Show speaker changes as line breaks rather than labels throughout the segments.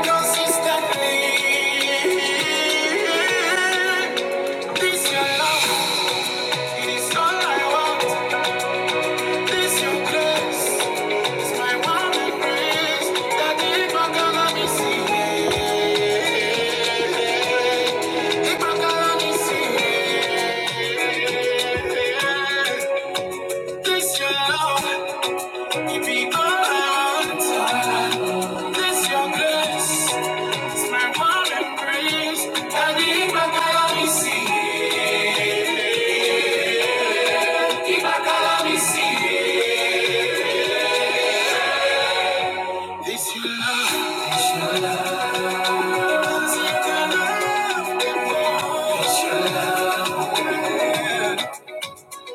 Consistently, this your love, it is all I want. This your love, this your love,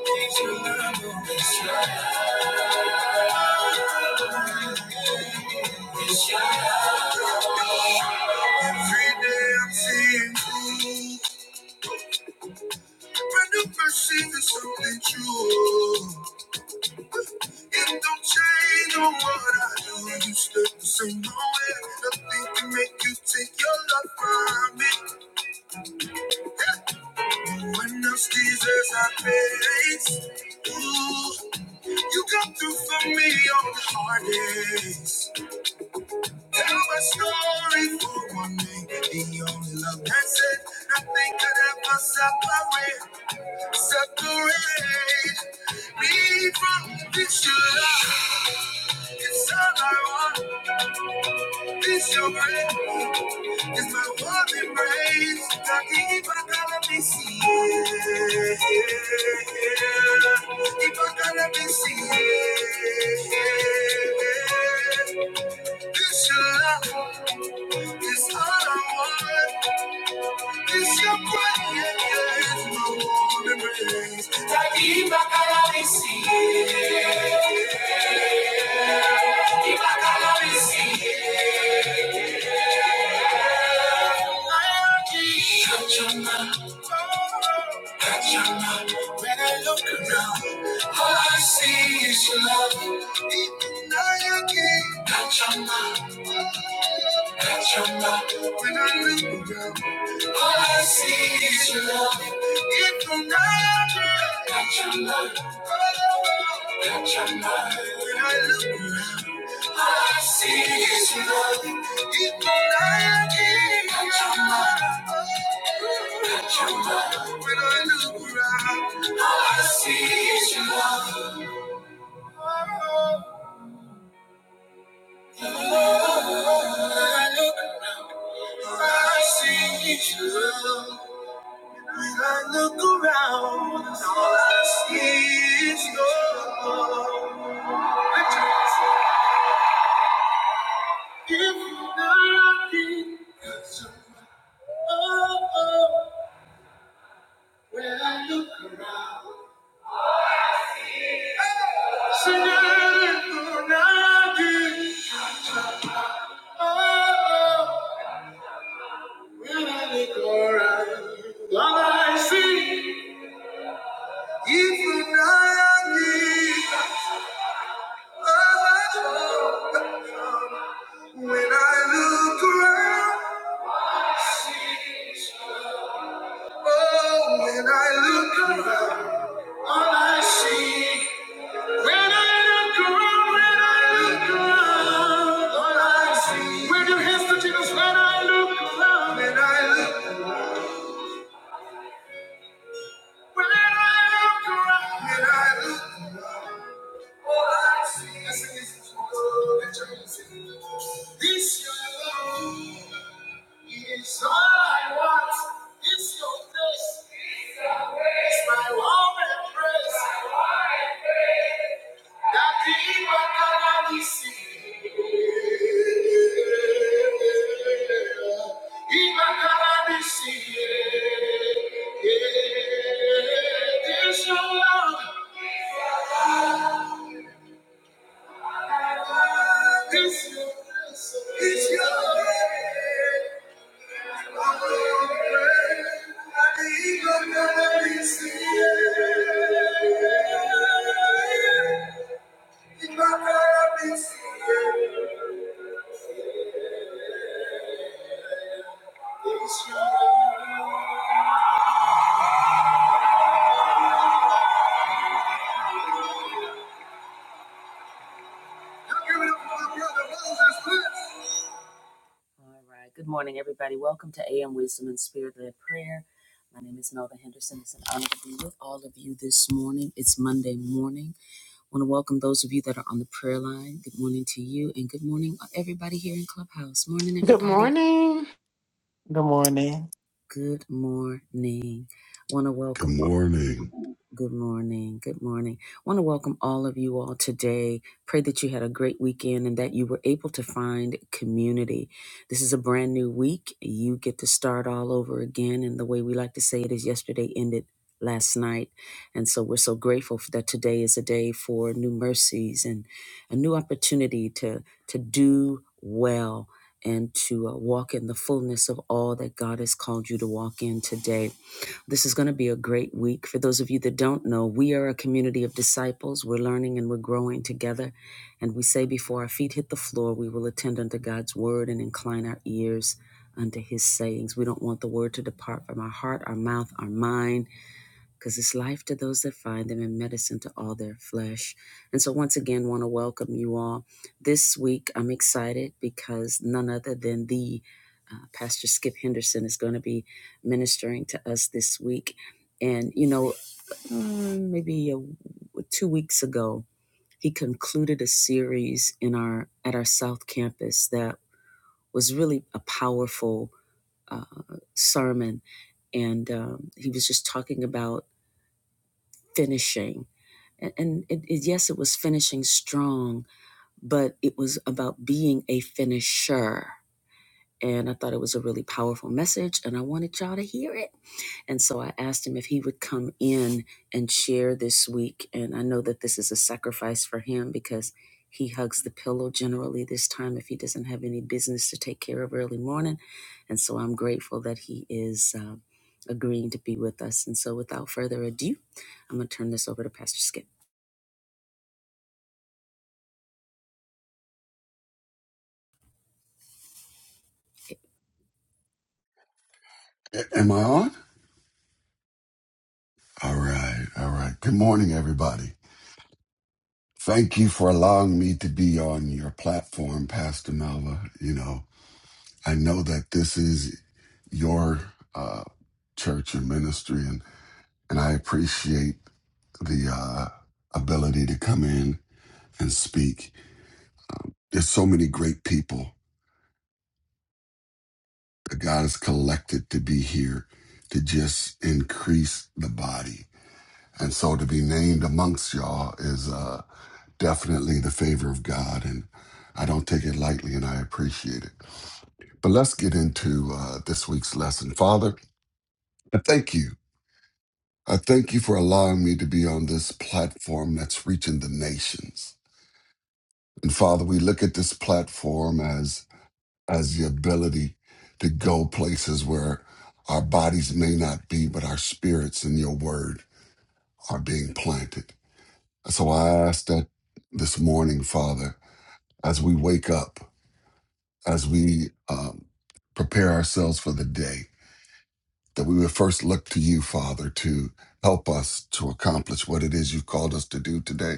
this your love. Every day I'm seeing you. Brand new mercy is something true. It don't change on what I do. You stood the same way. Nothing can make you take your love from me. No one else deserves our praise. Ooh, you come through for me on the hardest. Tell my story for one day. The only love that's it. Nothing could ever separate. Separate me from this your love. It's all I want. This your grace. It's my warm embrace. Talking if I gotta be seen. If I gotta be seen. This your love. It's all I want. This your grace. It's My warm embrace. Talking if I gotta be seen. When I look around, all I see is your love. Even I again. Touch your mouth, touch your mouth. When I look around. All I see is your love. It can never got your love. All got your love. When I look around, all I see is your love. It can never got your love. Got your love. When I look around, all I see is your love. All I see is your love. When I look around, all I see is your love. If you're not here, oh, oh, when I look around, Señor, if you're not here, oh, oh, oh. when I look around, all I see, is you're not here, oh, oh, when I look around, Oh, when I look around, All I see when I look around, when I look around, all I see. When you hear the Jesus, when I look around, when I look, when I look around, when I look around, all I see. Let's sing this song. Let's sing this morning. Let your music. This your love is all I want. This your grace is my warm embrace. Give it up for my brother Moses. All right. Good morning, everybody. Welcome to AM Wisdom and Spirit led Prayer. My name is Melva Henderson. It's an honor to be with all of you this morning. It's Monday morning. I want to welcome those of you that are on the prayer line. Good morning to you, and good morning, uh, everybody here in Clubhouse. Morning,
Good
everybody.
morning.
Good morning.
Good morning. Want to
Good
welcome.
morning.
Good morning. Good morning. Want to welcome all of you all today. Pray that you had a great weekend and that you were able to find community. This is a brand new week. You get to start all over again. And the way we like to say it is yesterday ended last night. And so we're so grateful for that today is a day for new mercies and a new opportunity to to do well and to uh, walk in the fullness of all that God has called you to walk in today. This is going to be a great week. For those of you that don't know, we are a community of disciples. We're learning and we're growing together. And we say, before our feet hit the floor, we will attend unto God's word and incline our ears unto his sayings. We don't want the word to depart from our heart, our mouth, our mind because it's life to those that find them and medicine to all their flesh. And so, once again, want to welcome you all. This week, I'm excited because none other than the uh, Pastor Skip Henderson is going to be ministering to us this week. And, you know, um, maybe a, two weeks ago, he concluded a series in our at our South Campus that was really a powerful uh, sermon, and um, he was just talking about finishing And, and it, it, yes, it was finishing strong, but it was about being a finisher. And I thought it was a really powerful message, and I wanted y'all to hear it. And so I asked him if he would come in and share this week. And I know that this is a sacrifice for him because he hugs the pillow generally this time if he doesn't have any business to take care of early morning. And so I'm grateful that he is uh, agreeing to be with us. And so without further ado, I'm going to turn this over to Pastor Skip.
A- Am I on? All right. All right. Good morning, everybody. Thank you for allowing me to be on your platform, Pastor Melva. You know, I know that this is your uh, church and ministry, and, and I appreciate the uh, ability to come in and speak. There's so many great people that God has collected to be here to just increase the body. And so to be named amongst y'all is. uh, definitely the favor of God, and I don't take it lightly, and I appreciate it. But let's get into uh, this week's lesson. Father, I thank you. I thank you for allowing me to be on this platform that's reaching the nations. And Father, we look at this platform as as the ability to go places where our bodies may not be, but our spirits and your word are being planted. So I ask that this morning, Father, as we wake up. as we um, prepare ourselves for the day, that we would first look to you, Father, to help us to accomplish what it is you've called us to do today.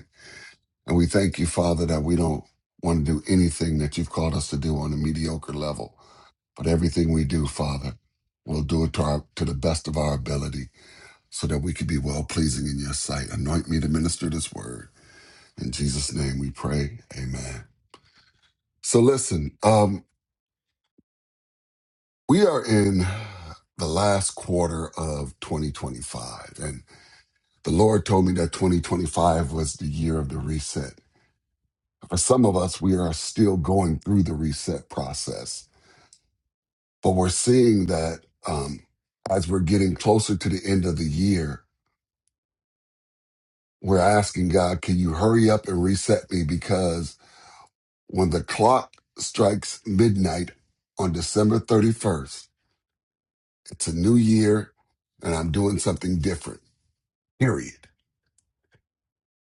And we thank you, Father, that we don't want to do anything that you've called us to do on a mediocre level, but everything we do, Father, we'll do it to, our, to the best of our ability so that we can be well pleasing in your sight. Anoint me to minister this word. In Jesus' name we pray. Amen. So listen, um. We are in the last quarter of 2025, and the Lord told me that 2025 was the year of the reset. For some of us, we are still going through the reset process, but we're seeing that um, as we're getting closer to the end of the year, we're asking God, can you hurry up and reset me? Because when the clock strikes midnight on December 31st, it's a new year and I'm doing something different, period.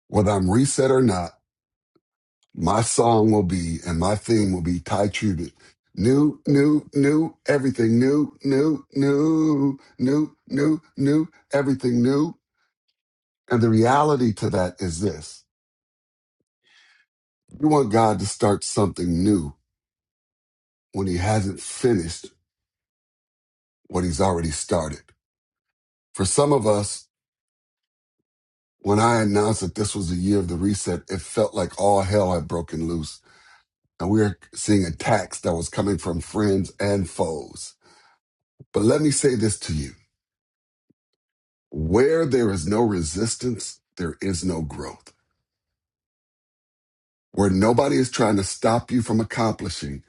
whether I'm reset or not, my song will be and my theme will be Ty Trubet. New, new, new, everything new, new, new, new, new, new, everything new. And the reality to that is this you want God to start something new when he hasn't finished what he's already started. For some of us, when I announced that this was the year of the reset, it felt like all hell had broken loose. And we were seeing attacks that was coming from friends and foes But let me say this to you where there is no resistance, there is no growth. Where nobody is trying to stop you from accomplishing,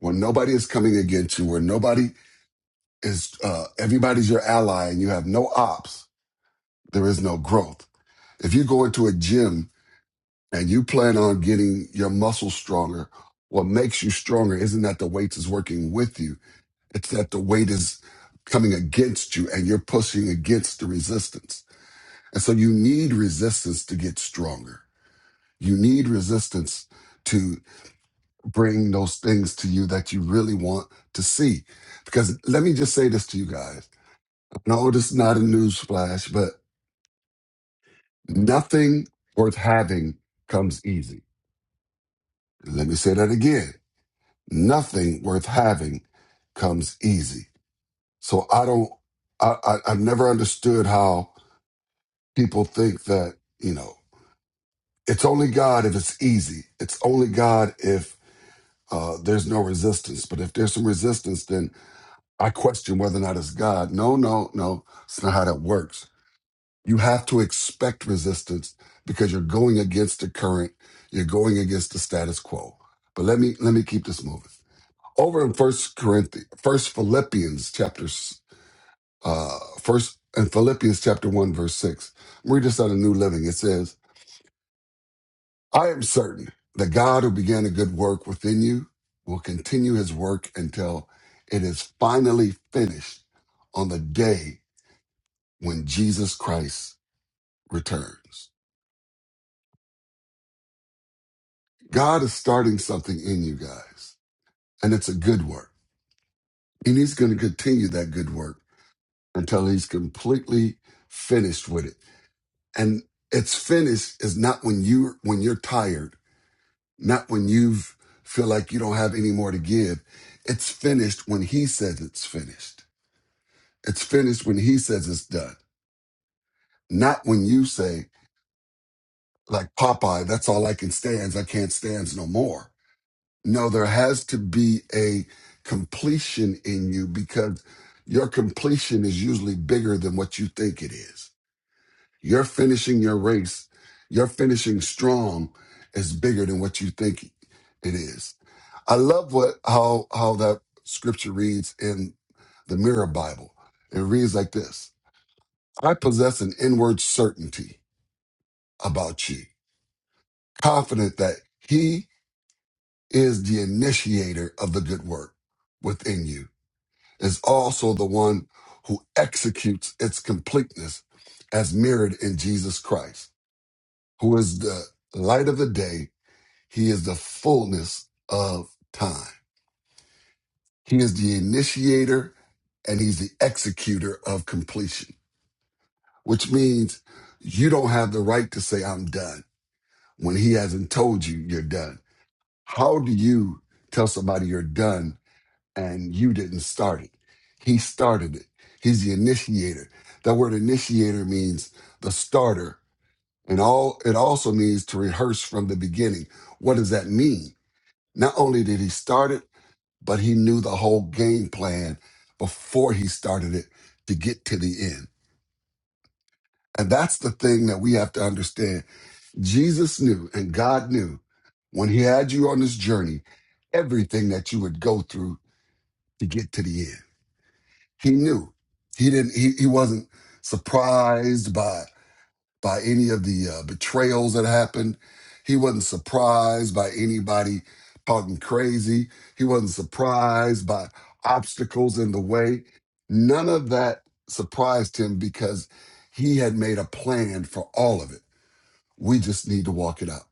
where nobody is coming against you, where nobody is, uh, everybody's your ally and you have no ops, there is no growth. If you go into a gym and you plan on getting your muscles stronger, what makes you stronger isn't that the weight is working with you, it's that the weight is coming against you and you're pushing against the resistance. And so you need resistance to get stronger. You need resistance to bring those things to you that you really want to see. Because let me just say this to you guys. No, this is not a news flash, but nothing worth having comes easy. Let me say that again. Nothing worth having comes easy. So I don't, I, I, I've never understood how people think that, you know, it's only God if it's easy. It's only God if uh, there's no resistance. But if there's some resistance, then I question whether or not it's God. No, no, no. It's not how that works. You have to expect resistance because you're going against the current. You're going against the status quo. But let me let me keep this moving. Over in First Corinthians, First Philippians chapters, uh, First and Philippians chapter one verse six. Read this out of New Living. It says. I am certain that God who began a good work within you will continue his work until it is finally finished on the day when Jesus Christ returns. God is starting something in you guys, and it's a good work. And he's going to continue that good work until he's completely finished with it. And it's finished is not when you when you're tired not when you feel like you don't have any more to give. It's finished when he says it's finished. It's finished when he says it's done, not when you say, like Popeye, that's all I can stand. I can't stand no more. No, there has to be a completion in you because your completion is usually bigger than what you think it is You're finishing your race, You're finishing strong is bigger than what you think it is. I love what how how that scripture reads in the Mirror Bible. It reads like this: I possess an inward certainty about you, confident that He is the initiator of the good work within you, is also the one who executes its completeness as mirrored in Jesus Christ, who is the light of the day He is the fullness of time. He is the initiator and he's the executor of completion, which means you don't have the right to say, I'm done when he hasn't told you you're done. How do you tell somebody you're done and you didn't start it? He started it. He's the initiator. That word initiator means the starter. And all it also means to rehearse from the beginning. What does that mean? Not only did he start it, but he knew the whole game plan before he started it to get to the end. And that's the thing that we have to understand. Jesus knew and God knew when he had you on this journey, everything that you would go through to get to the end. He knew. He didn't he, he wasn't surprised by by any of the uh, betrayals that happened. He wasn't surprised by anybody talking crazy. He wasn't surprised by obstacles in the way. None of that surprised him because he had made a plan for all of it. We just need to walk it out.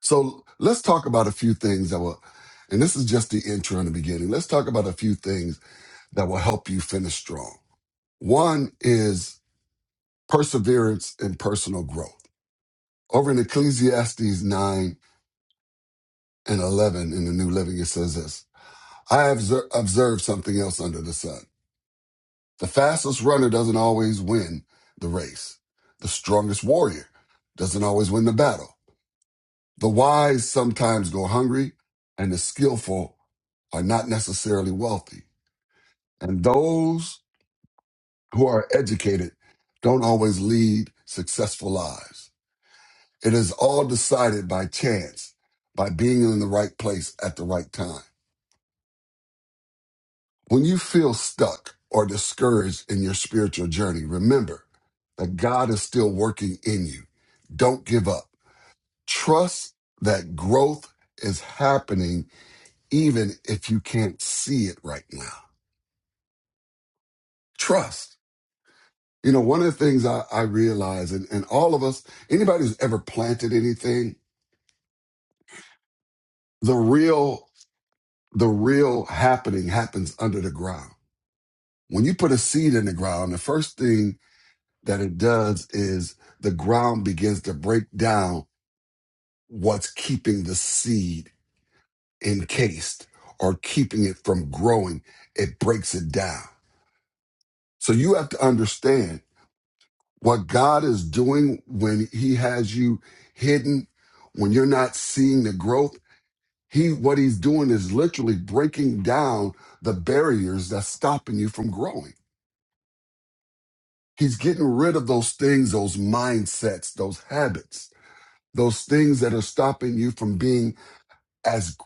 So let's talk about a few things that will, and this is just the intro in the beginning. Let's talk about a few things that will help you finish strong. One is perseverance and personal growth Over in Ecclesiastes 9 and 11 in the New Living, it says this I have observed something else under the sun. The fastest runner doesn't always win the race, the strongest warrior doesn't always win the battle. The wise sometimes go hungry, and the skillful are not necessarily wealthy. And those who are educated don't always lead successful lives. It is all decided by chance, by being in the right place at the right time. When you feel stuck or discouraged in your spiritual journey, remember that God is still working in you. Don't give up. Trust that growth is happening even if you can't see it right now. Trust. You know, one of the things I, I realize, and, and all of us, anybody who's ever planted anything, the real, the real happening happens under the ground. When you put a seed in the ground, the first thing that it does is the ground begins to break down what's keeping the seed encased or keeping it from growing. It breaks it down. So you have to understand what God is doing when he has you hidden, when you're not seeing the growth. He, what he's doing is literally breaking down the barriers that's stopping you from growing. He's getting rid of those things, those mindsets, those habits those things that are stopping you from being as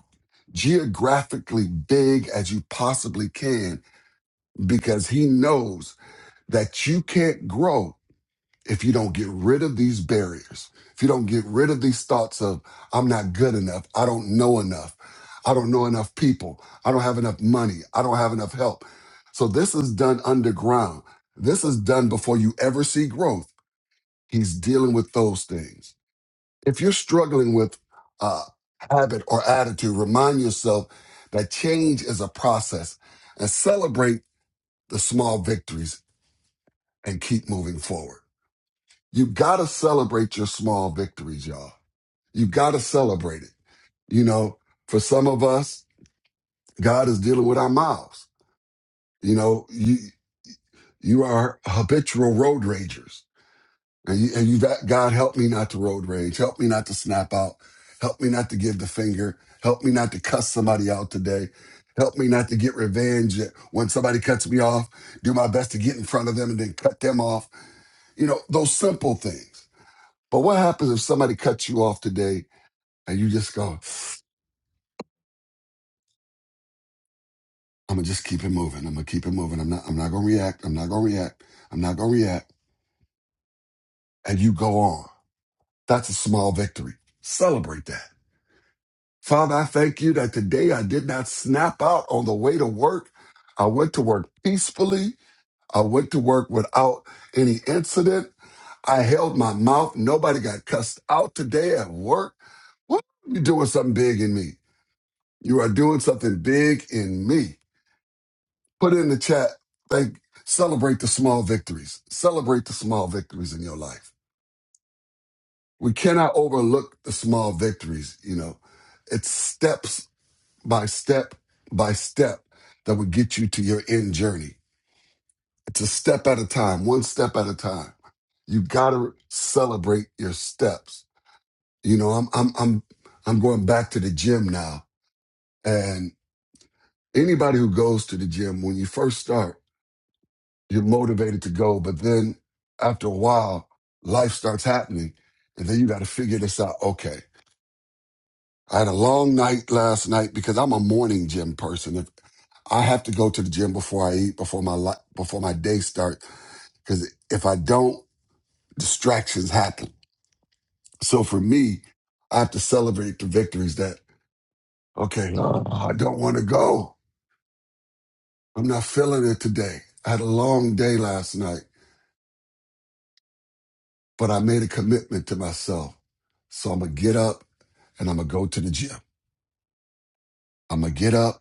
geographically big as you possibly can because he knows that you can't grow if you don't get rid of these barriers if you don't get rid of these thoughts of i'm not good enough i don't know enough i don't know enough people i don't have enough money i don't have enough help so this is done underground this is done before you ever see growth he's dealing with those things If you're struggling with a habit or attitude, remind yourself that change is a process and celebrate the small victories and keep moving forward. You gotta celebrate your small victories, y'all. You gotta celebrate it. You know, for some of us, God is dealing with our mouths. You know, you you are habitual road ragers. And you, and you, God, help me not to road rage. Help me not to snap out. Help me not to give the finger. Help me not to cuss somebody out today. Help me not to get revenge when somebody cuts me off. Do my best to get in front of them and then cut them off. You know, those simple things. But what happens if somebody cuts you off today and you just go, I'm gonna just keep it moving. I'm gonna keep it moving. I'm not I'm not gonna react. I'm not gonna react. I'm not gonna react. And you go on. That's a small victory. Celebrate that Father, I thank you that today I did not snap out on the way to work. I went to work peacefully. I went to work without any incident. I held my mouth. Nobody got cussed out today at work. What? You're doing something big in me. You are doing something big in me. Put in the chat. Thank. Celebrate the small victories. Celebrate the small victories in your life. We cannot overlook the small victories. You know, it's steps by step by step that would get you to your end journey. It's a step at a time, one step at a time. You gotta celebrate your steps. You know, I'm I'm I'm I'm going back to the gym now. And anybody who goes to the gym, when you first start, you're motivated to go, but then after a while, life starts happening. And then you gotta figure this out. Okay. I had a long night last night because I'm a morning gym person. If I have to go to the gym before I eat, before my li- before my day starts, because if I don't, distractions happen. So for me, I have to celebrate the victories. That okay, oh, I don't want to go. I'm not feeling it today. I had a long day last night, but I made a commitment to myself. So I'm gonna get up and I'm gonna go to the gym. I'm gonna get up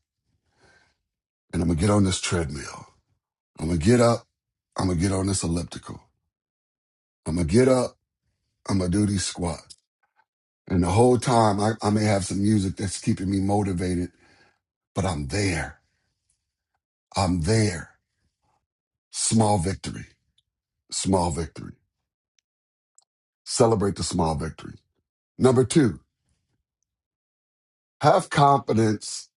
and I'm gonna get on this treadmill. I'm gonna get up. I'm gonna get on this elliptical. I'm gonna get up. I'm gonna do these squats. And the whole time, I, I may have some music that's keeping me motivated, but I'm there. I'm there. Small victory. Small victory. Celebrate the small victory. Number two, have confidence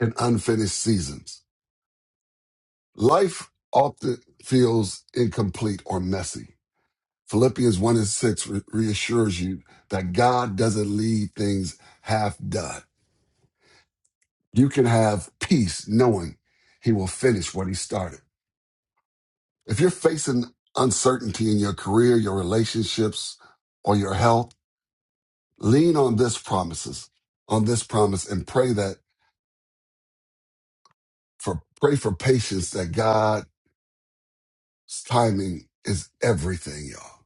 in unfinished seasons. Life often feels incomplete or messy. Philippians 1 and 6 re- reassures you that God doesn't leave things half done. You can have peace knowing He will finish what He started. If you're facing uncertainty in your career, your relationships, or your health, lean on this promises, on this promise and pray that for pray for patience that God's timing is everything, y'all.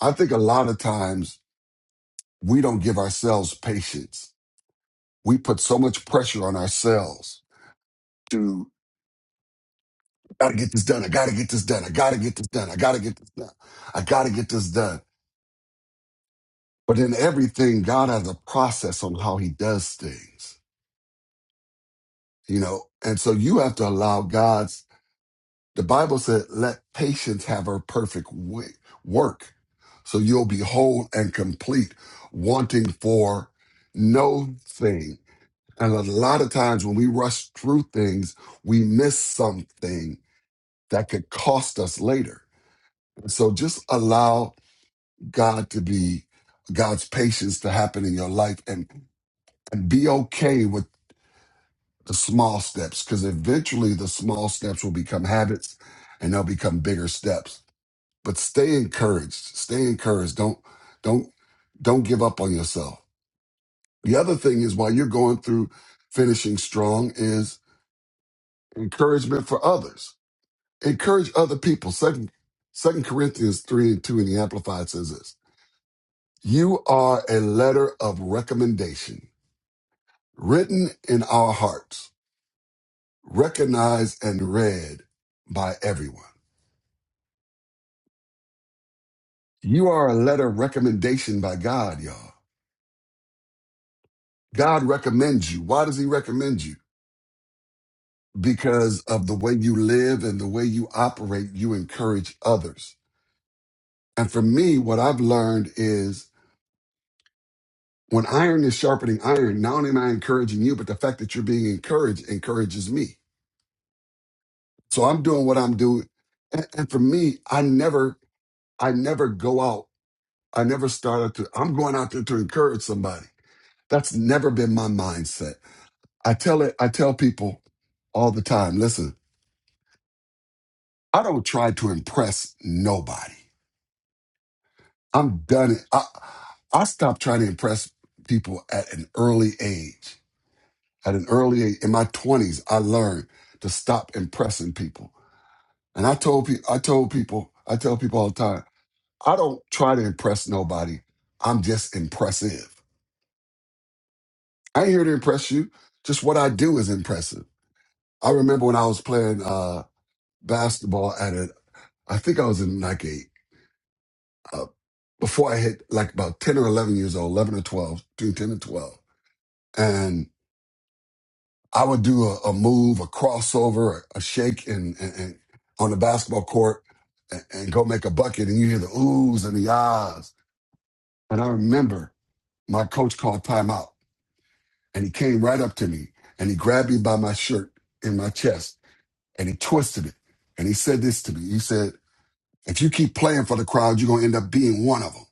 I think a lot of times we don't give ourselves patience. We put so much pressure on ourselves to gotta get this done. I gotta get this done. I gotta get this done. I gotta get this done. I gotta get this done. But in everything, God has a process on how he does things you know and so you have to allow god's the bible said let patience have her perfect wi- work so you'll be whole and complete wanting for no thing and a lot of times when we rush through things we miss something that could cost us later and so just allow god to be god's patience to happen in your life and, and be okay with. the small steps because eventually the small steps will become habits and they'll become bigger steps but stay encouraged stay encouraged don't don't don't give up on yourself the other thing is while you're going through finishing strong is encouragement for others encourage other people second second corinthians 3 and 2 in the amplified says this you are a letter of recommendation written in our hearts recognized and read by everyone You are a letter of recommendation by God, y'all. God recommends you. Why does he recommend you? Because of the way you live and the way you operate, you encourage others. And for me, what I've learned is when iron is sharpening iron, not only am I encouraging you, but the fact that you're being encouraged encourages me. So I'm doing what I'm doing. And, and for me, I never, I never go out. I never start out to, I'm going out there to encourage somebody. That's never been my mindset. I tell it, I tell people all the time, listen, I don't try to impress nobody. I'm done. I, I stopped trying to impress people at an early age. At an early age, in my twenties, I learned to stop impressing people. And I told people, I told people, I tell people all the time, I don't try to impress nobody. I'm just impressive. I ain't here to impress you. Just what I do is impressive. I remember when I was playing uh, basketball at a, I think I was in like a uh, before I hit like about 10 or 11 years old, 11 or 12, between 10 and 12. And I would do a, a move, a crossover, a, a shake and, and, and on the basketball court and, and go make a bucket. And you hear the oohs and the ahs. And I remember my coach called timeout and he came right up to me and he grabbed me by my shirt in my chest and he twisted it. And he said this to me. He said, if you keep playing for the crowd, you're going to end up being one of them.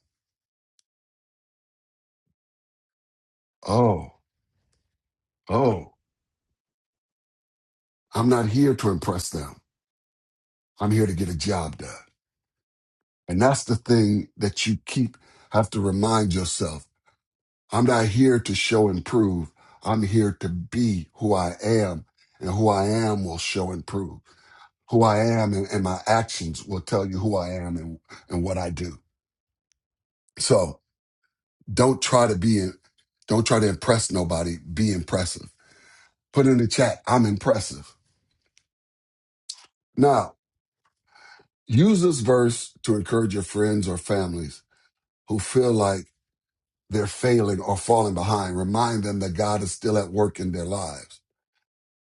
Oh, oh, I'm not here to impress them. I'm here to get a job done. And that's the thing that you keep have to remind yourself. I'm not here to show and prove. I'm here to be who I am, and who I am will show and prove. Who I am and, and my actions will tell you who I am and, and what I do. So don't try to be, in, don't try to impress nobody. Be impressive. Put in the chat, I'm impressive. Now, use this verse to encourage your friends or families who feel like they're failing or falling behind. Remind them that God is still at work in their lives.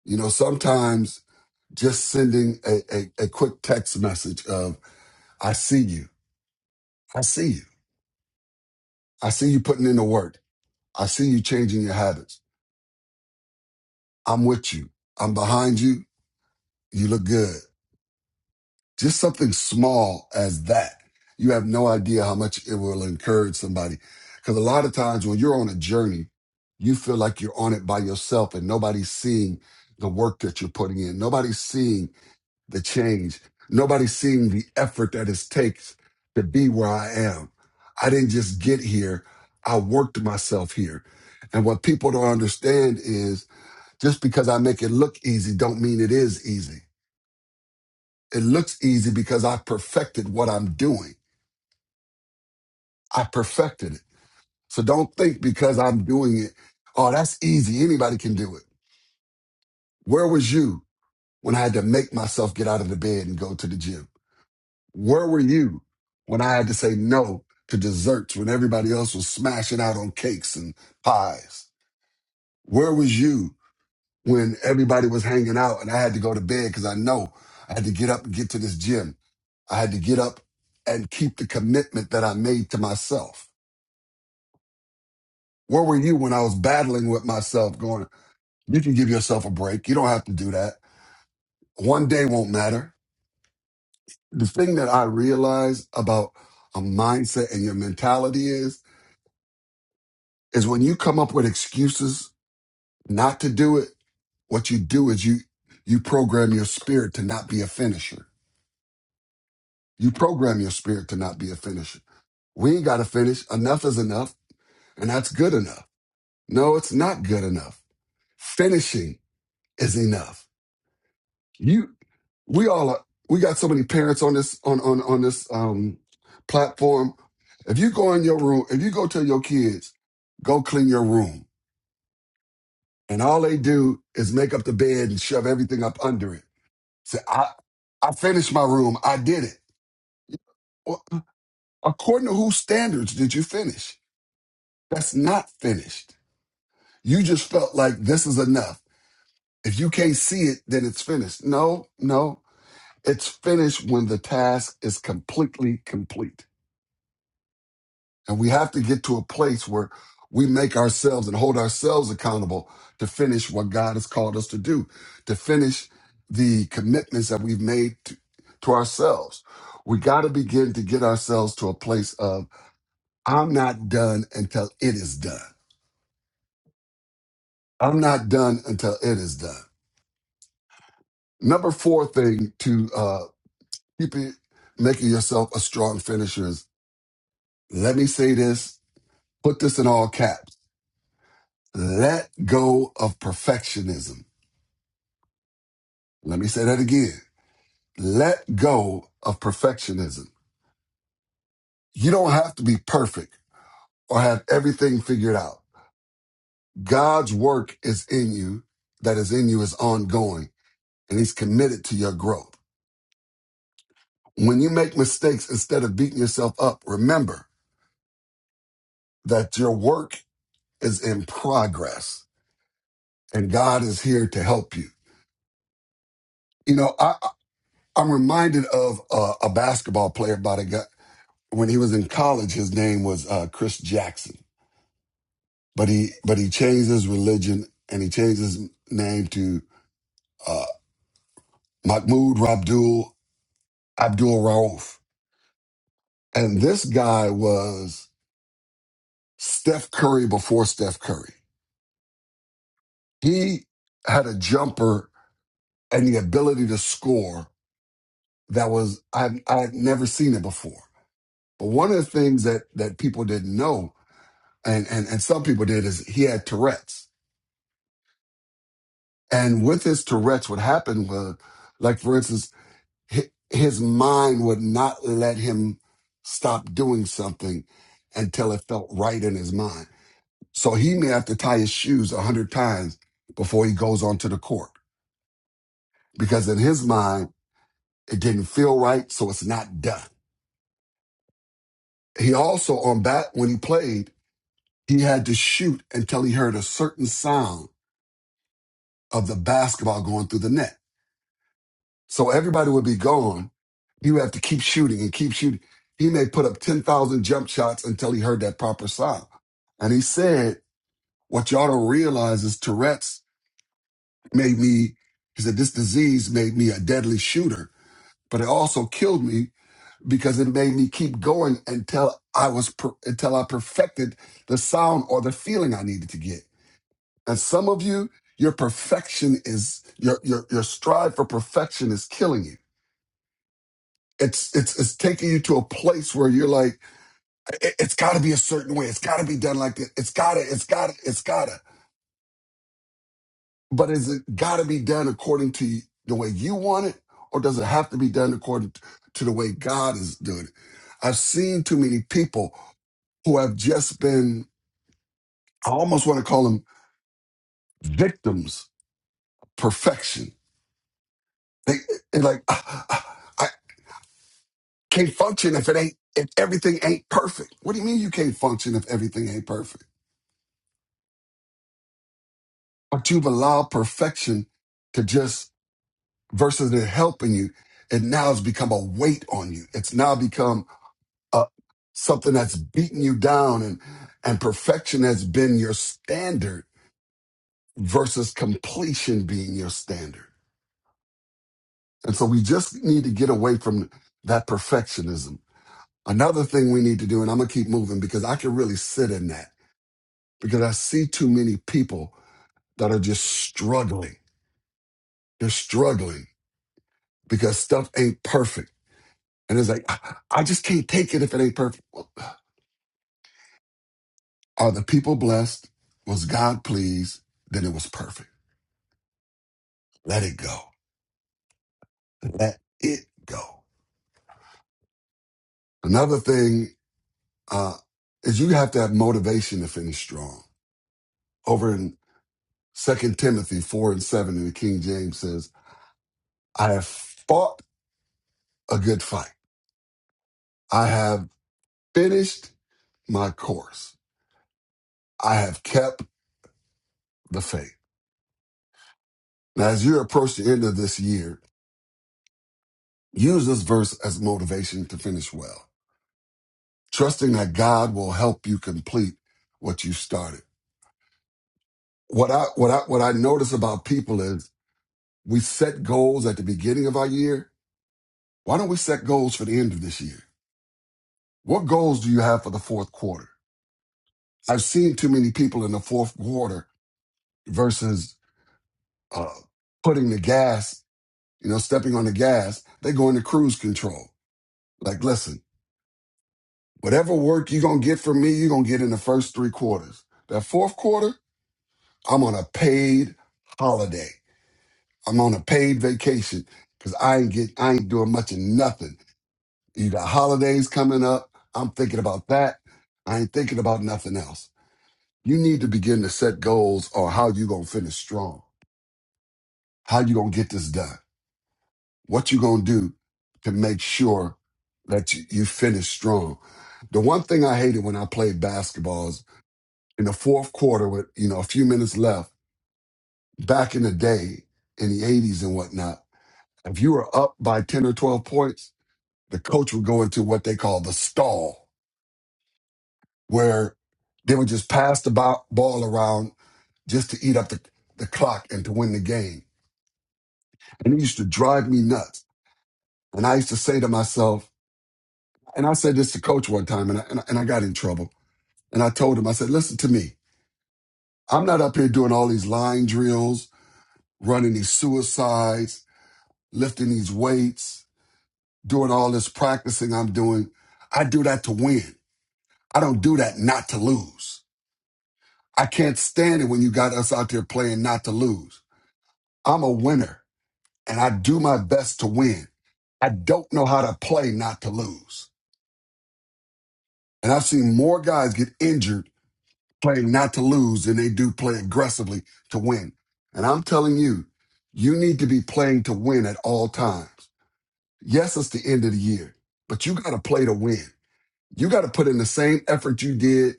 You know, sometimes just sending a, a, a quick text message of, I see you. I see you. I see you putting in the work. I see you changing your habits. I'm with you. I'm behind you. You look good. Just something small as that. You have no idea how much it will encourage somebody. Because a lot of times when you're on a journey, you feel like you're on it by yourself and nobody's seeing the work that you're putting in. Nobody's seeing the change. Nobody's seeing the effort that it takes to be where I am. I didn't just get here. I worked myself here. And what people don't understand is just because I make it look easy don't mean it is easy it looks easy because I perfected what I'm doing. I perfected it. So don't think because I'm doing it, oh, that's easy. Anybody can do it. Where was you when I had to make myself get out of the bed and go to the gym? Where were you when I had to say no to desserts when everybody else was smashing out on cakes and pies? Where was you when everybody was hanging out and I had to go to bed because I know I had to get up and get to this gym. I had to get up and keep the commitment that I made to myself. Where were you when I was battling with myself going, you can give yourself a break. You don't have to do that. One day won't matter. The thing that I realize about a mindset and your mentality is, is when you come up with excuses not to do it, what you do is you, you program your spirit to not be a finisher You program your spirit to not be a finisher. We ain't got to finish. Enough is enough, and that's good enough. No, it's not good enough. Finishing is enough. You, we all are, we got so many parents on this on on on this um platform. If you go in your room, if you go tell your kids, go clean your room, and all they do is make up the bed and shove everything up under it. Say, I I finished my room. I did it. Well, According to whose standards did you finish? That's not finished. You just felt like this is enough. If you can't see it, then it's finished. No, no, it's finished when the task is completely complete. And we have to get to a place where we make ourselves and hold ourselves accountable to finish what God has called us to do, to finish the commitments that we've made to, to ourselves. We got to begin to get ourselves to a place of, I'm not done until it is done. I'm not done until it is done. Number four thing to uh, keep it, making yourself a strong finisher is let me say this, put this in all caps. Let go of perfectionism. Let me say that again. Let go of perfectionism. You don't have to be perfect or have everything figured out. God's work is in you, that is in you is ongoing, and He's committed to your growth. When you make mistakes, instead of beating yourself up, remember that your work is in progress and God is here to help you. You know, I, I- am reminded of uh, a basketball player by the guy when he was in college. His name was uh, Chris Jackson, but he but he changed his religion and he changed his name to uh, Mahmoud Rabdul Abdul Rauf. And this guy was Steph Curry before Steph Curry. He had a jumper and the ability to score that was I I had never seen it before But one of the things that that people didn't know, and and and some people did, is he had Tourette's. And with his Tourette's, what happened was, like for instance, hi- his mind would not let him stop doing something until it felt right in his mind. So he may have to tie his shoes a hundred times before he goes onto the court because in his mind it didn't feel right, so it's not done. He also on bat when he played, he had to shoot until he heard a certain sound of the basketball going through the net. So everybody would be gone. He would have to keep shooting and keep shooting. He may put up 10,000 jump shots until he heard that proper sound. And he said, What y'all don't realize is Tourette's made me, he said, this disease made me a deadly shooter, but it also killed me because it made me keep going until I was, per- until I perfected the sound or the feeling I needed to get. And some of you, your perfection is your your your strive for perfection is killing you. It's it's it's taking you to a place where you're like, it, has got to be a certain way. It's got to be done like this. It's gotta. It's gotta. It's gotta. But is it got to be done according to the way you want it, or does it have to be done according to the way God is doing it? I've seen too many people who have just been. I almost want to call them victims of perfection. They, they like. "Ah, ah, I, can't function if it ain't if everything ain't perfect. What do you mean you can't function if everything ain't perfect? But you've allowed perfection to just versus it helping you, it now has become a weight on you. It's now become a something that's beating you down and and perfection has been your standard versus completion being your standard. And so we just need to get away from that perfectionism. Another thing we need to do, and I'm gonna keep moving because I can really sit in that because I see too many people that are just struggling. They're struggling because stuff ain't perfect. And it's like, I, I just can't take it if it ain't perfect. Well, Are the people blessed? Was God pleased? Then it was perfect. Let it go. Let it go. Another thing uh, is you have to have motivation to finish strong. Over in Second Timothy 4 and 7 in the King James says, I have fought a good fight. I have finished my course. I have kept the faith. Now, as you approach the end of this year, use this verse as motivation to finish well, trusting that God will help you complete what you started. What I, what I, what I notice about people is we set goals at the beginning of our year. Why don't we set goals for the end of this year? What goals do you have for the fourth quarter? I've seen too many people in the fourth quarter versus uh, putting the gas, you know, stepping on the gas. They go into cruise control. Like, listen, Whatever work you're going to get from me, you're going to get in the first three quarters. That fourth quarter, I'm on a paid holiday. I'm on a paid vacation because I ain't get, I ain't doing much of nothing. You got holidays coming up. I'm thinking about that. I ain't thinking about nothing else. You need to begin to set goals on how you going to finish strong, how you going to get this done, what you going to do to make sure that you, you finish strong. The one thing I hated when I played basketball is in the fourth quarter with you know a few minutes left back in the day in the 80s and whatnot if you were up by 10 or 12 points the coach would go into what they call the stall where they would just pass the bo- ball around just to eat up the, the clock and to win the game and it used to drive me nuts and i used to say to myself and i said this to coach one time and I, and I, and I got in trouble and i told him i said listen to me i'm not up here doing all these line drills running these suicides lifting these weights, doing all this practicing I'm doing. I do that to win. I don't do that not to lose. I can't stand it when you got us out there playing not to lose. I'm a winner and I do my best to win. I don't know how to play not to lose. And I've seen more guys get injured playing not to lose than they do play aggressively to win. And I'm telling you, you need to be playing to win at all times. Yes, it's the end of the year, but you got to play to win. You got to put in the same effort you did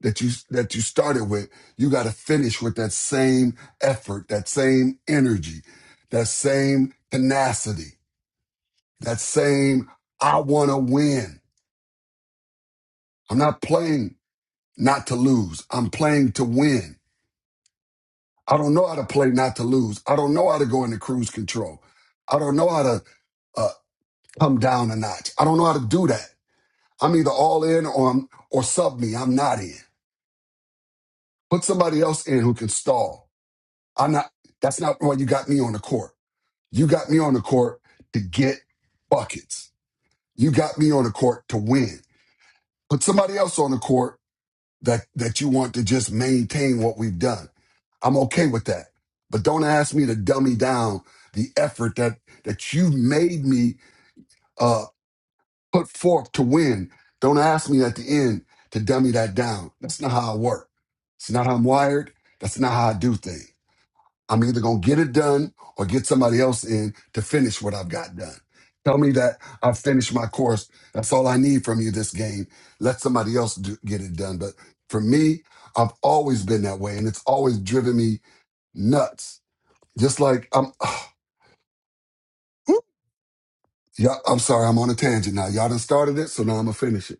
that you that you started with. You got to finish with that same effort, that same energy, that same tenacity, that same I want to win. I'm not playing not to lose. I'm playing to win. I don't know how to play not to lose. I don't know how to go into cruise control. I don't know how to uh, come down a notch. I don't know how to do that. I'm either all in or I'm, or sub me. I'm not in. Put somebody else in who can stall I'm not. That's not why you got me on the court. You got me on the court to get buckets. You got me on the court to win. Put somebody else on the court that that you want to just maintain what we've done. I'm okay with that, but don't ask me to dummy down the effort that that you made me uh, put forth to win. Don't ask me at the end to dummy that down. That's not how I work. It's not how I'm wired. That's not how I do things. I'm either going to get it done or get somebody else in to finish what I've got done. Tell me that I've finished my course. That's all I need from you this game. Let somebody else do, get it done. But for me, I've always been that way and it's always driven me nuts. Just like I'm, yeah, I'm sorry, I'm on a tangent now. Y'all done started it, so now I'm gonna finish it.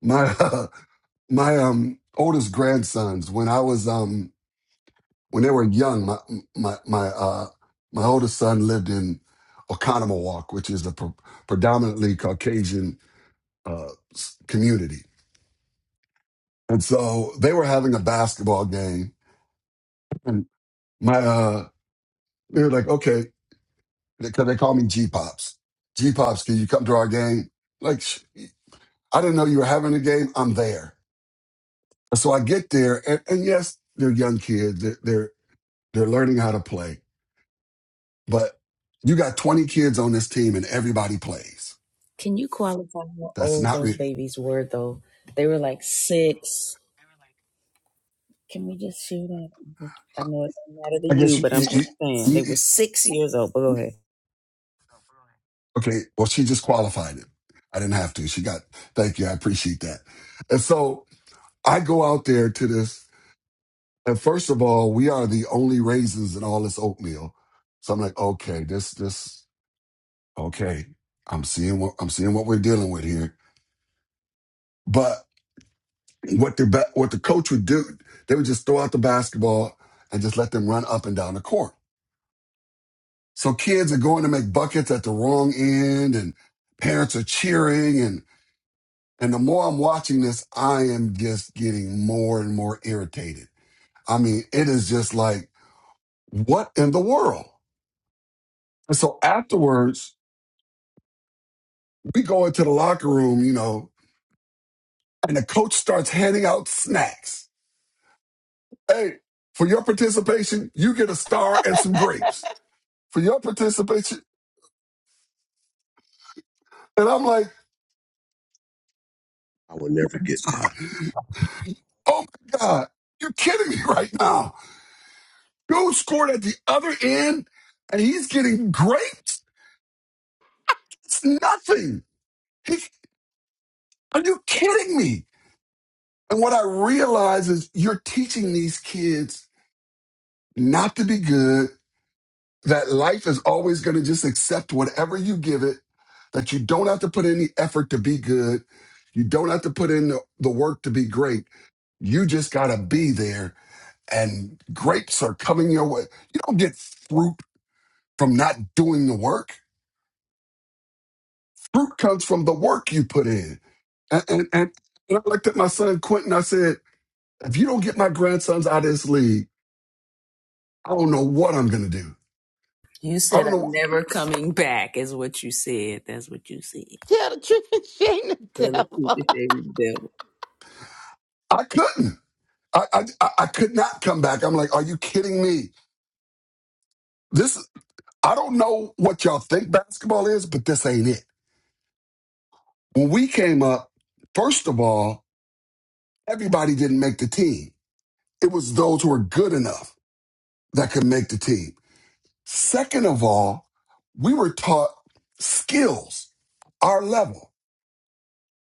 My, my um, oldest grandsons, when I was, um, when they were young, my my my uh, my oldest son lived in Oconomowoc, which is a pre- predominantly Caucasian uh, s- community, and so they were having a basketball game, and my uh, they were like, okay, because they call me G Pops, G Pops, can you come to our game? Like, sh- I didn't know you were having a game. I'm there, so I get there, and, and yes, they're young kids, they're, they're they're learning how to play, but you got 20 kids on this team, and everybody plays
Can you qualify how
That's
old
not.
those
Re-
babies were, though? They were like six. Can we just shoot it? I know it doesn't matter to
I guess
you,
you,
but I'm
you,
just
you,
saying
you.
they
you-
were six years old. But go ahead.
Okay. Well, she just qualified it. I didn't have to. She got. Thank you. I appreciate that. And so I go out there to this, and first of all, we are the only raisins in all this oatmeal. So I'm like, okay, this, this, okay. I'm seeing what I'm seeing what we're dealing with here. But what the ba- what the coach would do, they would just throw out the basketball and just let them run up and down the court. So kids are going to make buckets at the wrong end and parents are cheering and and the more I'm watching this, I am just getting more and more irritated. I mean, it is just like, what in the world? And so afterwards, we go into the locker room, you know, and the coach starts handing out snacks. Hey, for your participation, you get a star and some grapes. For your participation, and I'm like, oh my God, you're kidding me right now. Go scored at the other end, and he's getting grapes. It's nothing. He, are you kidding me? And what I realize is you're teaching these kids not to be good, that life is always going to just accept whatever you give it, that you don't have to put any effort to be good. You don't have to put in the, the work to be great. You just got to be there, and grapes are coming your way. You don't get fruit from not doing the work. Fruit comes from the work you put in. And, and, and, and I looked at my son Quentin. I said, if you don't get my grandsons out of this league, I don't know what I'm going to do.
You
I
said
don't know.
I'm never coming back, is what you said. That's what you said.
Tell the truth and shame the
Tell the truth if they rebel.
I couldn't. I, I I I could not come back. I'm like, are you kidding me? This I don't know what y'all think basketball is, but this ain't it. When we came up, first of all, everybody didn't make the team. It was those who were good enough that could make the team. Second of all, we were taught skills, our level,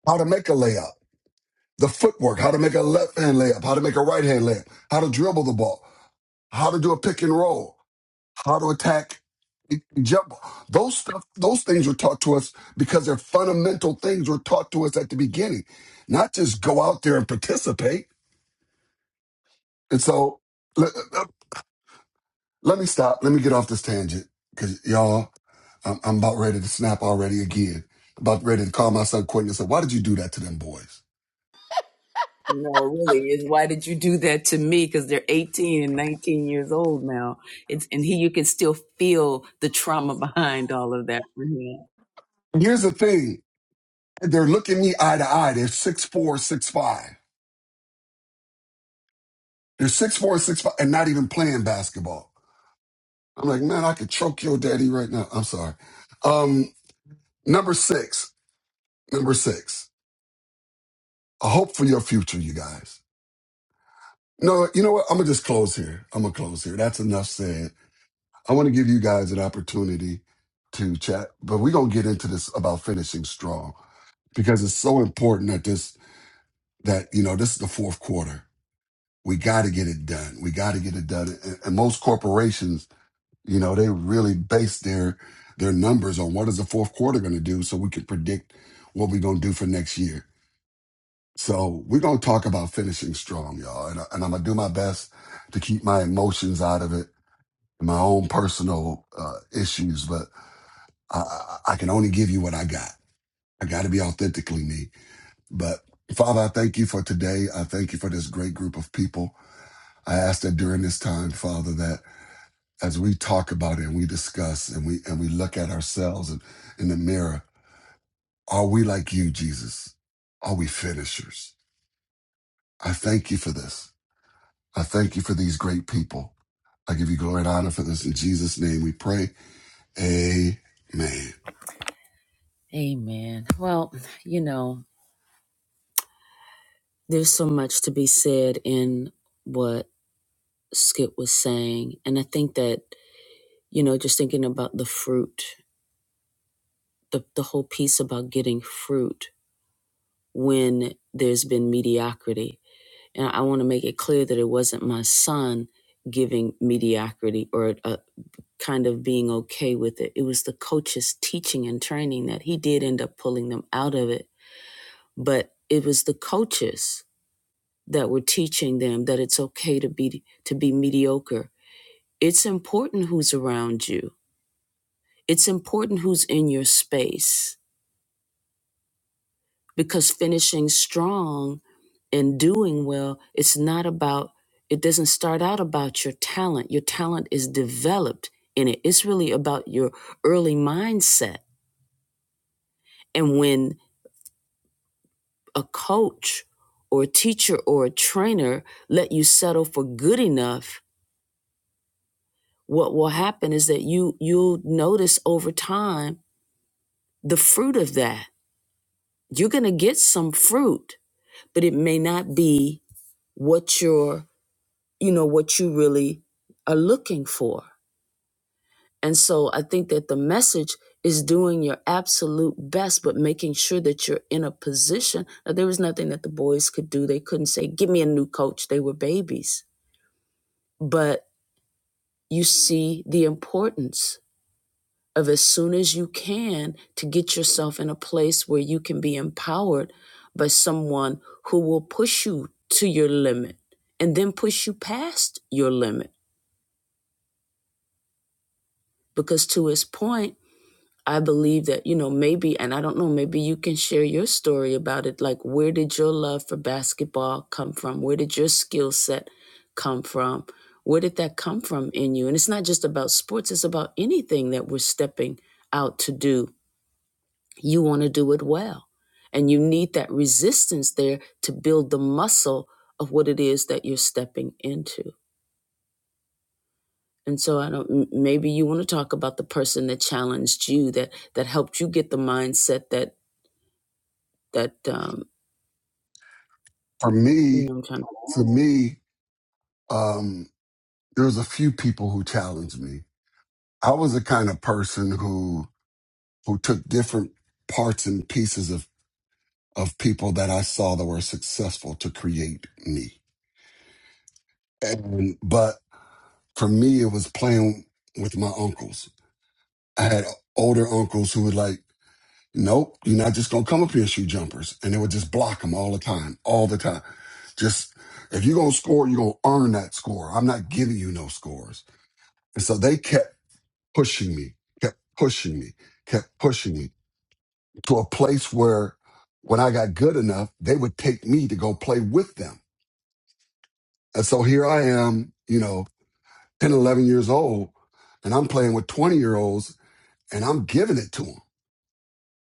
how to make a layup, the footwork, how to make a left hand layup, how to make a right hand layup, how to dribble the ball, how to do a pick and roll, how to attack jump. Those stuff, those things were taught to us because they're fundamental things were taught to us at the beginning, not just go out there and participate. And so let, let me stop. Let me get off this tangent because y'all I'm, I'm about ready to snap already again. About ready to call my son Quentin and say, why did you do that to them boys?
No, it really is. Why did you do that to me? Because they're 18 and 19 years old now. It's and he, you can still feel the trauma behind all of that for him.
And here's the thing. They're looking me eye to eye. They're six four, six five. They're 6'4", 6'5", and not even playing basketball. I'm like, man, I could choke your daddy right now. I'm sorry. Um, number six. Number six. A hope for your future, you guys. No, you know what? I'm going to just close here. I'm going to close here. That's enough said. I want to give you guys an opportunity to chat, but we're going to get into this about finishing strong. because it's so important that this that you know this is the fourth quarter. We got to get it done. We got to get it done. And, and most corporations, you know, they really base their their numbers on what is the fourth quarter going to do, so we can predict what we're going to do for next year. So we're going to talk about finishing strong, y'all, and, I- and I'm gonna do my best to keep my emotions out of it, my own personal uh, issues, but I, I I can only give you what I got. I got to be authentically me But Father, I thank you for today. I thank you for this great group of people. I ask that during this time, Father, that as we talk about it and we discuss and we and we look at ourselves and in the mirror, are we like you, Jesus? Are we finishers? I thank you for this. I thank you for these great people. I give you glory and honor for this. In Jesus' name we pray. Amen.
Amen. Well, you know. There's so much to be said in what Skip was saying. And I think that, you know, just thinking about the fruit, the, the whole piece about getting fruit when there's been mediocrity. And I want to make it clear that it wasn't my son giving mediocrity or a kind of being okay with it. It was the coaches teaching and training that he did end up pulling them out of it. But it was the coaches that were teaching them that it's okay to be to be mediocre It's important who's around you. It's important who's in your space because finishing strong and doing well, it's not about, it doesn't start out about your talent. Your talent is developed in it. It's really about your early mindset. And when a coach or a teacher or a trainer let you settle for good enough, what will happen is that you you'll notice over time the fruit of that you're going to get some fruit, but it may not be what you're, you know, what you really are looking for. And so I think that the message is doing your absolute best, but making sure that you're in a position. Now, there was nothing that the boys could do. They couldn't say, Give me a new coach. They were babies. But you see the importance of as soon as you can to get yourself in a place where you can be empowered by someone who will push you to your limit and then push you past your limit. Because to his point, I believe that, you know, maybe, and I don't know, maybe you can share your story about it. Like, where did your love for basketball come from? Where did your skill set come from? Where did that come from in you? And it's not just about sports, it's about anything that we're stepping out to do you want to do it well. And you need that resistance there to build the muscle of what it is that you're stepping into. And so I don't maybe you want to talk about the person that challenged you that that helped you get the mindset that that um
For
you
me,
know I'm trying to
for me, um, there was a few people who challenged me. I was the kind of person who who took different parts and pieces of of people that I saw that were successful to create me. And but for me, it was playing with my uncles. I had older uncles who would like, nope, you're not just gonna come up here and shoot jumpers, and they would just block them all the time, all the time. Just if you're gonna score, you're gonna earn that score. I'm not giving you no scores. And so they kept pushing me, kept pushing me, kept pushing me. to a place where when I got good enough, they would take me to go play with them. And so here I am, you know, 10, 11 years old, and I'm playing with 20 year olds and I'm giving it to them.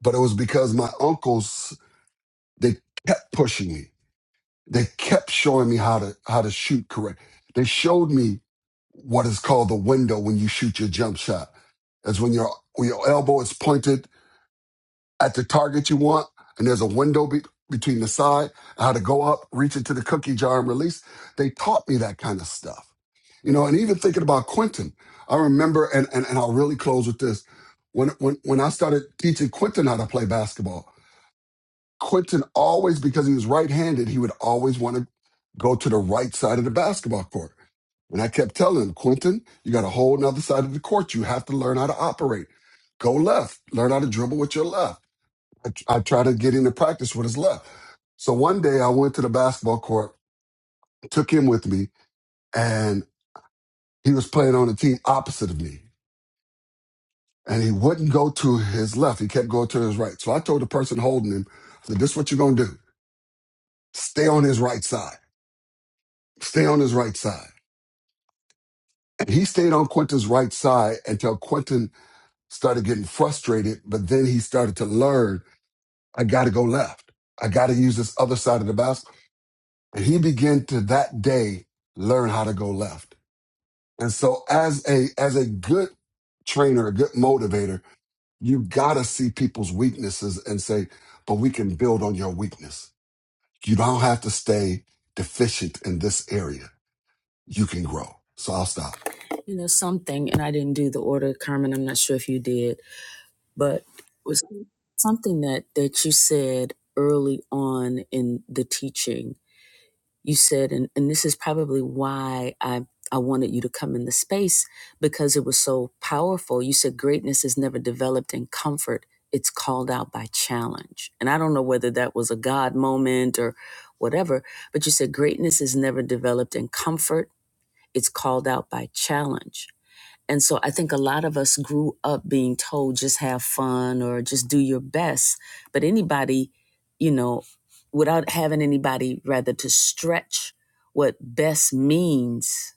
But it was because my uncles, they kept pushing me. They kept showing me how to, how to shoot correct. They showed me what is called the window when you shoot your jump shot. That's when your, when your elbow is pointed at the target you want, and there's a window be- between the side, how to go up, reach into the cookie jar and release. They taught me that kind of stuff. You know, and even thinking about Quentin, I remember, and, and, and I'll really close with this. When, when, when I started teaching Quentin how to play basketball, Quentin always, because he was right handed, he would always want to go to the right side of the basketball court. And I kept telling him, Quentin, you got a whole nother side of the court. You have to learn how to operate. Go left, learn how to dribble with your left I, I try to get him to practice what is left. So one day I went to the basketball court, took him with me, and he was playing on the team opposite of me. And he wouldn't go to his left. He kept going to his right. So I told the person holding him, I said, this is what you're going to do. Stay on his right side. Stay on his right side. And he stayed on Quentin's right side until Quentin started getting frustrated. But then he started to learn, I got to go left. I got to use this other side of the basket. And he began to that day learn how to go left. And so as a as a good trainer, a good motivator, you gotta see people's weaknesses and say, but we can build on your weakness. You don't have to stay deficient in this area. You can grow. So I'll stop.
you know something and I didn't do the order Carmen I'm not sure if you did but it was something that that you said early on in the teaching you said and, and this is probably why i i wanted you to come in the space because it was so powerful you said greatness is never developed in comfort it's called out by challenge and i don't know whether that was a god moment or whatever but you said greatness is never developed in comfort it's called out by challenge and so I think a lot of us grew up being told just have fun or just do your best. But anybody, you know, without having anybody rather to stretch what best means,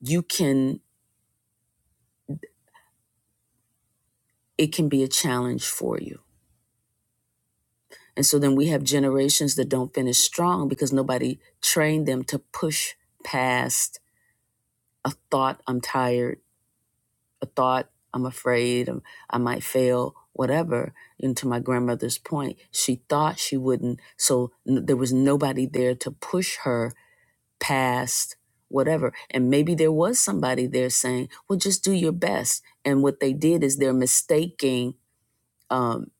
you can, it can be a challenge for you. And so then we have generations that don't finish strong because nobody trained them to push past a thought, I'm tired, a thought, I'm afraid, I'm, I might fail, whatever. And to my grandmother's point, she thought she wouldn't. So n- there was nobody there to push her past whatever. And maybe there was somebody there saying, well, just do your best. And what they did is they're mistaking um,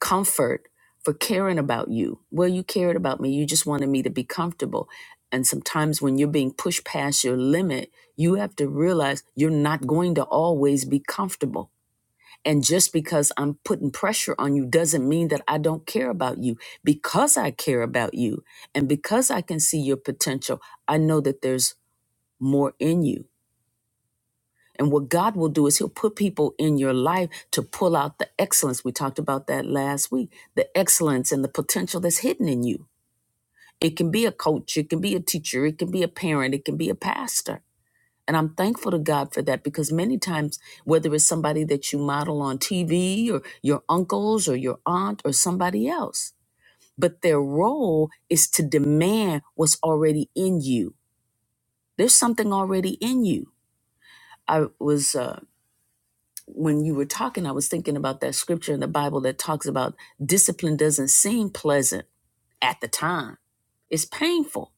comfort for caring about you. Well, you cared about me. You just wanted me to be comfortable. And sometimes when you're being pushed past your limit, you have to realize you're not going to always be comfortable and just because I'm putting pressure on you doesn't mean that I don't care about you. Because I care about you and because I can see your potential, I know that there's more in you. And what God will do is He'll put people in your life to pull out the excellence. We talked about that last week the excellence and the potential that's hidden in you. It can be a coach, it can be a teacher, it can be a parent, it can be a pastor. And I'm thankful to God for that because many times, whether it's somebody that you model on TV or your uncles or your aunt or somebody else, but their role is to demand what's already in you. There's something already in you. I was, uh, when you were talking, I was thinking about that scripture in the Bible that talks about discipline doesn't seem pleasant at the time, it's painful.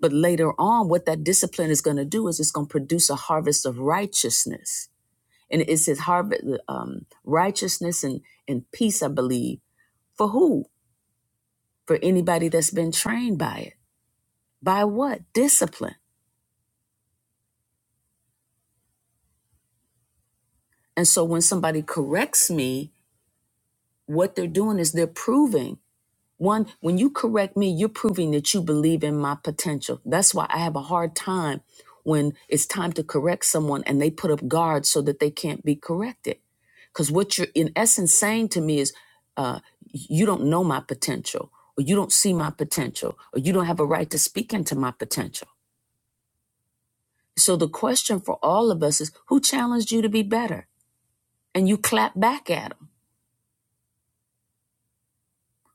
But later on, what that discipline is going to do is it's going to produce a harvest of righteousness And it says harvest um, righteousness and, and peace, I believe. For who? For anybody that's been trained by it. By what? Discipline. And so when somebody corrects me, what they're doing is they're proving One, when you correct me, you're proving that you believe in my potential. That's why I have a hard time when it's time to correct someone and they put up guards so that they can't be corrected. Because what you're in essence saying to me is, uh, you don't know my potential, or you don't see my potential, or you don't have a right to speak into my potential. So the question for all of us is, who challenged you to be better? And you clap back at them.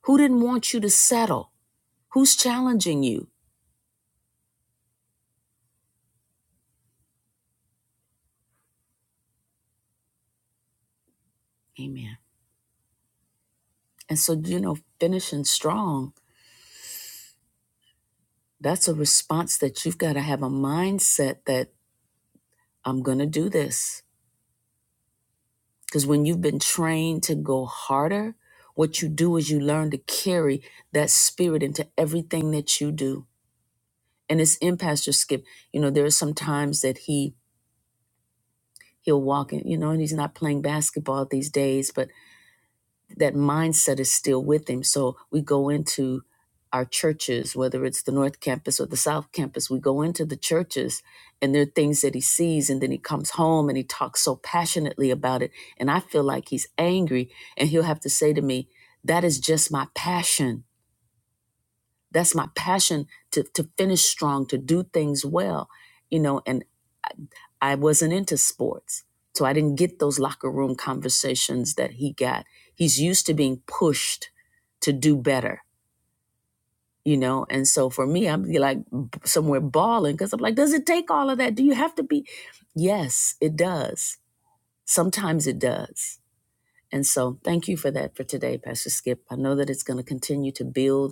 Who didn't want you to settle? Who's challenging you? Amen. And so, you know, finishing strong, that's a response that you've got to have a mindset that I'm going to do this. Because when you've been trained to go harder, what you do is you learn to carry that spirit into everything that you do. And it's in Pastor Skip. You know, there are some times that he he'll walk in, you know, and he's not playing basketball these days, but. that mindset is still with him. So we go into our churches, whether it's the North Campus or the South Campus, we go into the churches and there are things that he sees. And then he comes home and he talks so passionately about it. And I feel like he's angry. And he'll have to say to me, That is just my passion. That's my passion to, to finish strong, to do things well. You know, And I wasn't into sports. So I didn't get those locker room conversations that he got. He's used to being pushed to do better, you know? And so for me, I'm like somewhere bawling because I'm like, does it take all of that? Do you have to be? Yes, it does. Sometimes it does. And so thank you for that for today, Pastor Skip. I know that it's going to continue to build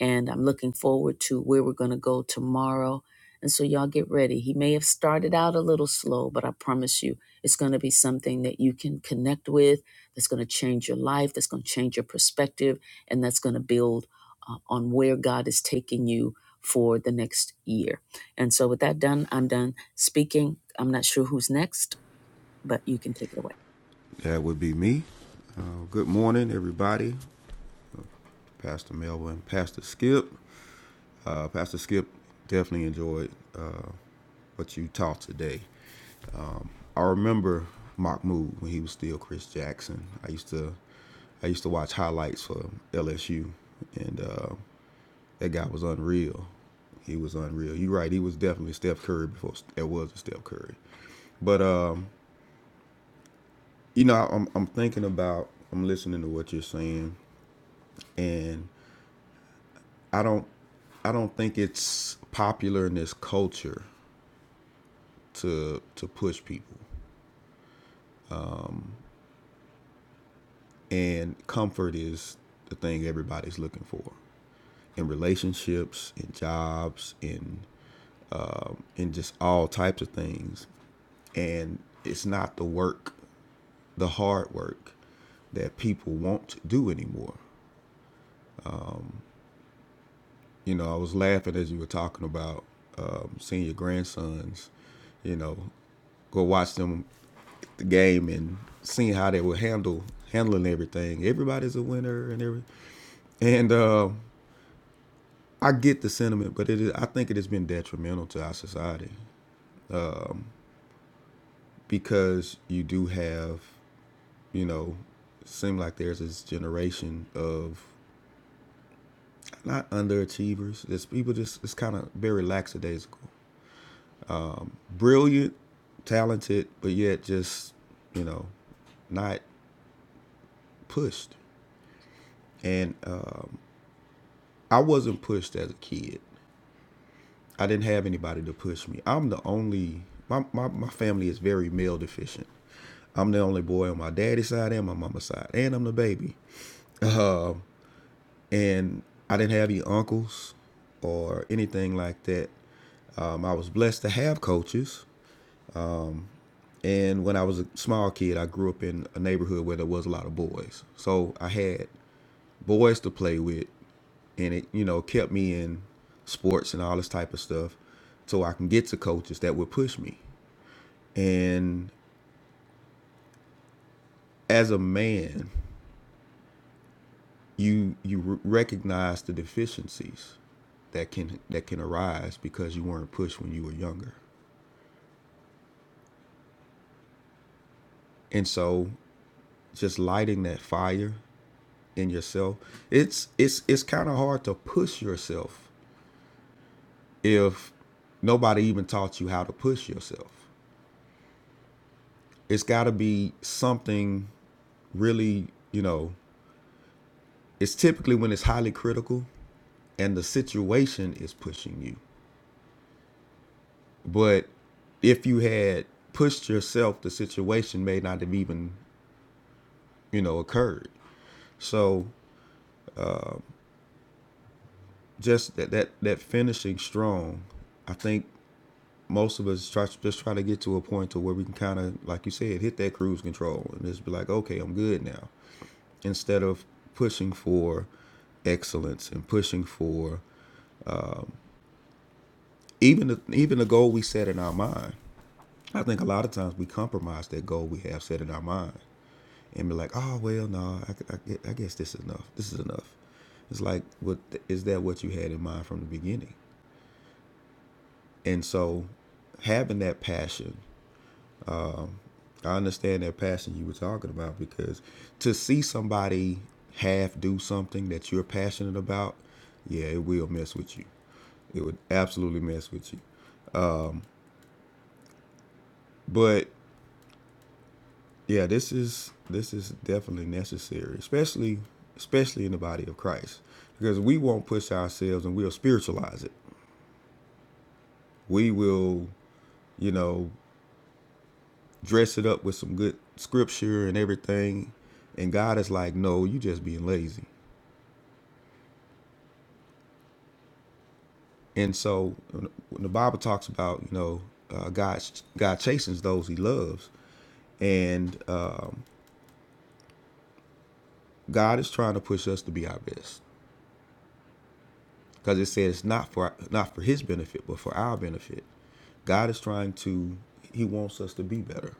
and I'm looking forward to where we're going to go tomorrow. And so, y'all get ready. He may have started out a little slow, but I promise you, it's going to be something that you can connect with, that's going to change your life, that's going to change your perspective, and that's going to build uh, on where God is taking you for the next year. And so, with that done, I'm done speaking. I'm not sure who's next, but you can take it away.
That would be me. Uh, good morning, everybody. Pastor Melvin, Pastor Skip. Uh, Pastor Skip definitely enjoyed uh, what you taught today. I remember Mahmoud when he was still Chris Jackson. I used to, I used to watch highlights for LSU, and uh, that guy was unreal. He was unreal. You're right. He was definitely Steph Curry before there was a Steph Curry. But um, you know, I'm I'm thinking about I'm listening to what you're saying, and I don't I don't think it's popular in this culture to to push people. And comfort is the thing everybody's looking for in relationships, in jobs, in in just all types of things. And it's not the work, the hard work that people won't do anymore. You know, I was laughing as you were talking about um, seeing your grandsons, you know, go watch them the game and seeing how they were handle handling everything. Everybody's a winner and every and uh, I get the sentiment, but it is I think it has been detrimental to our society because you do have you know seem like there's this generation of not underachievers. There's people just it's kind of very lackadaisical, brilliant, talented, but yet just you know not pushed. And uh, I wasn't pushed as a kid. I didn't have anybody to push me. I'm the only my, my, my family is very male deficient. I'm the only boy on my daddy's side and my mama's side, and I'm the baby. And I didn't have any uncles or anything like that. Um, I was blessed to have coaches. And when I was a small kid, I grew up in a neighborhood where there was a lot of boys. So I had boys to play with, and it, you know, kept me in sports and all this type of stuff so I can get to coaches that would push me. And as a man, you you recognize the deficiencies that can that can arise because you weren't pushed when you were younger. And so just lighting that fire in yourself, it's it's it's kind of hard to push yourself if nobody even taught you how to push yourself. It's got to be something really, you know, it's typically when it's highly critical and the situation is pushing you. But if you had pushed yourself, the situation may not have even, you know, occurred. So just that that, that finishing strong, I think most of us try just try to get to a point to where we can kind of, like you said, hit that cruise control and just be like, okay, I'm good now, instead of pushing for excellence and pushing for even the, even the goal we set in our mind. I think a lot of times we compromise that goal we have set in our mind and be like, oh well, no, I, I, I guess this is enough. This is enough. It's like, what is that? What you had in mind from the beginning? And so, having that passion, I understand that passion you were talking about because to see somebody half do something that you're passionate about, yeah, it will mess with you. It would absolutely mess with you. But yeah, this is this is definitely necessary, especially especially in the body of Christ, because we won't push ourselves and we'll spiritualize it. we will, you know, dress it up with some good scripture and everything. And God is like, no, you just being lazy. And so when the Bible talks about, you know, uh, God, God chastens those he loves. And um, God is trying to push us to be our best because it says not for not for his benefit, but for our benefit. God is trying to he wants us to be better.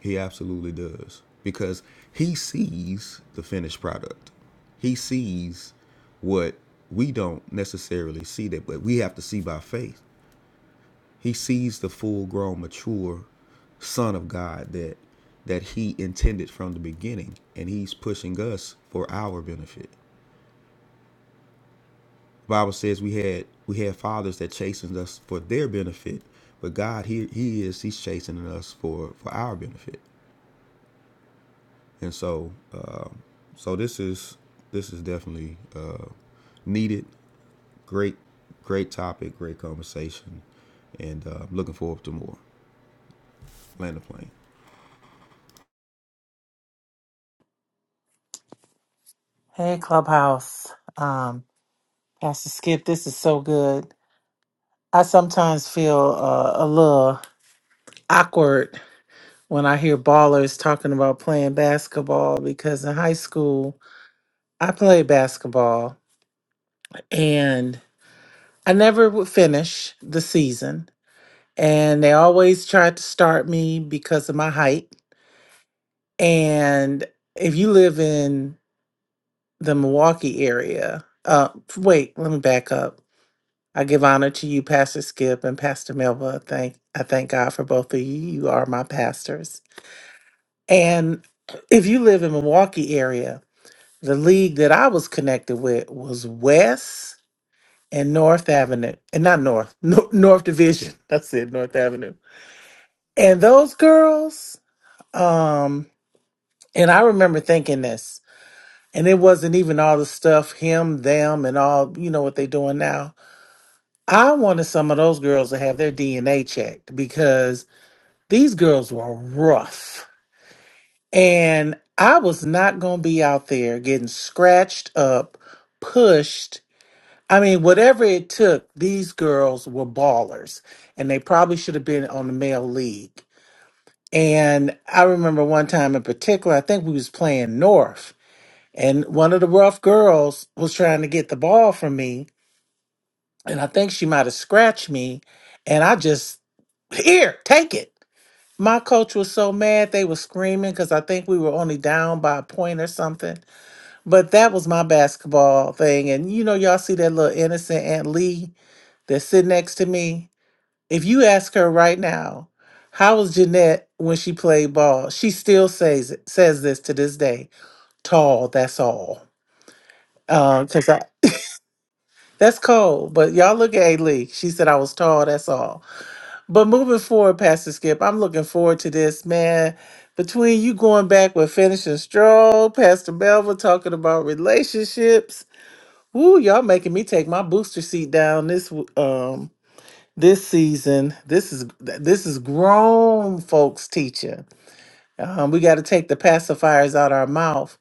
He absolutely does because he sees the finished product. He sees what we don't necessarily see that, but we have to see by faith. He sees the full-grown, mature Son of God that that He intended from the beginning, and He's pushing us for our benefit. The Bible says we had we had fathers that chastened us for their benefit, but God, He He is He's chastening us for for our benefit. and so uh, so this is this is definitely uh, needed. Great, great topic, great conversation, and uh, looking forward to more. Land the plane.
Hey, Clubhouse. Um, Pastor Skip, this is so good. I sometimes feel uh, a little awkward when I hear ballers talking about playing basketball because in high school, I played basketball and I never would finish the season. And they always tried to start me because of my height. And if you live in the Milwaukee area, uh, wait, let me back up. I give honor to you, Pastor Skip and Pastor Melva. Thank I thank God for both of you. You are my pastors. And if you live in Milwaukee area, the league that I was connected with was West and North Avenue, and not North, Nor- North Division. That's it, North Avenue. And those girls, um, and I remember thinking this, and it wasn't even all the stuff him, them, and all you know what they doing now. I wanted some of those girls to have their DNA checked because These girls were rough. And I was not going to be out there getting scratched up, pushed. I mean, whatever it took, these girls were ballers. And they probably should have been on the male league. And I remember one time in particular, I think we was playing North. And one of the rough girls was trying to get the ball from me. And I think she might have scratched me. And I just, here, take it. My coach was so mad they were screaming because I think we were only down by a point or something. But that was my basketball thing. And you know, y'all see that little innocent Aunt Lee that's sitting next to me. If you ask her right now, how was Jeanette when she played ball? She still says it, says this to this day. Tall, that's all. Um, cause I, that's cold. But y'all look at Aunt Lee. She said I was tall, that's all. But moving forward, Pastor Skip, I'm looking forward to this, man. Between you going back with finishing strong, Pastor Melville talking about relationships. Woo, y'all making me take my booster seat down this w- um this season. This is this is grown folks teaching. Um, we got to take the pacifiers out our mouth.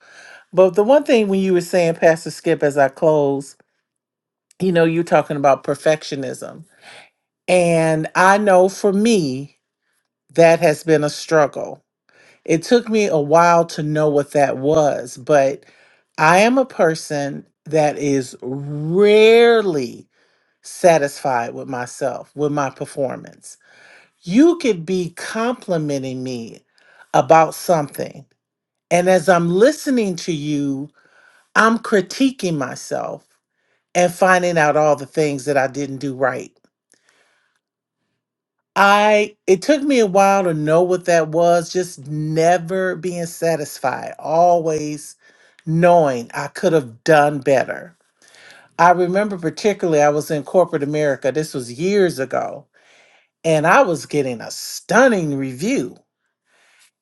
But the one thing when you were saying, Pastor Skip, as I close, you know, you're talking about perfectionism. And I know for me, that has been a struggle It took me a while to know what that was, but I am a person that is rarely satisfied with myself, with my performance. You could be complimenting me about something, and as I'm listening to you, I'm critiquing myself and finding out all the things that I didn't do right I it took me a while to know what that was, just never being satisfied, always knowing I could have done better. I remember particularly I was in corporate America, this was years ago, and I was getting a stunning review.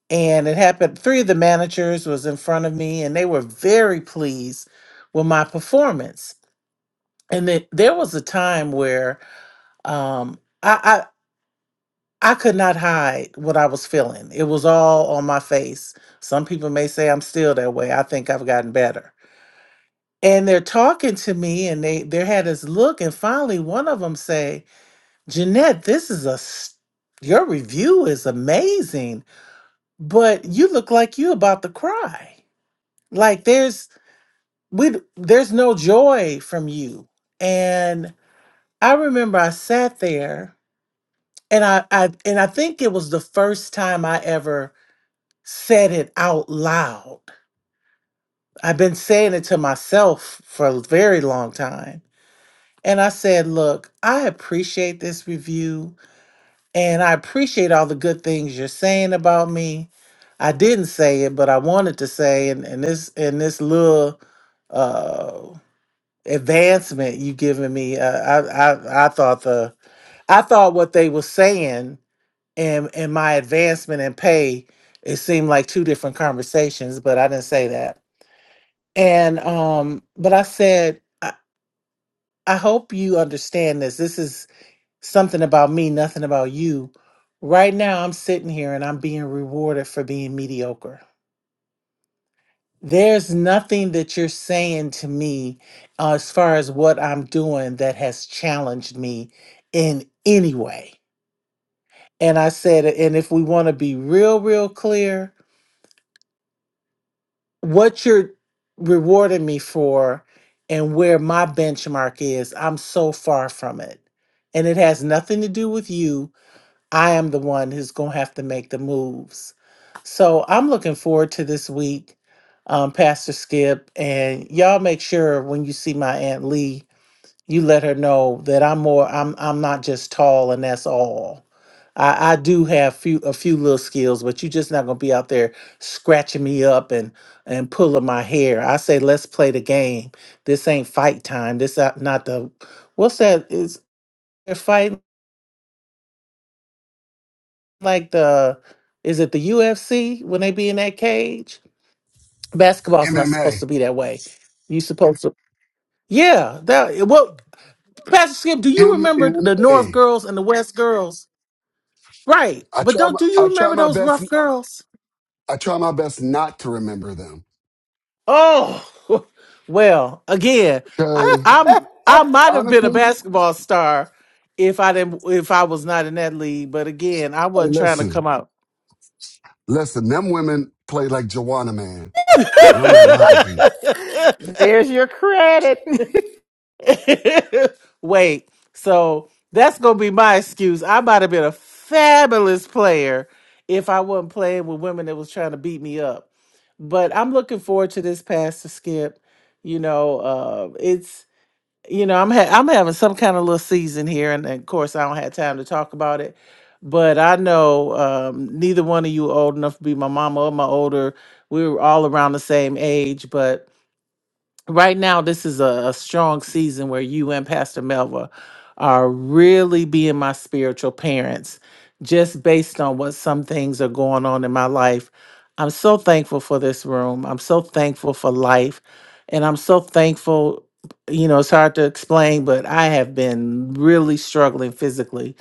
And it happened three of the managers was in front of me and they were very pleased with my performance. And then there was a time where um I, I could not hide what I was feeling. It was all on my face. Some people may say I'm still that way. I think I've gotten better. And they're talking to me and they they had this look and finally one of them say, "Jeanette, this is a s- your review is amazing, but you look like you about to cry. Like there's we d- there's no joy from you." And I remember I sat there and I, I and I think it was the first time I ever said it out loud. I've been saying it to myself for a very long time. And I said, Look, I appreciate this review and I appreciate all the good things you're saying about me. I didn't say it, but I wanted to say, and, and this and this little uh, advancement you giving me, uh, I, I I thought the I thought what they were saying and and my advancement and pay, it seemed like two different conversations, but I didn't say that. And um, but I said, I, I hope you understand this. This is something about me, nothing about you. Right now, I'm sitting here and I'm being rewarded for being mediocre. There's nothing that you're saying to me uh, as far as what I'm doing that has challenged me in any way. And I said, and if we want to be real, real clear, what you're rewarding me for and where my benchmark is, I'm so far from it. And it has nothing to do with you. I am the one who's going to have to make the moves. So I'm looking forward to this week, um, Pastor Skip. And y'all make sure when you see my Aunt Lee you let her know that I'm more I'm I'm not just tall and that's all. I, I do have few a few little skills, but you're just not gonna be out there scratching me up and and pulling my hair. I say let's play the game. This ain't fight time. This not, not the what's that is they're fighting like the is it the UFC when they be in that cage? Basketball's not supposed to
MMA.
be that way. You supposed to yeah that well Pastor Skip, do you remember the North
MMA.
girls and the West girls? Right.
I
But
try
don't
my
do
I
you
try
remember
my
those
best
rough girls?
I try my best not to remember them.
Oh well, again, I,
Cause
I'm I
devil.
might have been a
honestly,
basketball star if I didn't if I was not in that league, but again, I
hey
wasn't trying to
listen,
come out.
listen, them women play like Joanna man. And I'm not lying to you.
There's your credit.
Wait, so that's gonna be my excuse. I might have been a fabulous player if I wasn't playing with women that was trying to beat me up. But I'm looking forward to this pass to skip. You know, uh, it's you know I'm ha- I'm having some kind of little season here, and, of course I don't have time to talk about it. But I know um, neither one of you old enough to be my mama or my older. We were all around the same age, but right now this is a, a strong season where you and pastor melva are really being my spiritual parents just based on what some things are going on in my life i'm so thankful for this room i'm so thankful for life and i'm so thankful you know it's hard to explain but i have been really struggling physically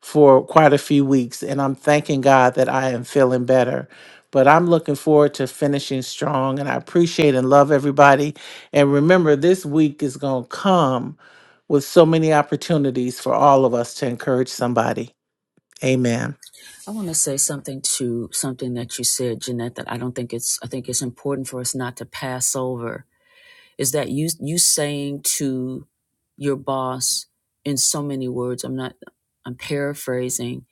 for quite a few weeks and i'm thanking god that i am feeling better but i'm looking forward to finishing strong and i appreciate and love everybody and remember, this week is going to come with so many opportunities for all of us to encourage somebody. Amen.
I want to say something to something that you said, Jeanette, that I don't think it's, I think it's important for us not to pass over is that you you saying to your boss in so many words i'm not i'm paraphrasing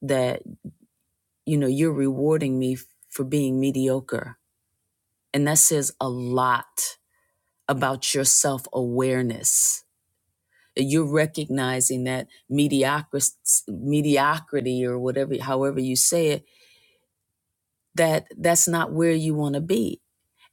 that you know you're rewarding me for being mediocre and that says a lot about your self-awareness you're recognizing that mediocrity mediocrity or whatever however you say it that that's not where you want to be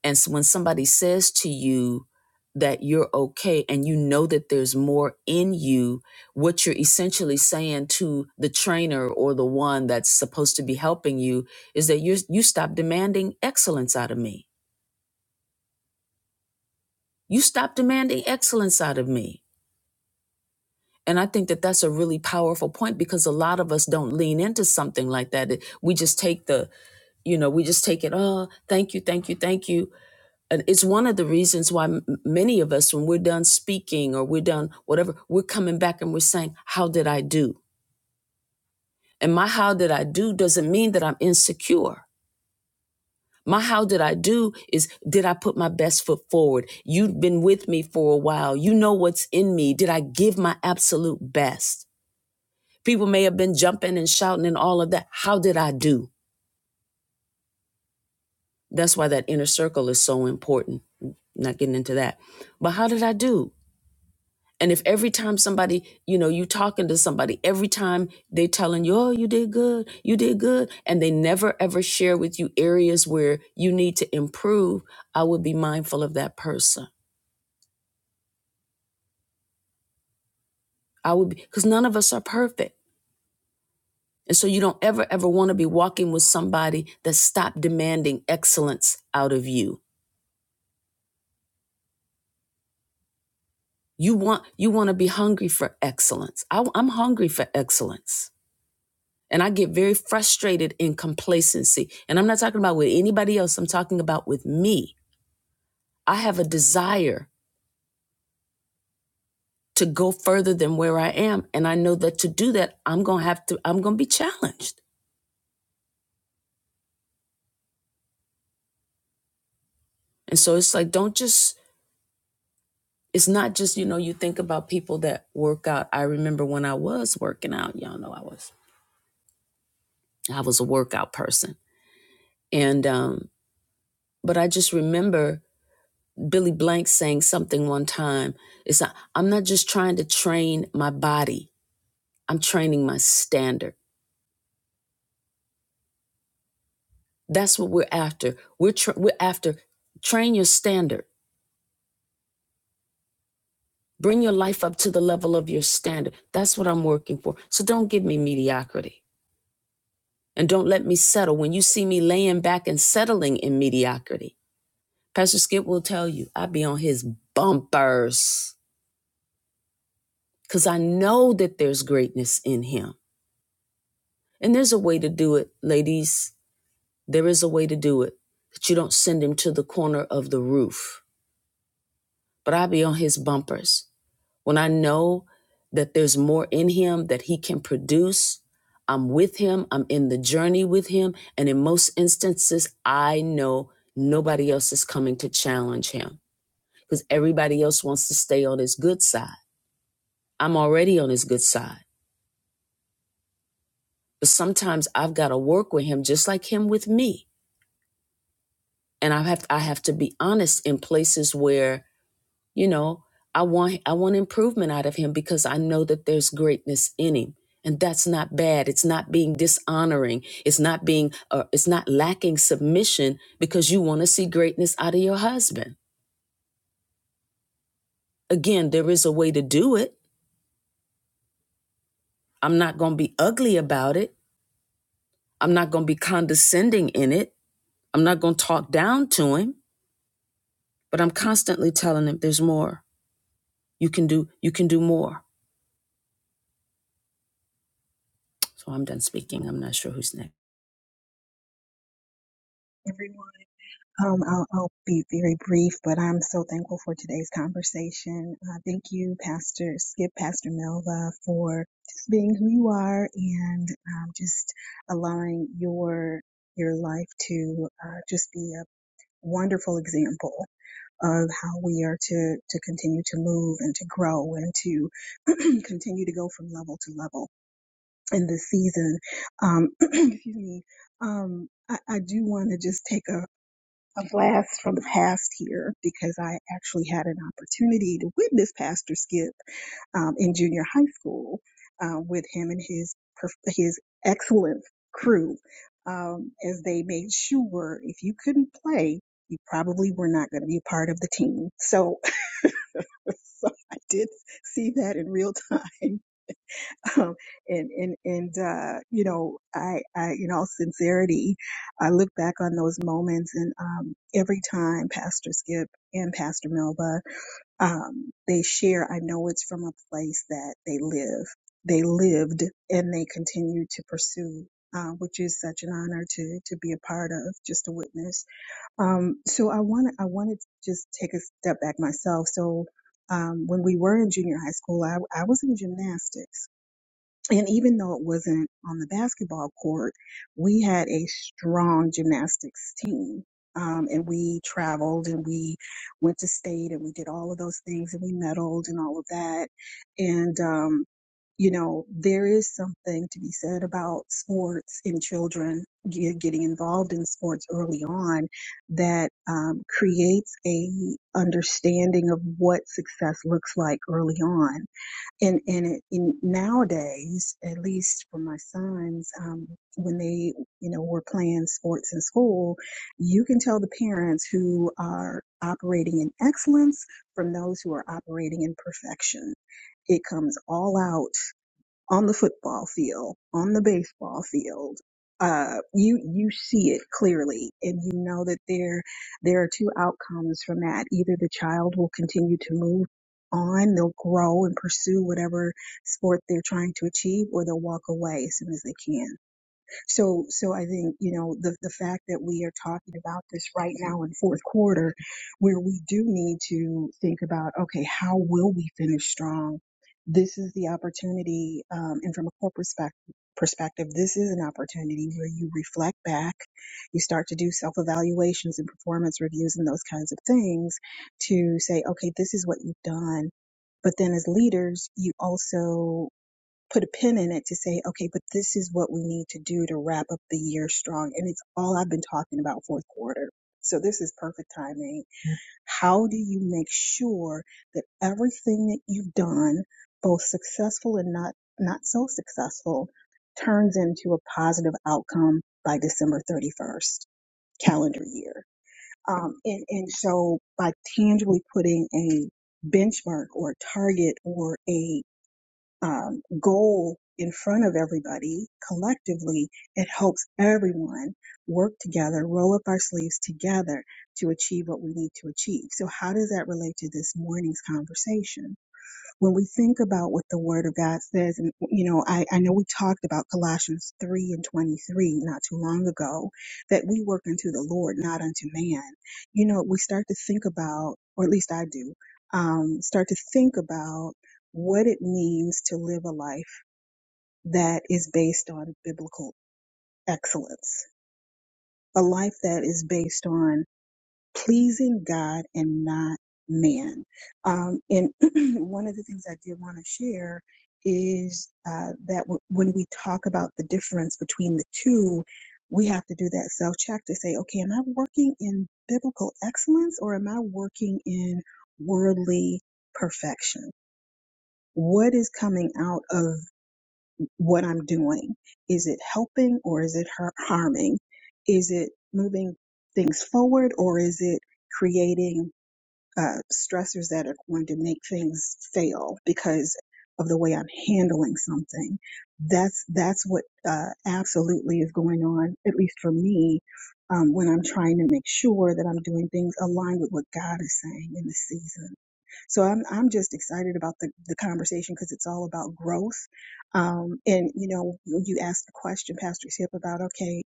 And so when somebody says to you that you're okay and you know that there's more in you, what you're essentially saying to the trainer or the one that's supposed to be helping you is that you you stop demanding excellence out of me. You stop demanding excellence out of me. And I think that that's a really powerful point because a lot of us don't lean into something like that. It- We just take the, you know, we just take it, oh, thank you, thank you, thank you and it's one of the reasons why m- many of us when we're done speaking or we're done whatever we're coming back and we're saying how did i do and my how did i do doesn't mean that i'm insecure my how did i do is did i put my best foot forward you've been with me for a while you know what's in me did i give my absolute best people may have been jumping and shouting and all of that how did i do that's why that inner circle is so important I'm not getting into that but how did i do And if every time somebody, you know, you talking to somebody, every time they telling you, oh, you did good, you did good, and they never ever share with you areas where you need to improve, I would be mindful of that person. I would be, because none of us are perfect. And so you don't ever, ever want to be walking with somebody that stopped demanding excellence out of you. You want, you want to be hungry for excellence. I, I'm hungry for excellence And I get very frustrated in complacency. And I'm not talking about with anybody else, I'm talking about with me. I have a desire to go further than where I am. And I know that to do that, I'm going to have to, I'm going to be challenged. And so it's like, don't just, it's not just, you know, you think about people that work out. I remember when I was working out, y'all know I was, I was a workout person. And, um, but I just remember Billy Blank saying something one time. It's not, I'm not just trying to train my body. I'm training my standard. That's what we're after. We're tra- we're after train your standard. Bring your life up to the level of your standard. That's what I'm working for. So don't give me mediocrity and don't let me settle. When you see me laying back and settling in mediocrity, Pastor Skip will tell you I be on his bumpers because I know that there's greatness in him. And there's a way to do it, ladies. There is a way to do it that you don't send him to the corner of the roof, but I be on his bumpers When I know that there's more in him that he can produce, I'm with him, I'm in the journey with him. And in most instances, I know nobody else is coming to challenge him because everybody else wants to stay on his good side. I'm already on his good side. But sometimes I've got to work with him just like him with me. And I have I have to be honest in places where you know i want i want improvement out of him because i know that there's greatness in him and that's not bad it's not being dishonoring it's not being uh, it's not lacking submission because you want to see greatness out of your husband again there is a way to do it i'm not going to be ugly about it i'm not going to be condescending in it i'm not going to talk down to him but i'm constantly telling him there's more you can do you can do more so i'm done speaking i'm not sure who's next
everyone. Um, I'll, I'll be very brief, but I'm so thankful for today's conversation. Uh, thank you, Pastor Skip, Pastor Melva, for just being who you are and um, just allowing your your life to uh, just be a wonderful example of how we are to to continue to move and to grow and to continue to go from level to level in this season. Um, excuse me. Um, I, I do want to just take a a blast from the past here because I actually had an opportunity to witness Pastor Skip um, in junior high school uh, with him and his perf- his excellent crew um, as they made sure if you couldn't play, you probably were not going to be part of the team. So, so I did see that in real time and and and uh, you know, I, I in all sincerity, I look back on those moments, and um, every time Pastor Skip and Pastor Melba, um, they share. I know it's from a place that they live, they lived, and they continue to pursue. Uh, which is such an honor to to be a part of, just to witness. Um, so I want I wanted to just take a step back myself. So um, when we were in junior high school, I, I was in gymnastics and even though it wasn't on the basketball court, we had a strong gymnastics team. Um, and we traveled and we went to state and we did all of those things and we medaled and all of that. And, um, you know, there is something to be said about sports and children ge- getting involved in sports early on that um, creates a understanding of what success looks like early on and and it, in nowadays, at least for my sons, um, when they you know were playing sports in school, you can tell the parents who are operating in excellence from those who are operating in perfection. It comes all out on the football field, on the baseball field, uh, you you see it clearly, and you know that there there are two outcomes from that. Either the child will continue to move on, they'll grow and pursue whatever sport they're trying to achieve, or they'll walk away as soon as they can. So, so I think, you know, the, the fact that we are talking about this right now in fourth quarter, where we do need to think about, okay, how will we finish strong? This is the opportunity. Um, and from a corporate spec- perspective, this is an opportunity where you reflect back, you start to do self evaluations and performance reviews and those kinds of things to say, okay, this is what you've done. But then as leaders, you also put a pin in it to say, okay, but this is what we need to do to wrap up the year strong. And it's all I've been talking about fourth quarter. So this is perfect timing. How do you make sure that everything that you've done, both successful and not, not so successful, turns into a positive outcome by December 31st calendar year? Um, and, and so by tangibly putting a benchmark or a target or a um, goal in front of everybody collectively, it helps everyone work together, roll up our sleeves together to achieve what we need to achieve. So, how does that relate to this morning's conversation? when we think about what the word of God says, and you know, I, I know we talked about Colossians 3 and 23 not too long ago, that we work unto the Lord, not unto man. You know, we start to think about, or at least I do, um, start to think about what it means to live a life that is based on biblical excellence, a life that is based on pleasing God and not man. Um, and one of the things I did want to share is uh, that w- when we talk about the difference between the two, we have to do that self check to say, okay, am I working in biblical excellence or am I working in worldly perfection? What is coming out of what I'm doing? Is it helping or is it har- harming? Is it moving things forward or is it creating uh, stressors that are going to make things fail because of the way I'm handling something. That's that's what uh, absolutely is going on, at least for me, um, when I'm trying to make sure that I'm doing things aligned with what God is saying in the season. So I'm I'm just excited about the the conversation because it's all about growth. Um, and you know, you you asked the question, Pastor Tip, about okay.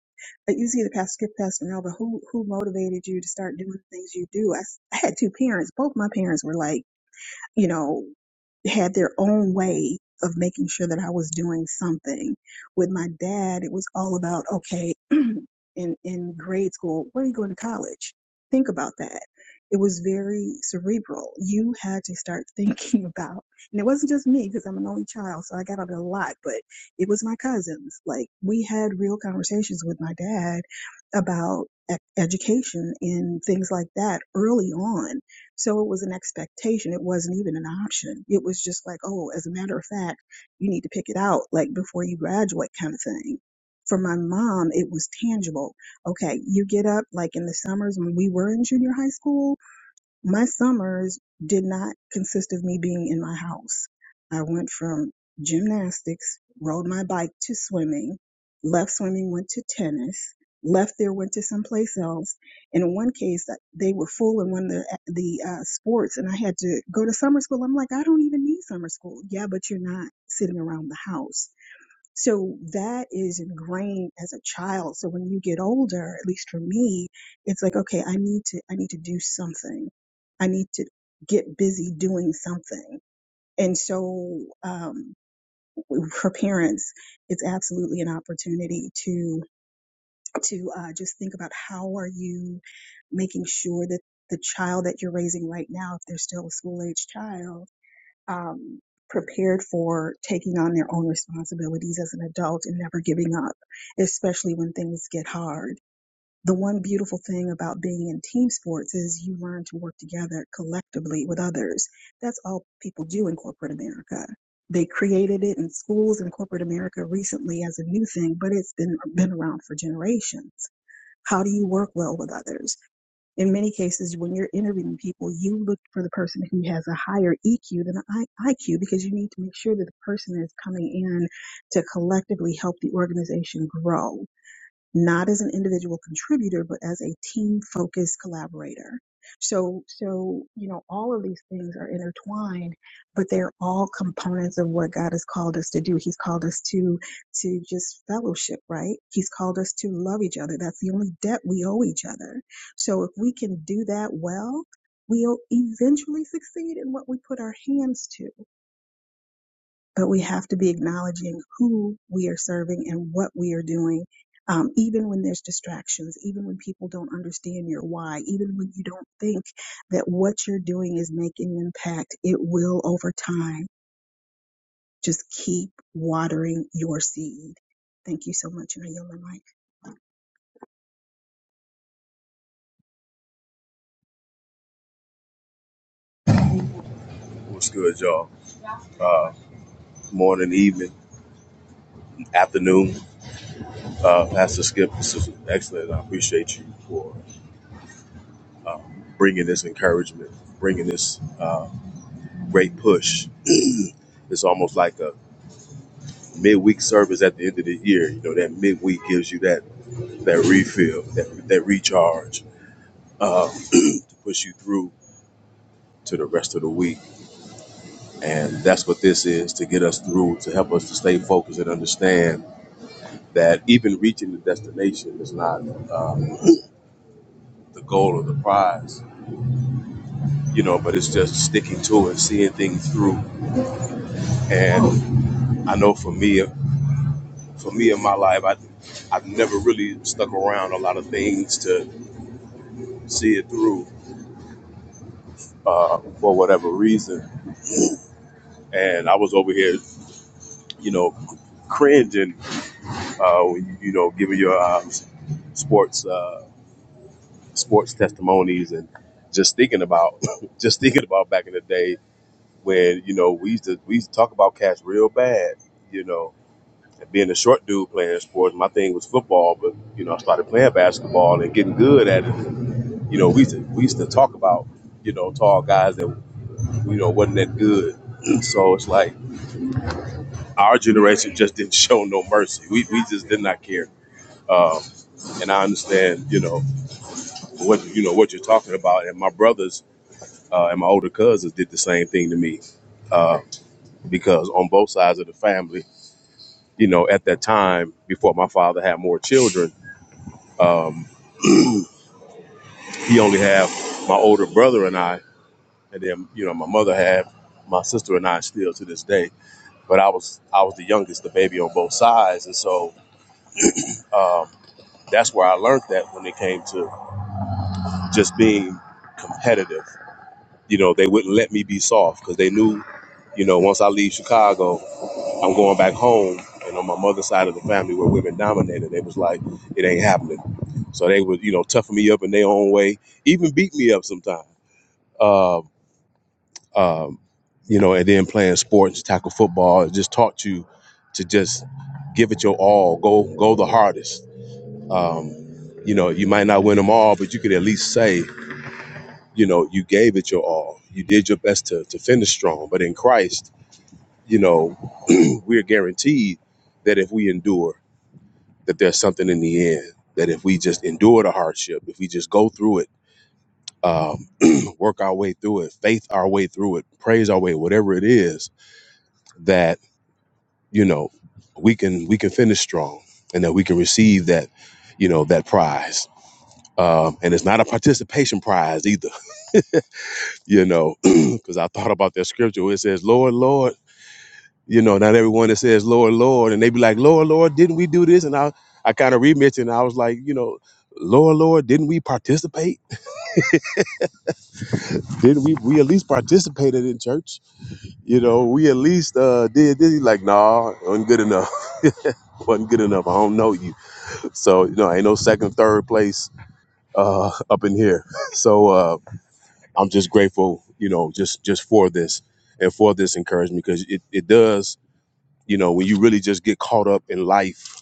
It's easy to pass, skip past and over. Who who motivated you to start doing the things you do? I, s- I had two parents. Both my parents were like you know, had their own way of making sure that I was doing something. With my dad, it was all about, okay, in, in grade school, where are you going to college? Think about that. It was very cerebral. You had to start thinking about, and it wasn't just me because I'm an only child, so I got out a lot, but it was my cousins. Like we had real conversations with my dad about e- education and things like that early on so it was an expectation. It wasn't even an option. It was just like, oh, as a matter of fact, you need to pick it out like before you graduate kind of thing. For my mom, it was tangible. Okay, you get up like in the summers when we were in junior high school. My summers did not consist of me being in my house. I went from gymnastics, rode my bike to swimming, left swimming, went to tennis, left there, went to someplace else. And in one case, uh, they were full in one of the, uh, the uh, sports, and I had to go to summer school. I'm like, I don't even need summer school. Yeah, but you're not sitting around the house so that is ingrained as a child. So when you get older, at least for me, it's like, okay, I need to, I need to do something. I need to get busy doing something. And so, um, for parents, it's absolutely an opportunity to, to, uh, just think about how are you making sure that the child that you're raising right now, if they're still a school age child, um, prepared for taking on their own responsibilities as an adult and never giving up, especially when things get hard. The one beautiful thing about being in team sports is you learn to work together collectively with others. That's all people do in corporate America. They created it in schools in corporate America recently as a new thing, but it's been been around for generations. How do you work well with others? in many cases, when you're interviewing people, you look for the person who has a higher EQ than an IQ because you need to make sure that the person is coming in to collectively help the organization grow not as an individual contributor, but as a team focused collaborator. So, so, you know, all of these things are intertwined, but they're all components of what God has called us to do. He's called us to, to just fellowship, right? He's called us to love each other. That's the only debt we owe each other. So if we can do that well, we'll eventually succeed in what we put our hands to but we have to be acknowledging who we are serving and what we are doing. Um, even when there's distractions, even when people don't understand your why, even when you don't think that what you're doing is making an impact, it will over time just keep watering your seed. Thank you so much, and I yield my mic.
What's good, y'all? Morning, evening, afternoon. Uh, Pastor Skip, this is excellent. I appreciate you for uh, bringing this encouragement, bringing this uh, great push. it's almost like a midweek service at the end of the year. You know, that midweek gives you that that refill, that, that recharge uh, to push you through to the rest of the week. And that's what this is to get us through, to help us to stay focused and understand that even reaching the destination is not. Uh, the goal or the prize, you know, but it's just sticking to it, seeing things through. And I know for me, for me in my life, I, I've never really stuck around a lot of things to see it through uh, for whatever reason. And I was over here, you know, cringing, uh, when you you know, giving your uh, sports uh, sports testimonies and just thinking about just thinking about back in the day when you know we used to we used to talk about cash real bad, you know, being a short dude playing sports, my thing was football. But you know, I started playing basketball and getting good at it. You know, we used to, we used to talk about you know tall guys that you know wasn't that good. So it's like our generation just didn't show no mercy. We, we just did not care. Um, and I understand, you know, what you know what you're talking about. And my brothers uh, and my older cousins did the same thing to me uh, because on both sides of the family, you know, at that time before my father had more children. um, He only have my older brother and I, and then you know my mother had my sister and I still to this day. But I was I was the youngest, the baby on both sides, and so um, that's where I learned that when it came to just being competitive. You know, they wouldn't let me be soft because they knew, you know, once I leave Chicago, I'm going back home. And on my mother's side of the family, where women dominated, they was like, it ain't happening. So they would, you know, toughen me up in their own way, even beat me up sometimes. Uh, um, you know, and then playing sports, tackle football, it just taught you to just give it your all, go go the hardest. Um, you know, you might not win them all, but you could at least say, you know, you gave it your all. You did your best to, to finish strong. But in Christ, you know, we're guaranteed that if we endure, that there's something in the end. That if we just endure the hardship, if we just go through it, um, work our way through it, faith our way through it, praise our way, whatever it is, that. you know, we can we can finish strong, and that we can receive that, you know, that prize. Um, and it's not a participation prize either, you know, because I thought about that scripture where it says, "Lord, Lord." You know, not everyone that says "Lord, Lord," and they be like, "Lord, Lord, didn't we do this?" And I, I kind of remixed, it, and I was like, you know, "Lord, Lord, didn't we participate? Didn't we? We at least participated in church. You know, we at least uh, did this." He Like, nah, wasn't good enough. wasn't good enough. I don't know you. So you know, ain't no second, third place uh, up in here. So uh, I'm just grateful, you know, just just for this and for this encouragement because it, it does, you know, when you really just get caught up in life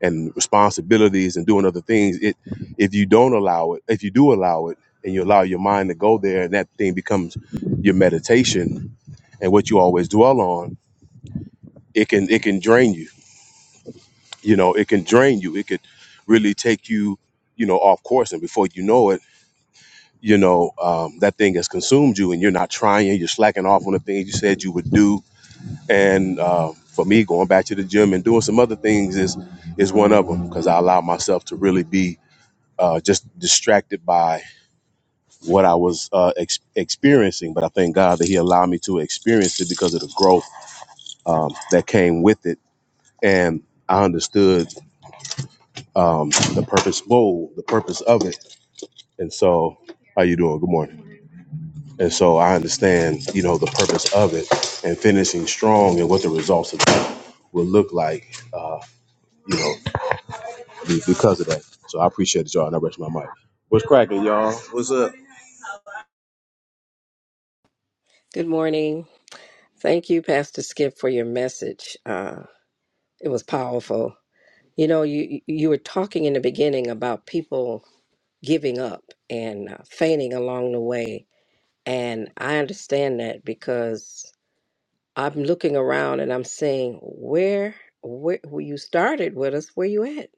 and responsibilities and doing other things, it if you don't allow it, if you do allow it and you allow your mind to go there and that thing becomes your meditation and what you always dwell on, it can it can drain you. You know, it can drain you. It could really take you, you know, off course and before you know it you know, um, that thing has consumed you and you're not trying, you're slacking off on the things you said you would do. And uh, for me, going back to the gym and doing some other things is is one of them because I allowed myself to really be uh, just distracted by what I was uh, ex- experiencing. But I thank God that He allowed me to experience it because of the growth um, that came with it. And I understood um, the purpose, whoa, the purpose of it. And so, how you doing? Good morning. And so I understand, you know, the purpose of it and finishing strong and what the results of that will look like, you know, be- because of that. So I appreciate it, y'all, and I rest my mic. What's cracking, y'all? What's up?
Good morning. Thank you, Pastor Skip, for your message. Uh, it was powerful. You know, you you were talking in the beginning about people giving up and uh, fainting along the way, and I understand that because I'm looking around and I'm saying, where where, where you started with us? Where you at?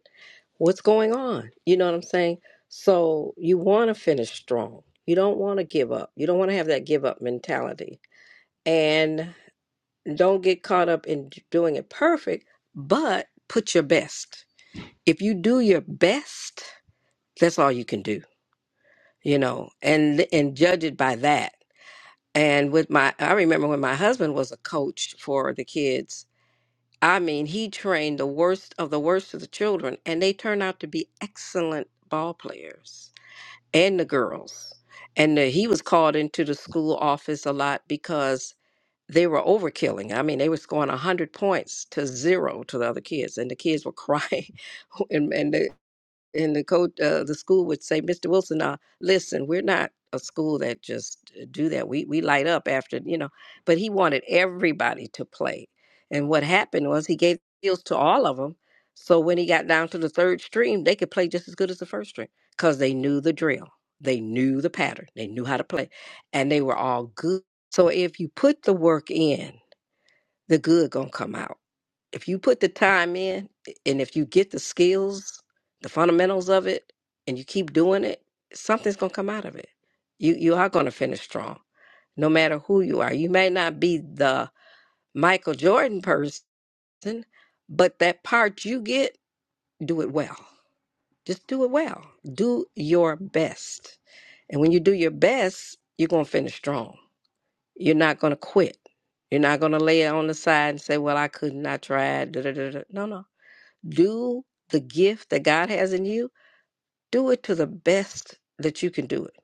What's going on? You know what I'm saying? So you want to finish strong. You don't want to give up. You don't want to have that give up mentality. And don't get caught up in doing it perfect, but put your best. If you do your best, that's all you can do, you know, and and judge it by that. And with my, I remember when my husband was a coach for the kids. I mean, he trained the worst of the worst of the children, and they turned out to be excellent ball players and the girls. And uh, he was called into the school office a lot because they were overkilling. I mean, they were scoring 100 points to zero to the other kids, and the kids were crying. and, and, and the coach, uh, the school would say, "Mr. Wilson, uh, listen, we're not a school that just uh, do that. We we light up after you know." But he wanted everybody to play, and what happened was he gave deals to all of them. So when he got down to the third stream, they could play just as good as the first stream because they knew the drill, they knew the pattern, they knew how to play, and they were all good. So if you put the work in, the good gonna come out if you put the time in and if you get the skills, the fundamentals of it, and you keep doing it, something's gonna come out of it. You you are gonna finish strong, no matter who you are. You may not be the Michael Jordan person, but that part you get, do it well. Just do it well. Do your best. And when you do your best, you're gonna finish strong. You're not gonna quit. You're not gonna lay it on the side and say, Well, I couldn't, I tried. Da, da, da, da. No, no do the gift that God has in you, do it to the best that you can do it.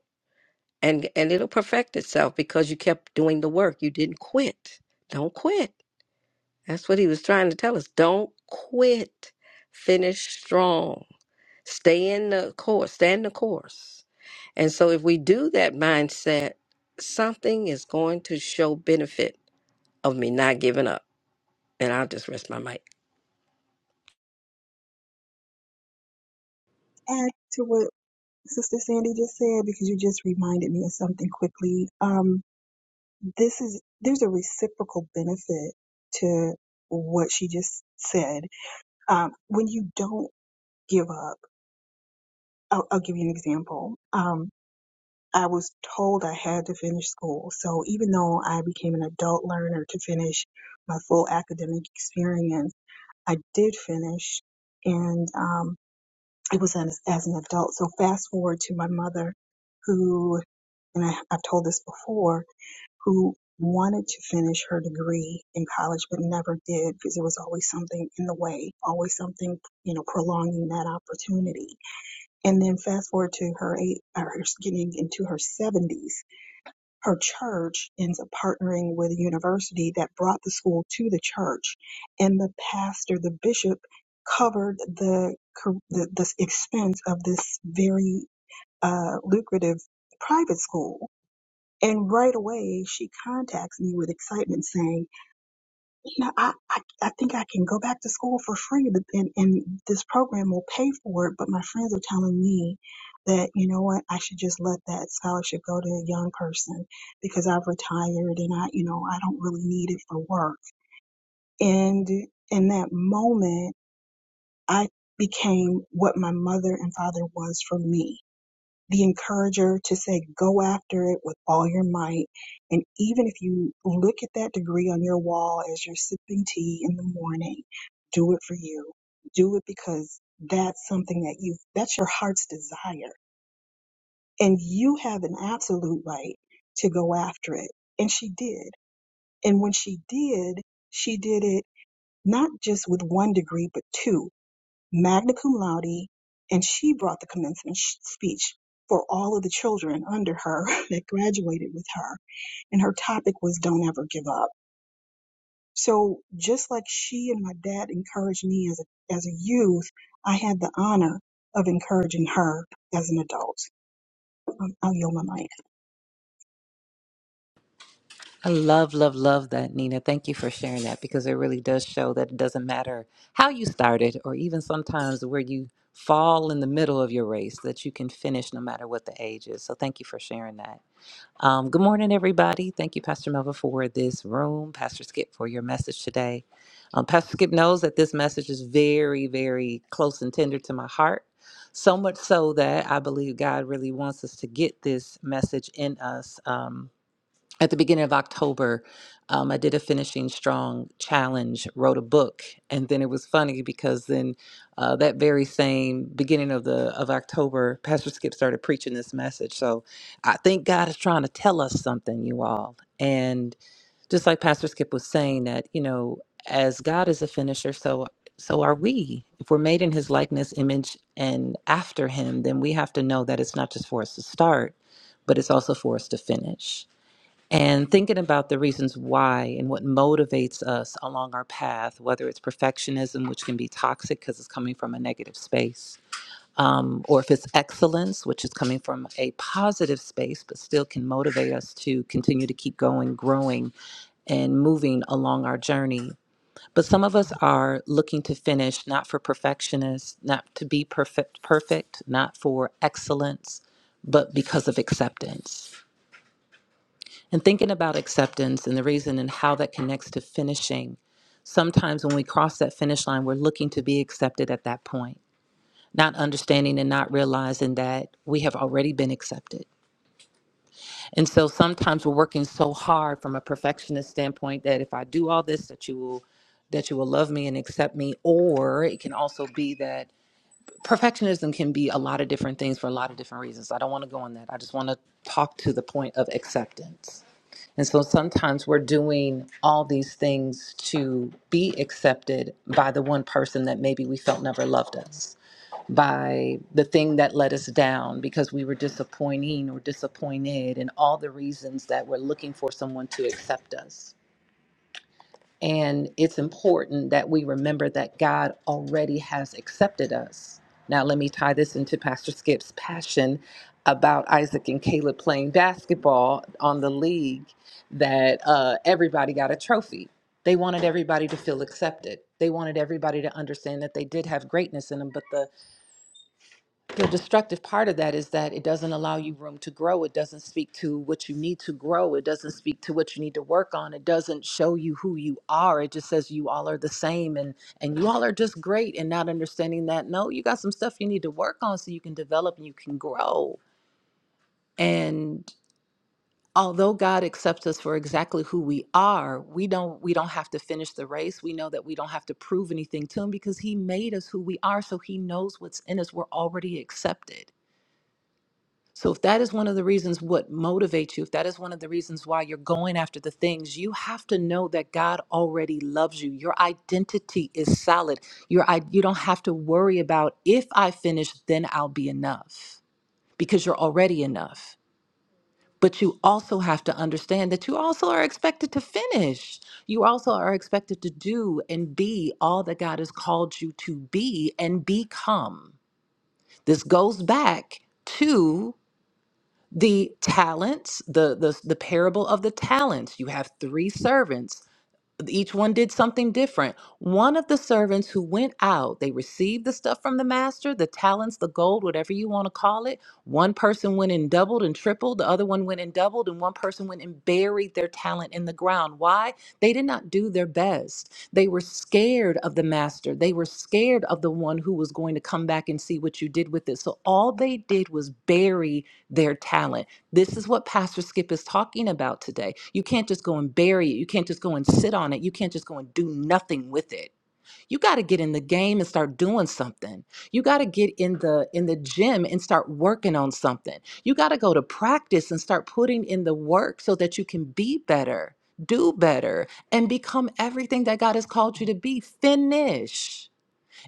And and it'll perfect itself because you kept doing the work. You didn't quit. Don't quit. That's what he was trying to tell us. Don't quit. Finish strong. Stay in the course. Stay in the course. And so if we do that mindset, something is going to show benefit of me not giving up. And I'll just rest my mic.
add to what Sister Sandy just said because you just reminded me of something quickly. Um, this is there's a reciprocal benefit to what she just said. Um, when you don't give up, I'll, I'll give you an example. Um, I was told I had to finish school. So even though I became an adult learner to finish my full academic experience, I did finish and, um, it was as, as an adult. So fast forward to my mother who, and I, I've told this before, who wanted to finish her degree in college but never did because there was always something in the way, always something, you know, prolonging that opportunity And then fast forward to her eight, or her getting into her 70s, her church ends up partnering with a university that brought the school to the church, and the pastor, the bishop, covered the cur- the, the expense of this very uh, lucrative private school. And right away, she contacts me with excitement, saying you know, I, I, I think I can go back to school for free but- and, and this program will pay for it. But my friends are telling me that, you know what, I should just let that scholarship go to a young person because I've retired and I, you know, I don't really need it for work. And in that moment, I became what my mother and father was for me the encourager to say, go after it with all your might. And even if you look at that degree on your wall as you're sipping tea in the morning, do it for you. Do it because that's something that you, that's your heart's desire. And you have an absolute right to go after it. And she did. And when she did, she did it not just with one degree, but two magna cum laude, and she brought the commencement sh- speech for all of the children under her that graduated with her. And her topic was Don't Ever Give Up. So just like she and my dad encouraged me as a, as a youth, I had the honor of encouraging her as an adult. Um, I'll yield my mic.
I love, love, love that, Nina. Thank you for sharing that because it really does show that it doesn't matter how you started or even sometimes where you fall in the middle of your race, that you can finish no matter what the age is. So thank you for sharing that. Um, good morning, everybody. Thank you, Pastor Melva, for this room, Pastor Skip, for your message today. Um, Pastor Skip knows that this message is very, very close and tender to my heart. So much so that I believe God really wants us to get this message in us. Um, at the beginning of October, um, I did a finishing strong challenge, wrote a book, and then it was funny because then uh, that very same beginning of the of October, Pastor Skip started preaching this message. So I think God is trying to tell us something, you all. And just like Pastor Skip was saying, that you know, as God is a finisher, so so are we. If we're made in His likeness, image, and after Him, then we have to know that it's not just for us to start, but it's also for us to finish and thinking about the reasons why and what motivates us along our path, whether it's perfectionism, which can be toxic because it's coming from a negative space, um, or if it's excellence, which is coming from a positive space, but still can motivate us to continue to keep going, growing, and moving along our journey. But some of us are looking to finish not for perfectionists, not to be perfect, perfect, not for excellence, but because of acceptance and thinking about acceptance and the reason and how that connects to finishing, sometimes when we cross that finish line, we're looking to be accepted at that point, not understanding and not realizing that we have already been accepted. And so sometimes we're working so hard from a perfectionist standpoint that if I do all this, that you will that you will love me and accept me or it can also be that perfectionism can be a lot of different things for a lot of different reasons i don't want to go on that i just want to talk to the point of acceptance and so sometimes we're doing all these things to be accepted by the one person that maybe we felt never loved us, by the thing that let us down because we were disappointing or disappointed, and all the reasons that we're looking for someone to accept us. And it's important that we remember that God already has accepted us. Now, let me tie this into Pastor Skip's passion about Isaac and Caleb playing basketball on the league that uh, everybody got a trophy. They wanted everybody to feel accepted. They wanted everybody to understand that they did have greatness in them, but the the destructive part of that is that it doesn't allow you room to grow. It doesn't speak to what you need to grow. It doesn't speak to what you need to work on. It doesn't show you who you are. It just says you all are the same and and you all are just great and not understanding that no, you got some stuff you need to work on so you can develop and you can grow. And although God accepts us for exactly who we are, we don't we don't have to finish the race. We know that we don't have to prove anything to him because he made us who we are, so he knows what's in us. We're already accepted. So if that is one of the reasons what motivates you, if that is one of the reasons why you're going after the things, you have to know that God already loves you. Your identity is solid. Your i- you don't have to worry about if I finish, then I'll be enough because you're already enough. But you also have to understand that you also are expected to finish. You also are expected to do and be all that God has called you to be and become. This goes back to the talents the, the the parable of the talents you have three servants each one did something different one of the servants who went out they received the stuff from the master the talents the gold whatever you want to call it one person went and doubled and tripled the other one went and doubled and one person went and buried their talent in the ground why they did not do their best they were scared of the master they were scared of the one who was going to come back and see what you did with it so all they did was bury their talent this is what Pastor Skip is talking about today. You can't just go and bury it. You can't just go and sit on it. You can't just go and do nothing with it. You got to get in the game and start doing something. You got to get in the in the gym and start working on something. You got to go to practice and start putting in the work so that you can be better, do better, and become everything that God has called you to be. Finish.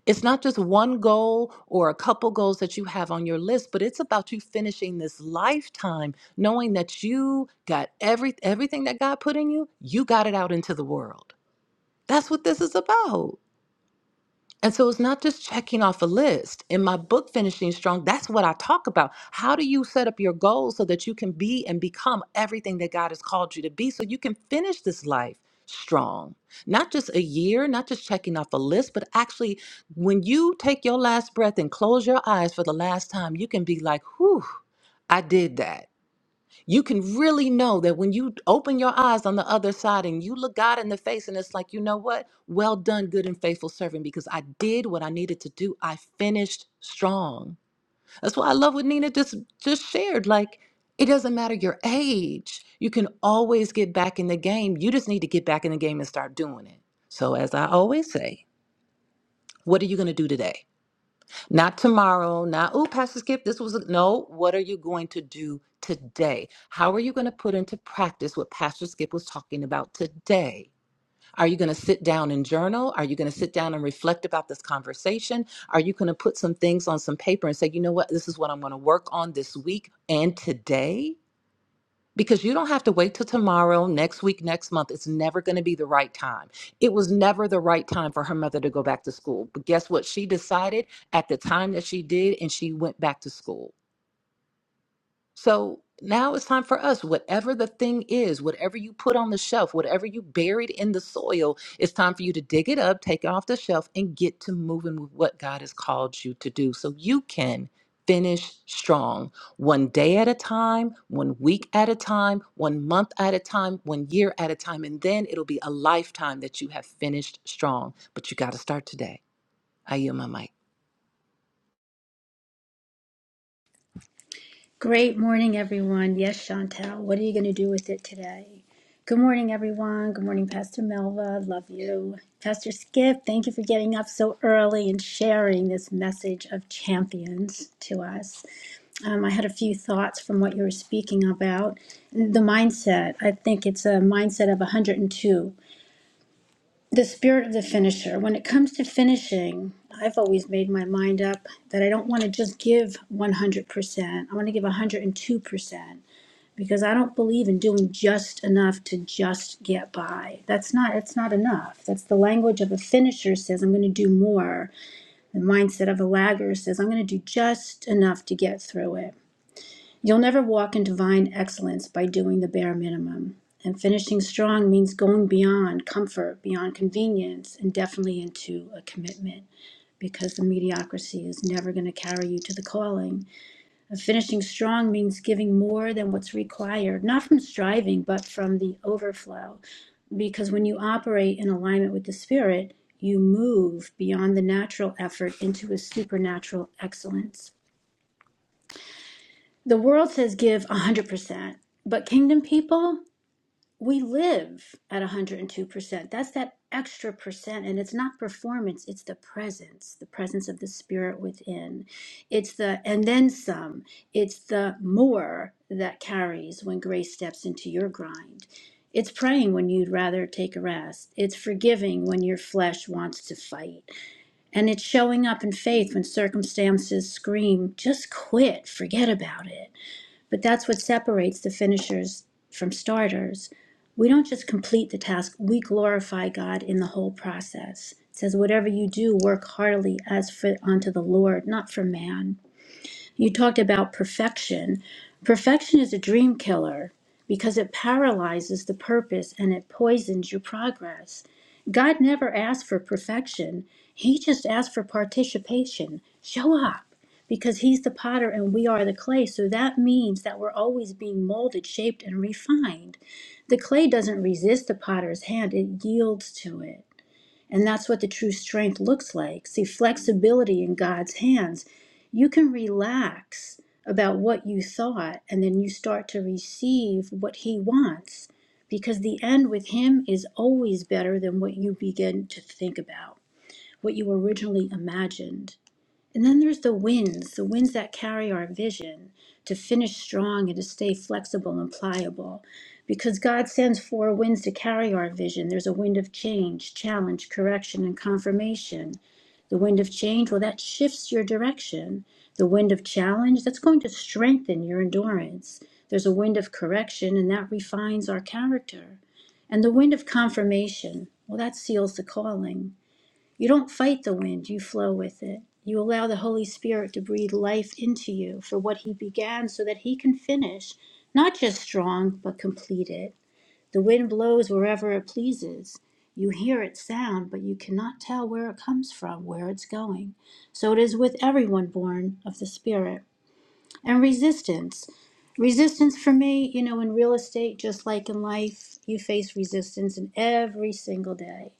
It's not just one goal or a couple goals that you have on your list, but it's about you finishing this lifetime knowing that you got every everything that God put in you, you got it out into the world. That's what this is about. And so it's not just checking off a list. In my book, Finishing Strong, that's what I talk about. How do you set up your goals so that you can be and become everything that God has called you to be so you can finish this life strong? Not just a year, not just checking off a list, but actually, when you take your last breath and close your eyes for the last time, you can be like, whew, I did that you can really know that when you open your eyes on the other side and you look God in the face, and it's like, you know what? Well done, good and faithful servant, because I did what I needed to do. I finished strong. That's why I love what Nina just just shared. Like, it doesn't matter your age. You can always get back in the game. You just need to get back in the game and start doing it. So, as I always say, what are you going to do today? Not tomorrow, not, oh, Pastor Skip, this was, a-" no, what are you going to do today? How are you going to put into practice what Pastor Skip was talking about today? Are you going to sit down and journal? Are you going to sit down and reflect about this conversation? Are you going to put some things on some paper and say, you know what, this is what I'm going to work on this week and today? because you don't have to wait till tomorrow, next week, next month. It's never going to be the right time. It was never the right time for her mother to go back to school. But guess what? She decided at the time that she did, and she went back to school. So now it's time for us, whatever the thing is, whatever you put on the shelf, whatever you buried in the soil, it's time for you to dig it up, take it off the shelf, and get to moving with what God has called you to do so you can finish strong one day at a time, one week at a time, one month at a time, one year at a time. And then it'll be a lifetime that you have finished strong. But you got to start today. I yield my mic.
Great morning, everyone. Yes, Chantel, what are you going to do with it today? Good morning, everyone. Good morning, Pastor Melva. Love you. Pastor Skip, thank you for getting up so early and sharing this message of champions to us. Um, I had a few thoughts from what you were speaking about. The mindset, I think it's a mindset of 102. The spirit of the finisher. When it comes to finishing, I've always made my mind up that I don't want to just give 100%. I want to give 102% because I don't believe in doing just enough to just get by. That's not it's not enough. That's the language of a finisher says I'm going to do more. The mindset of a lagger says I'm going to do just enough to get through it. You'll never walk in divine excellence by doing the bare minimum. And finishing strong means going beyond comfort, beyond convenience, and definitely into a commitment because the mediocrity is never going to carry you to the calling. Finishing strong means giving more than what's required, not from striving, but from the overflow. Because when you operate in alignment with the Spirit, you move beyond the natural effort into a supernatural excellence. The world says give 100%, but kingdom people? we live at 102%. That's that extra percent. And it's not performance, it's the presence, the presence of the spirit within. It's the and then some, it's the more that carries when grace steps into your grind. It's praying when you'd rather take a rest. It's forgiving when your flesh wants to fight. And it's showing up in faith when circumstances scream, just quit, forget about it but that's what separates the finishers from starters. We don't just complete the task, we glorify God in the whole process. It says, Whatever you do, work heartily as for unto the Lord, not for man you talked about perfection. Perfection is a dream killer because it paralyzes the purpose and it poisons your progress. God never asked for perfection, He just asked for participation. Show up because He's the potter and we are the clay. So that means that we're always being molded, shaped, and refined. The clay doesn't resist the potter's hand, it yields to it. And that's what the true strength looks like. See, flexibility in God's hands. You can relax about what you thought, and then you start to receive what He wants because the end with Him is always better than what you begin to think about, what you originally imagined. And then there's the winds, the winds that carry our vision to finish strong and to stay flexible and pliable. Because God sends four winds to carry our vision. There's a wind of change, challenge, correction, and confirmation. The wind of change, well, that shifts your direction. The wind of challenge, that's going to strengthen your endurance. There's a wind of correction, and that refines our character. And the wind of confirmation, well, that seals the calling. You don't fight the wind, you flow with it. You allow the Holy Spirit to breathe life into you for what He began so that He can finish, not just strong, but complete it. The wind blows wherever it pleases. You hear its sound, but you cannot tell where it comes from, where it's going. So it is with everyone born of the Spirit. And resistance. Resistance for me, you know, in real estate, just like in life, you face resistance in every single day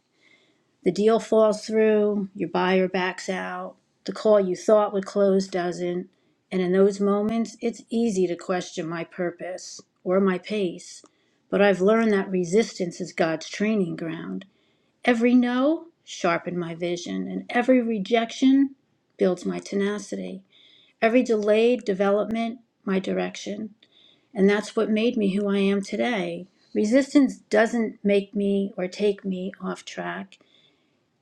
the deal falls through, your buyer backs out, the call you thought would close doesn't. And in those moments, it's easy to question my purpose or my pace. But I've learned that resistance is God's training ground. Every no sharpened my vision, and every rejection builds my tenacity. Every delayed development, my direction. And that's what made me who I am today. Resistance doesn't make me or take me off track.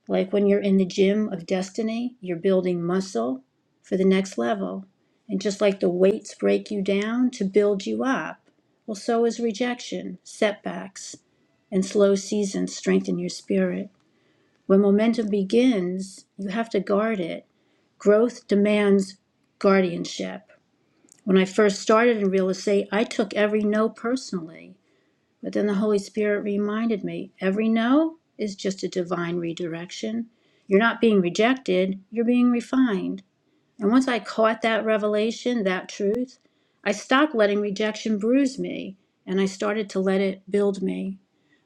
Like when you're in the gym of destiny, you're building muscle for the next level. And just like the weights break you down to build you up, well, so is rejection, setbacks, and slow seasons strengthen your spirit. When momentum begins, you have to guard it. Growth demands guardianship. When I first started in real estate, I took every no personally. But then the Holy Spirit reminded me every no is just a divine redirection. You're not being rejected, you're being refined. And once I caught that revelation, that truth, I stopped letting rejection bruise me and I started to let it build me.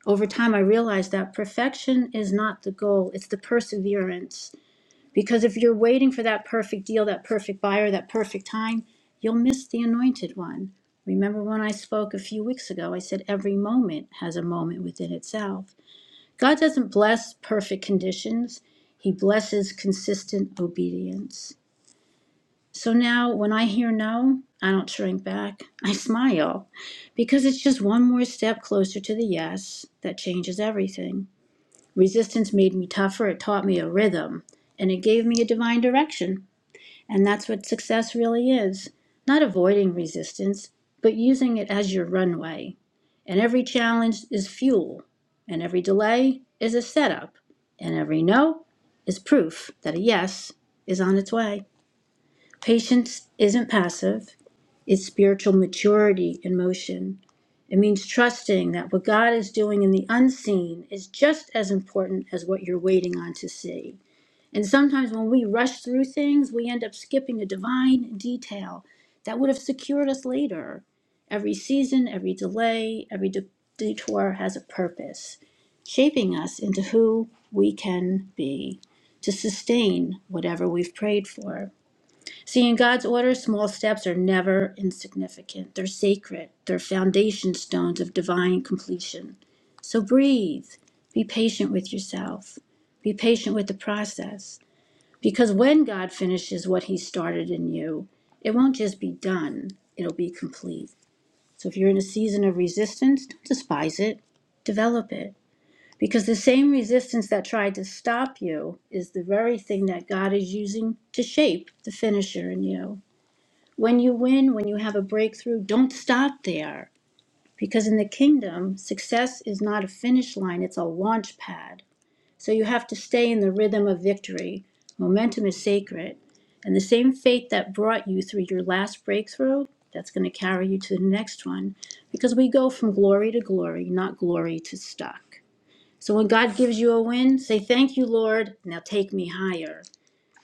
Over time, I realized that perfection is not the goal, it's the perseverance. Because if you're waiting for that perfect deal, that perfect buyer, that perfect time, you'll miss the anointed one. Remember when I spoke a few weeks ago, I said every moment has a moment within itself. God doesn't bless perfect conditions, He blesses consistent obedience. So now when I hear no, I don't shrink back. I smile because it's just one more step closer to the yes that changes everything. Resistance made me tougher, it taught me a rhythm, and it gave me a divine direction. And that's what success really is not avoiding resistance, but using it as your runway. And every challenge is fuel, and every delay is a setup, and every no is proof that a yes is on its way. Patience isn't passive, it's spiritual maturity in motion. It means trusting that what God is doing in the unseen is just as important as what you're waiting on to see. And sometimes when we rush through things, we end up skipping a divine detail that would have secured us later. Every season, every delay, every de- detour has a purpose, shaping us into who we can be to sustain whatever we've prayed for. See, in God's order, small steps are never insignificant. They're sacred, they're foundation stones of divine completion. So breathe, be patient with yourself, be patient with the process because when God finishes what he started in you, it won't just be done, it'll be complete. So if you're in a season of resistance, don't despise it, develop it. Because the same resistance that tried to stop you is the very thing that God is using to shape the finisher in you. When you win, when you have a breakthrough, don't stop there. Because in the kingdom, success is not a finish line, it's a launch pad. So you have to stay in the rhythm of victory. Momentum is sacred. And the same faith that brought you through your last breakthrough, that's going to carry you to the next one. Because we go from glory to glory, not glory to stuck. So when God gives you a win, say, Thank you, Lord. Now take me higher.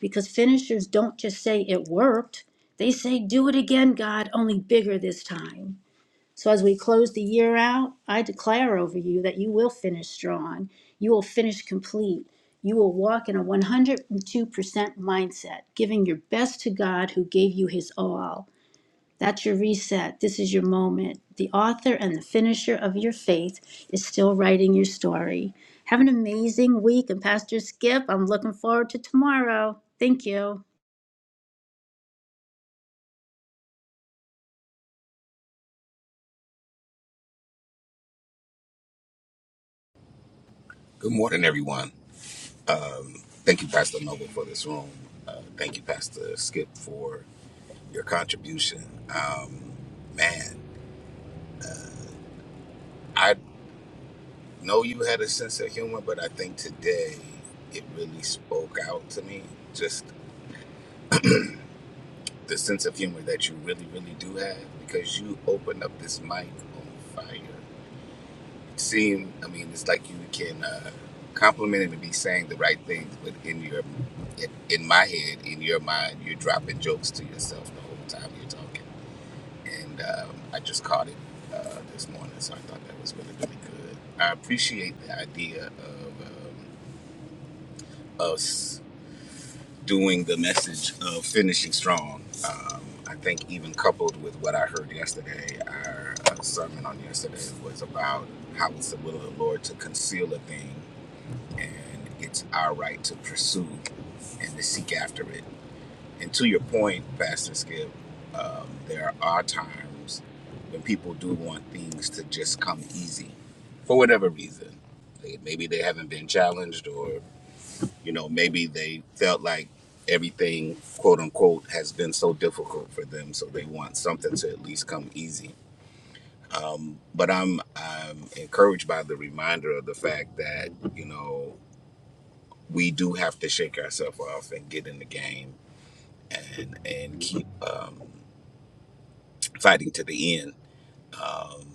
Because finishers don't just say it worked, they say, Do it again, God, only bigger this time. So as we close the year out, I declare over you that you will finish strong. You will finish complete. You will walk in a 102% mindset, giving your best to God who gave you his all. That's your reset. This is your moment. The author and the finisher of your faith is still writing your story. Have an amazing week. And Pastor Skip, I'm looking forward to tomorrow. Thank you.
Good morning, everyone. Thank you, Pastor Noble, for this room. Uh, thank you, Pastor Skip, for your contribution. Um, man, I know you had a sense of humor, but I think today it really spoke out to me. Just the sense of humor that you really, really do have, because you opened up this mic on fire. seem i mean it's like you can uh, compliment him and be saying the right things but in your in, in my head in your mind you're dropping jokes to yourself the whole time you're talking and um, i just caught it uh, this morning so i thought that was really really good i appreciate the idea of um, us doing the message of finishing strong um, i think even coupled with what i heard yesterday our uh, sermon on yesterday was about how it's the will of the lord to conceal a thing and it's our right to pursue and to seek after it. And to your point, Pastor Skip, um, there are times when people do want things to just come easy for whatever reason. They, maybe they haven't been challenged, or you know, maybe they felt like everything "quote unquote" has been so difficult for them, so they want something to at least come easy. Um, but I'm I'm encouraged by the reminder of the fact that you know we do have to shake ourselves off and get in the game and and keep um, fighting to the end um,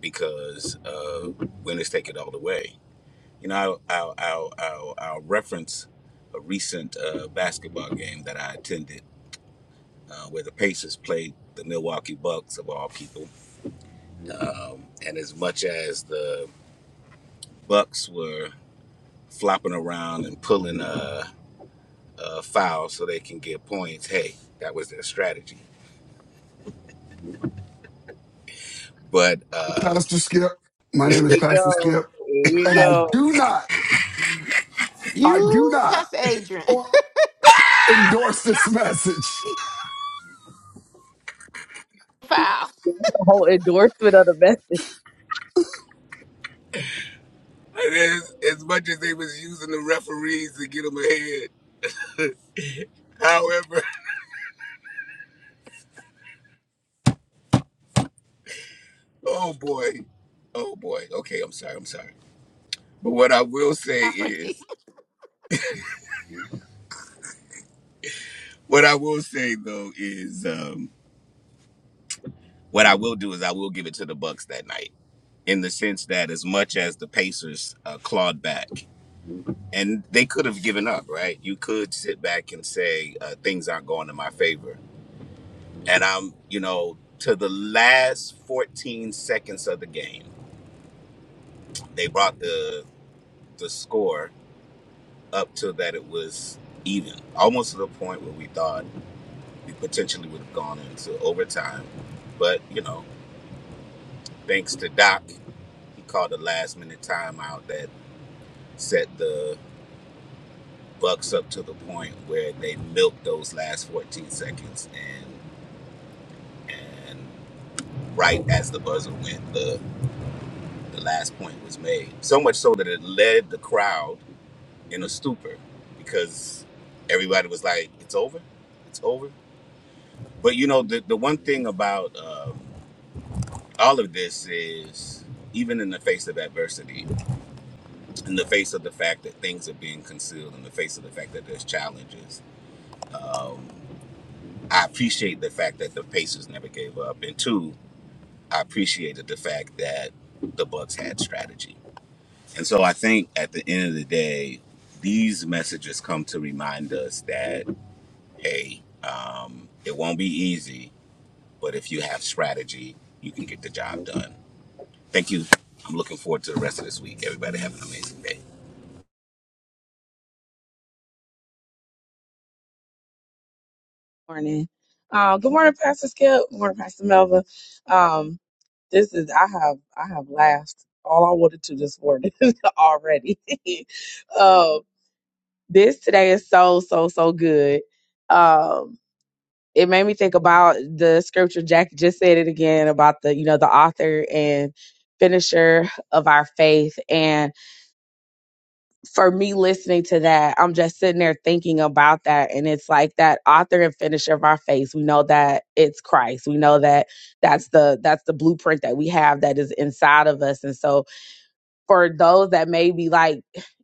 because uh, winners take it all the way. You know, I'll, I'll, I'll, I'll, reference a recent uh, basketball game that I attended uh, where the Pacers played the Milwaukee Bucks, of all people. Um, and as much as the Bucks were flopping around and pulling uh, uh, fouls so they can get points, hey, that was their strategy But uh,
Pastor Skip. My name is Pastor Skip. And I do not, I do
You,
not
Pastor Adrian.
or endorse this message.
Foul.
the whole endorsement of the message this
as, as much as they was using the referees to get them ahead, however, oh boy, oh boy. Okay, I'm sorry, I'm sorry. But what I will say
Sorry.
is, what I will say though is, um, what I will do is I will give it to the Bucks that night in the sense that as much as the Pacers uh, clawed back and they could have given up, right? You could sit back and say uh, things aren't going in my favor, and I'm, you know, to the last 14 seconds of the game. they brought the the score up to that it was even, almost to the point where we thought we potentially would have gone into overtime. But you know, thanks to Doc, he called a last minute timeout that set the Bucks up to the point where they milked those last 14 seconds, and and right as the buzzer went, the the last point was made. So much so that it led the crowd. in a stupor because everybody was like, "It's over, it's over." But you know, the the one thing about um, all of this is, even in the face of adversity, in the face of the fact that things are being concealed, in the face of the fact that there's challenges, um, I appreciate the fact that the Pacers never gave up, and two, I appreciated the fact that the Bucks had strategy. And so I think at the end of the day, these messages come to remind us that. Hey, um, it won't be easy, but if you have strategy, you can get the job done. Thank you. I'm looking forward to the rest of this week. Everybody have an amazing day.
morning. Uh, good morning, Pastor Skip. Good morning, Pastor Melva. Um, this is I have I have laughed all I wanted to this morning already. um, this today is so so so good. Um, it made me think about the scripture. Jack just said it again about the you know the author and finisher of our faith and for me listening to that, I'm just sitting there thinking about that. And it's like that author and finisher of our faith. We know that it's Christ. We know that that's the that's the blueprint that we have that is inside of us. And so for those that may be like,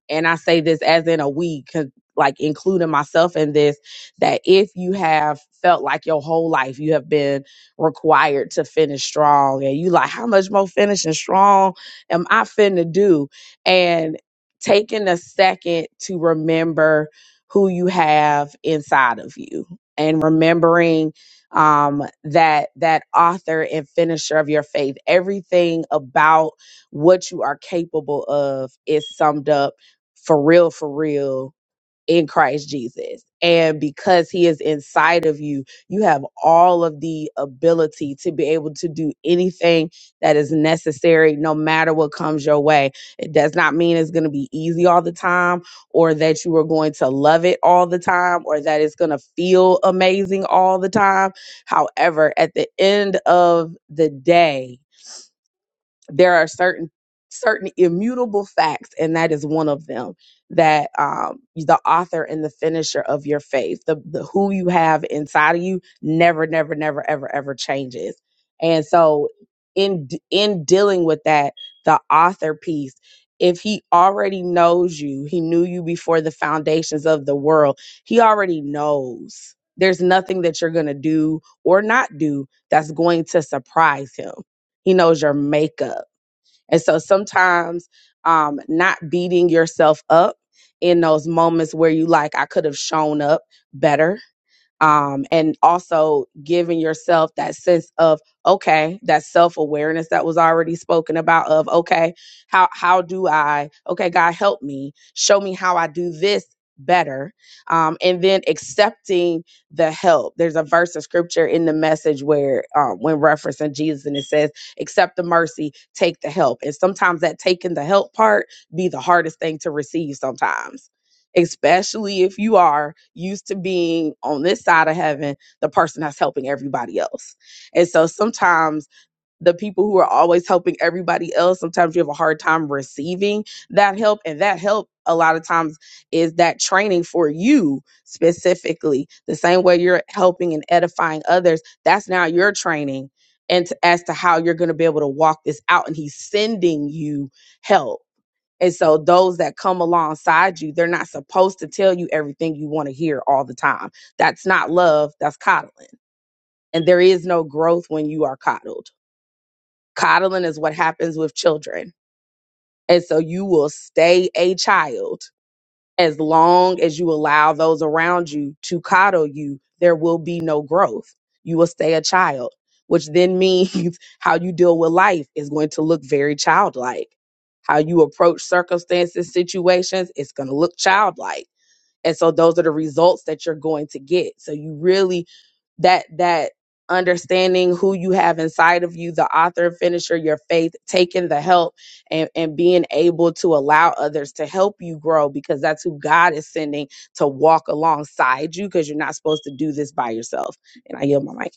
and I say this as in a we, 'cause, like including myself in this, that if you have felt like your whole life you have been required to finish strong, and you like, how much more finishing strong am I finna do? And taking a second to remember who you have inside of you and remembering um that that author and finisher of your faith everything about what you are capable of is summed up for real, for real in Christ Jesus. And because he is inside of you, you have all of the ability to be able to do anything that is necessary, no matter what comes your way. It does not mean it's going to be easy all the time or that you are going to love it all the time or that it's going to feel amazing all the time. However, at the end of the day, there are certain certain immutable facts and that is one of them that um the author and the finisher of your faith the, the who you have inside of you never never never ever ever changes and so in d- in dealing with that the author piece if he already knows you he knew you before the foundations of the world he already knows there's nothing that you're going to do or not do that's going to surprise him he knows your makeup and so sometimes um, not beating yourself up in those moments where you like, I could have shown up better um, and also giving yourself that sense of okay that self-awareness that was already spoken about of okay how how do i okay god help me show me how i do this better um, and then accepting the help there's a verse of scripture in the message where um, when referencing jesus and it says accept the mercy take the help and sometimes that taking the help part be the hardest thing to receive sometimes especially if you are used to being on this side of heaven, the person that's helping everybody else. And so sometimes the people who are always helping everybody else, sometimes you have a hard time receiving that help. And that help, a lot of times, is that training for you specifically. The same way you're helping and edifying others, that's now your training. And to, as to how you're going to be able to walk this out, and he's sending you help and so those that come alongside you, they're not supposed to tell you everything you want to hear all the time. That's not love, that's coddling. And there is no growth when you are coddled. Coddling is what happens with children. And so you will stay a child as long as you allow those around you to coddle you, there will be no growth. You will stay a child, which then means how you deal with life is going to look very childlike. How you approach circumstances, situations, it's going to look childlike and so those are the results that you're going to get so you really that that understanding who you have inside of you the author and finisher your faith taking the help and and being able to allow others to help you grow because that's who god is sending to walk alongside you because you're not supposed to do this by yourself and i yield my mic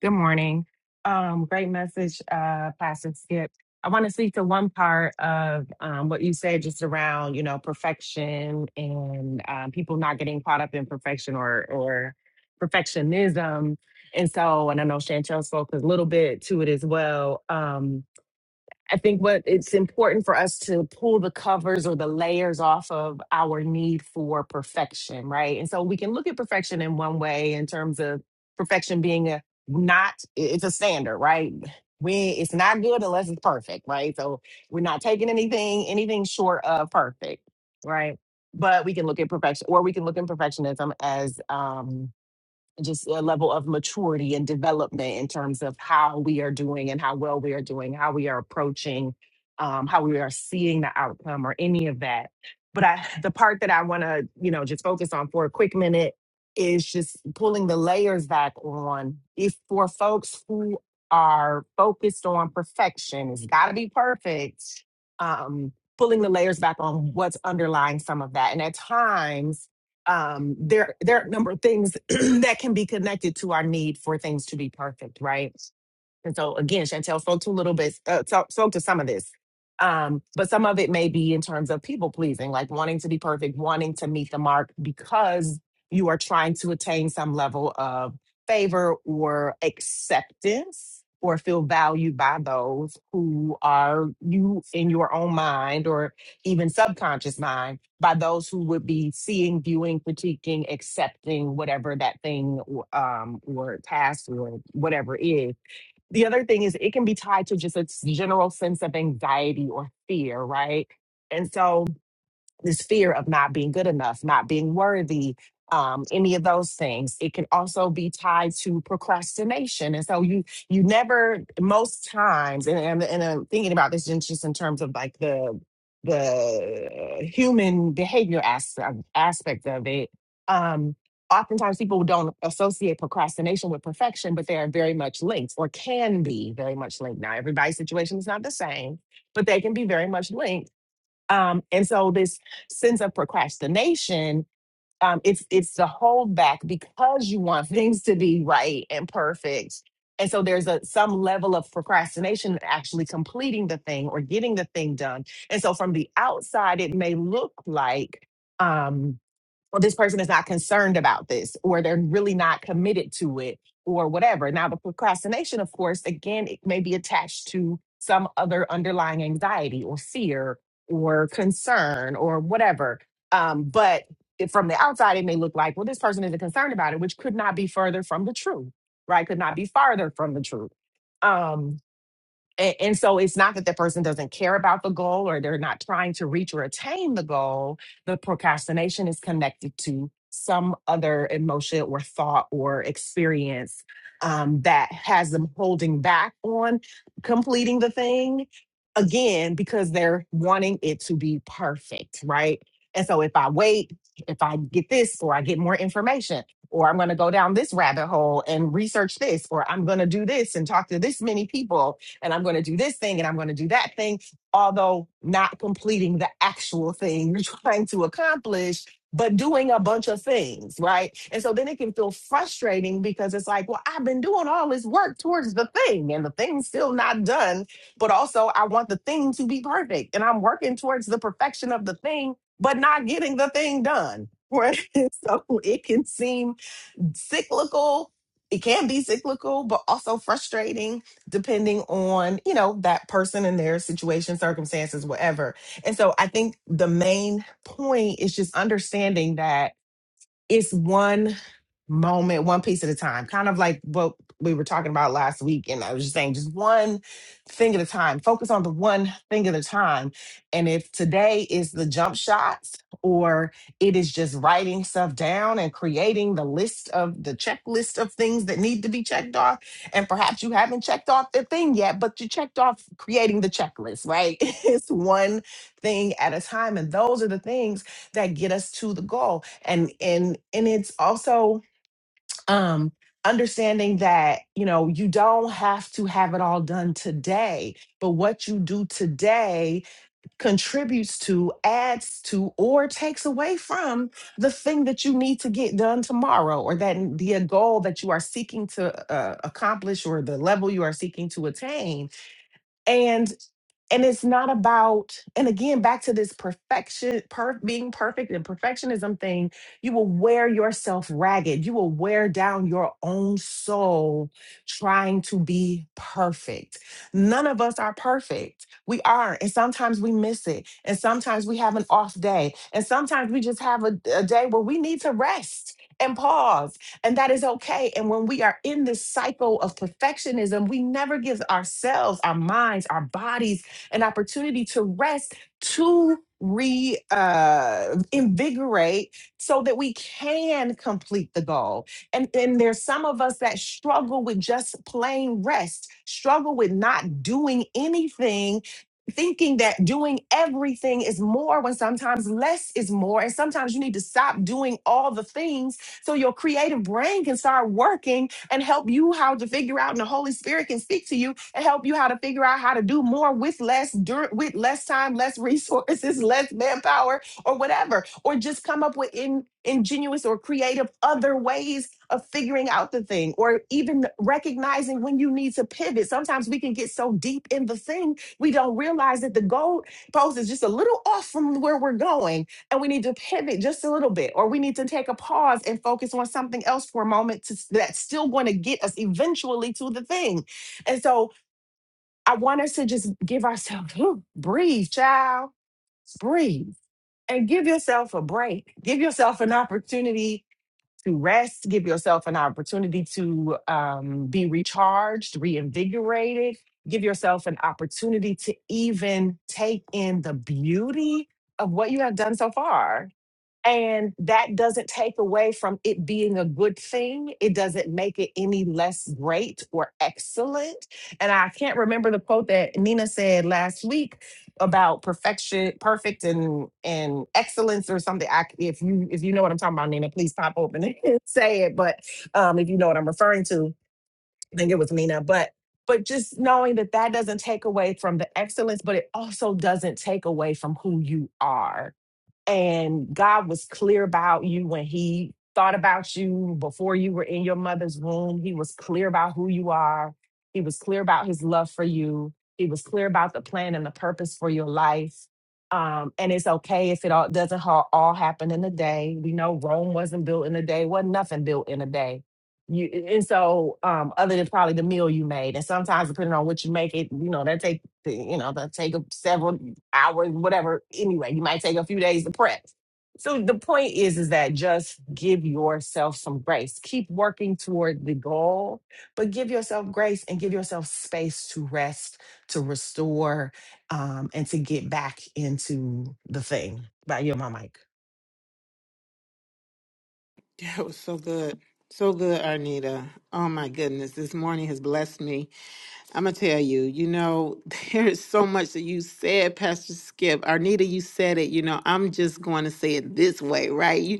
Good morning. Um, great message, uh, Pastor Skip. I want to speak to one part of um, what you said just around, you know, perfection and um, people not getting caught up in perfection or or perfectionism. And so, and I know Chantel spoke a little bit to it as well. Um, I think what it's important for us to pull the covers or the layers off of our need for perfection, right? And so we can look at perfection in one way in terms of perfection being a not it's a standard, right? We it's not good unless it's perfect, right? So we're not taking anything anything short of perfect, right? But we can look at perfection, or we can look at perfectionism as um just a level of maturity and development in terms of how we are doing and how well we are doing, how we are approaching, um, how we are seeing the outcome or any of that. But I, the part that I want to, you know, just focus on for a quick minute is just pulling the layers back on. If for folks who are focused on perfection, it's got to be perfect. Um, pulling the layers back on what's underlying some of that, and at times um there there are a number of things that can be connected to our need for things to be perfect right and so again, Chantel spoke to a little bit, uh, so- spoke to some of this, um, but some of it may be in terms of people pleasing, like wanting to be perfect, wanting to meet the mark because you are trying to attain some level of favor or acceptance or feel valued by those who are you in your own mind or even subconscious mind by those who would be seeing, viewing, critiquing, accepting whatever that thing um, or task or whatever is the other thing is it can be tied to just a s- general sense of anxiety or fear, right? And so this fear of not being good enough, not being worthy, um, any of those things. It can also be tied to procrastination. And so you you never most times, and, and, and I'm thinking about this in just in terms of like the the human behavior as, um, aspect of it. Um, oftentimes people don't associate procrastination with perfection, but they are very much linked or can be very much linked. Now everybody's situation is not the same, but they can be very much linked um, and so this sense of procrastination, um, it's it's the holdback because you want things to be right and perfect. And so there's a some level of procrastination in actually completing the thing or getting the thing done. And so from the outside, it may look like um, or this person is not concerned about this, or they're really not committed to it, or whatever. Now, the procrastination, of course, again, it may be attached to some other underlying anxiety or fear or concern or whatever. Um, but it, from the outside, it may look like, well, this person isn't concerned about it, which could not be further from the truth, right? Could not be farther from the truth. Um, and, and so it's not that the person doesn't care about the goal or they're not trying to reach or attain the goal the procrastination is connected to some other emotion or thought or experience um, that has them holding back on completing the thing again because they're wanting it to be perfect right and so if i wait if i get this or i get more information or i'm going to go down this rabbit hole and research this or i'm going to do this and talk to this many people and I'm going to do this thing and I'm going to do that thing, although not completing the actual thing you're trying to accomplish, but doing a bunch of things, right? And so then it can feel frustrating because it's like, well, I've been doing all this work towards the thing and the thing's still not done, but also I want the thing to be perfect and I'm working towards the perfection of the thing, but not getting the thing done. Right. So it can seem cyclical it can be cyclical but also frustrating depending on you know that person and their situation circumstances whatever and so i think the main point is just understanding that it's one moment, one piece at a time, kind of like what we were talking about last week. And I was just saying, just one thing at a time, focus on the one thing at a time. And if today is the jump shots, or it is just writing stuff down and creating the list of the checklist of things that need to be checked off, and perhaps you haven't checked off the thing yet, but you checked off creating the checklist, right? it's one thing at a time. And those are the things that get us to the goal and and and it's also um understanding that you know you don't have to have it all done today but what you do today contributes to adds to or takes away from the thing that you need to get done tomorrow or that n- the uh, goal that you are seeking to uh, accomplish or the level you are seeking to attain and it's not about and again back to this perfection per being perfect and perfectionism thing you will wear yourself ragged you will wear down your own soul trying to be perfect none of us are perfect we are and sometimes we miss it and sometimes we have an off day and sometimes we just have a, a day where we need to rest and pause and that is okay and when we are in this cycle of perfectionism we never give ourselves our minds our bodies an opportunity to rest, to re uh, invigorate so that we can complete the goal. And and there's some of us that struggle with just plain rest, struggle with not doing anything. Thinking that doing everything is more when sometimes less is more. And sometimes you need to stop doing all the things so your creative brain can start working and help you how to figure out, and the Holy Spirit can speak to you and help you how to figure out how to do more with less dur- with less time, less resources, less manpower, or whatever, or just come up with in- ingenuous or creative other ways of figuring out the thing, or even recognizing when you need to pivot. Sometimes we can get so deep in the thing we don't realize that the goal post is just a little off from where we're going, and we need to pivot just a little bit, or we need to take a pause and focus on something else for a moment to, that's still going to get us eventually to the thing. And so I want us to just give ourselves "Whew, breathe, child, breathe, and give yourself a break. Give yourself an opportunity to rest. Give yourself an opportunity to um, be recharged, reinvigorated. Give yourself an opportunity to even take in the beauty of what you have done so far and that doesn't take away from it being a good thing. It doesn't make it any less great or excellent. And I can't remember the quote that Nina said last week about perfection, perfect and and excellence or something. I, if you if you know what I'm talking about, Nina, please pop open and say it. But um, if you know what I'm referring to, I think it was Nina. But but just knowing that that doesn't take away from the excellence, but it also doesn't take away from who you are and God was clear about you when He thought about you before you were in your mother's womb. He was clear about who you are. He was clear about His love for you. He was clear about the plan and the purpose for your life. Um, and it's okay if it all doesn't ha- all happen in a day. We know Rome wasn't built in a day. wasn't nothing built in a day. You and so um, other than probably the meal you made, and sometimes depending on what you make, it you know that take to, you know, that take a- several hours, whatever. Anyway, you might take a few days to prep. So the point is, is that just give yourself some grace. Keep working toward the goal, but give yourself grace and give yourself space to rest, to restore, um, and to get back into the thing. By your my mic.
that was so good. So good, Arnita. Oh my goodness. This morning has blessed me. I'm gonna tell you, you know, there is so much that you said, Pastor Skip. Arnita, you said it, you know, I'm just going to say it this way, right? You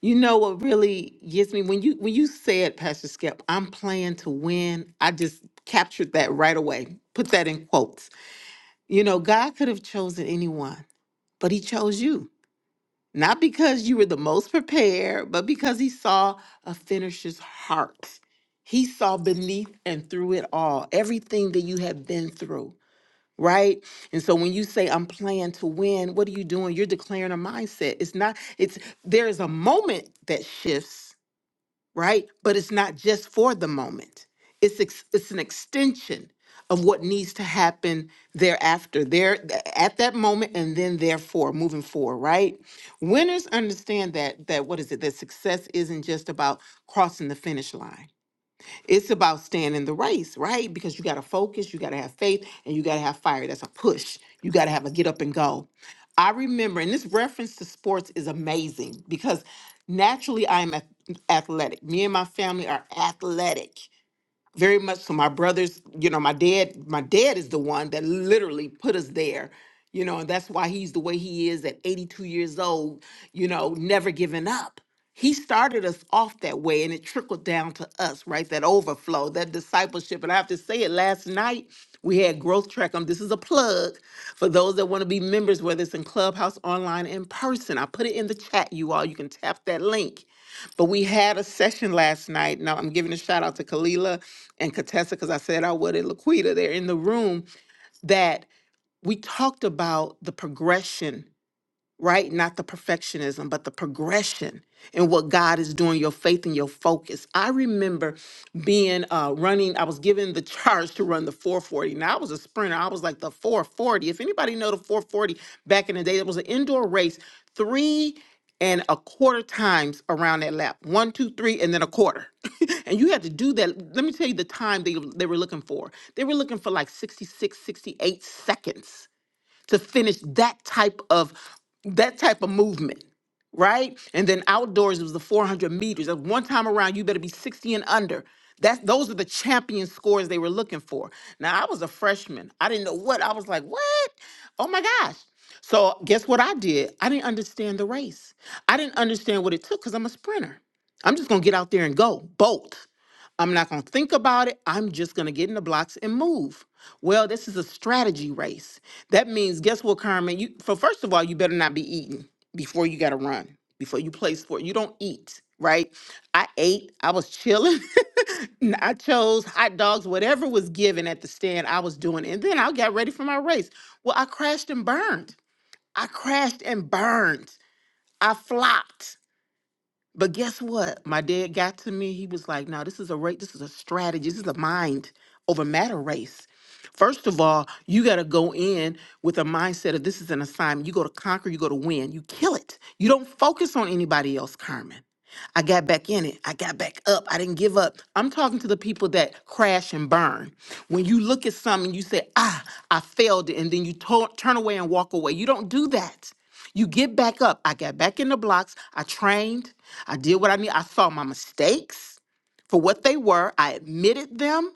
you know what really gets me when you when you said, Pastor Skip, I'm playing to win, I just captured that right away. Put that in quotes. You know, God could have chosen anyone, but he chose you not because you were the most prepared, but because he saw a finisher's heart. He saw beneath and through it all, everything that you have been through, right? And so when you say, I'm playing to win, what are you doing? You're declaring a mindset. It's not, it's there is a moment that shifts, right? But it's not just for the moment. It's ex- it's an extension of what needs to happen thereafter, there th- at that moment, and then therefore moving forward, right? Winners understand that that what is it? That success isn't just about crossing the finish line it's about staying in the race, right? Because you got to focus, you got to have faith, and you got to have fire. That's a push. You got to have a get up and go. I remember, and this reference to sports is amazing because naturally I'm ath- athletic. Me and my family are athletic very much so my brothers you know my dad my dad is the one that literally put us there you know and that's why he's the way he is at 82 years old you know never giving up he started us off that way and it trickled down to us right that overflow that discipleship and i have to say it last night we had growth track on this is a plug for those that want to be members whether it's in clubhouse online in person i put it in the chat you all you can tap that link but we had a session last night. Now I'm giving a shout out to Kalila and Contessa, because I said I would, and Laquita, they're in the room, that we talked about the progression right? Not the perfectionism, but the progression and what God is doing, your faith and your focus. I remember being uh, running, I was given the charge to run the 440. Now, I was a sprinter. I was like the 440. If anybody know the 440 back in the day, it was an indoor race, three and a quarter times around that lap. One, two, three, and then a quarter. and you had to do that. Let me tell you the time they, they were looking for. They were looking for like 66, 68 seconds to finish that type of that type of movement right and then outdoors it was the 400 meters At one time around you better be 60 and under that's those are the champion scores they were looking for now i was a freshman i didn't know what i was like what oh my gosh so guess what i did i didn't understand the race i didn't understand what it took because i'm a sprinter i'm just gonna get out there and go bolt I'm not going to think about it. I'm just going to get in the blocks and move. Well, this is a strategy race. That means, guess what, Carmen? You for first of all, you better not be eating before you got to run. Before you play sport, you don't eat, right? I ate. I was chilling. N- I chose hot dogs, whatever was given at the stand. I was doing, it. and then I got ready for my race. Well, I crashed and burned. I crashed and burned. I flopped. But guess what? My dad got to me. He was like, "No, this is a race. This is a strategy. This is a mind over matter race. First of all, you got to go in with a mindset of this is an assignment. You go to conquer. You go to win. You kill it. You don't focus on anybody else, Carmen." I got back in it. I got back up. I didn't give up. I'm talking to the people that crash and burn. When you look at something, you say, ah, I failed it. And then you to- turn away and walk away. You don't do that. You get back up. I got back in the blocks. I trained. I did what I need. I saw my mistakes for what they were. I admitted them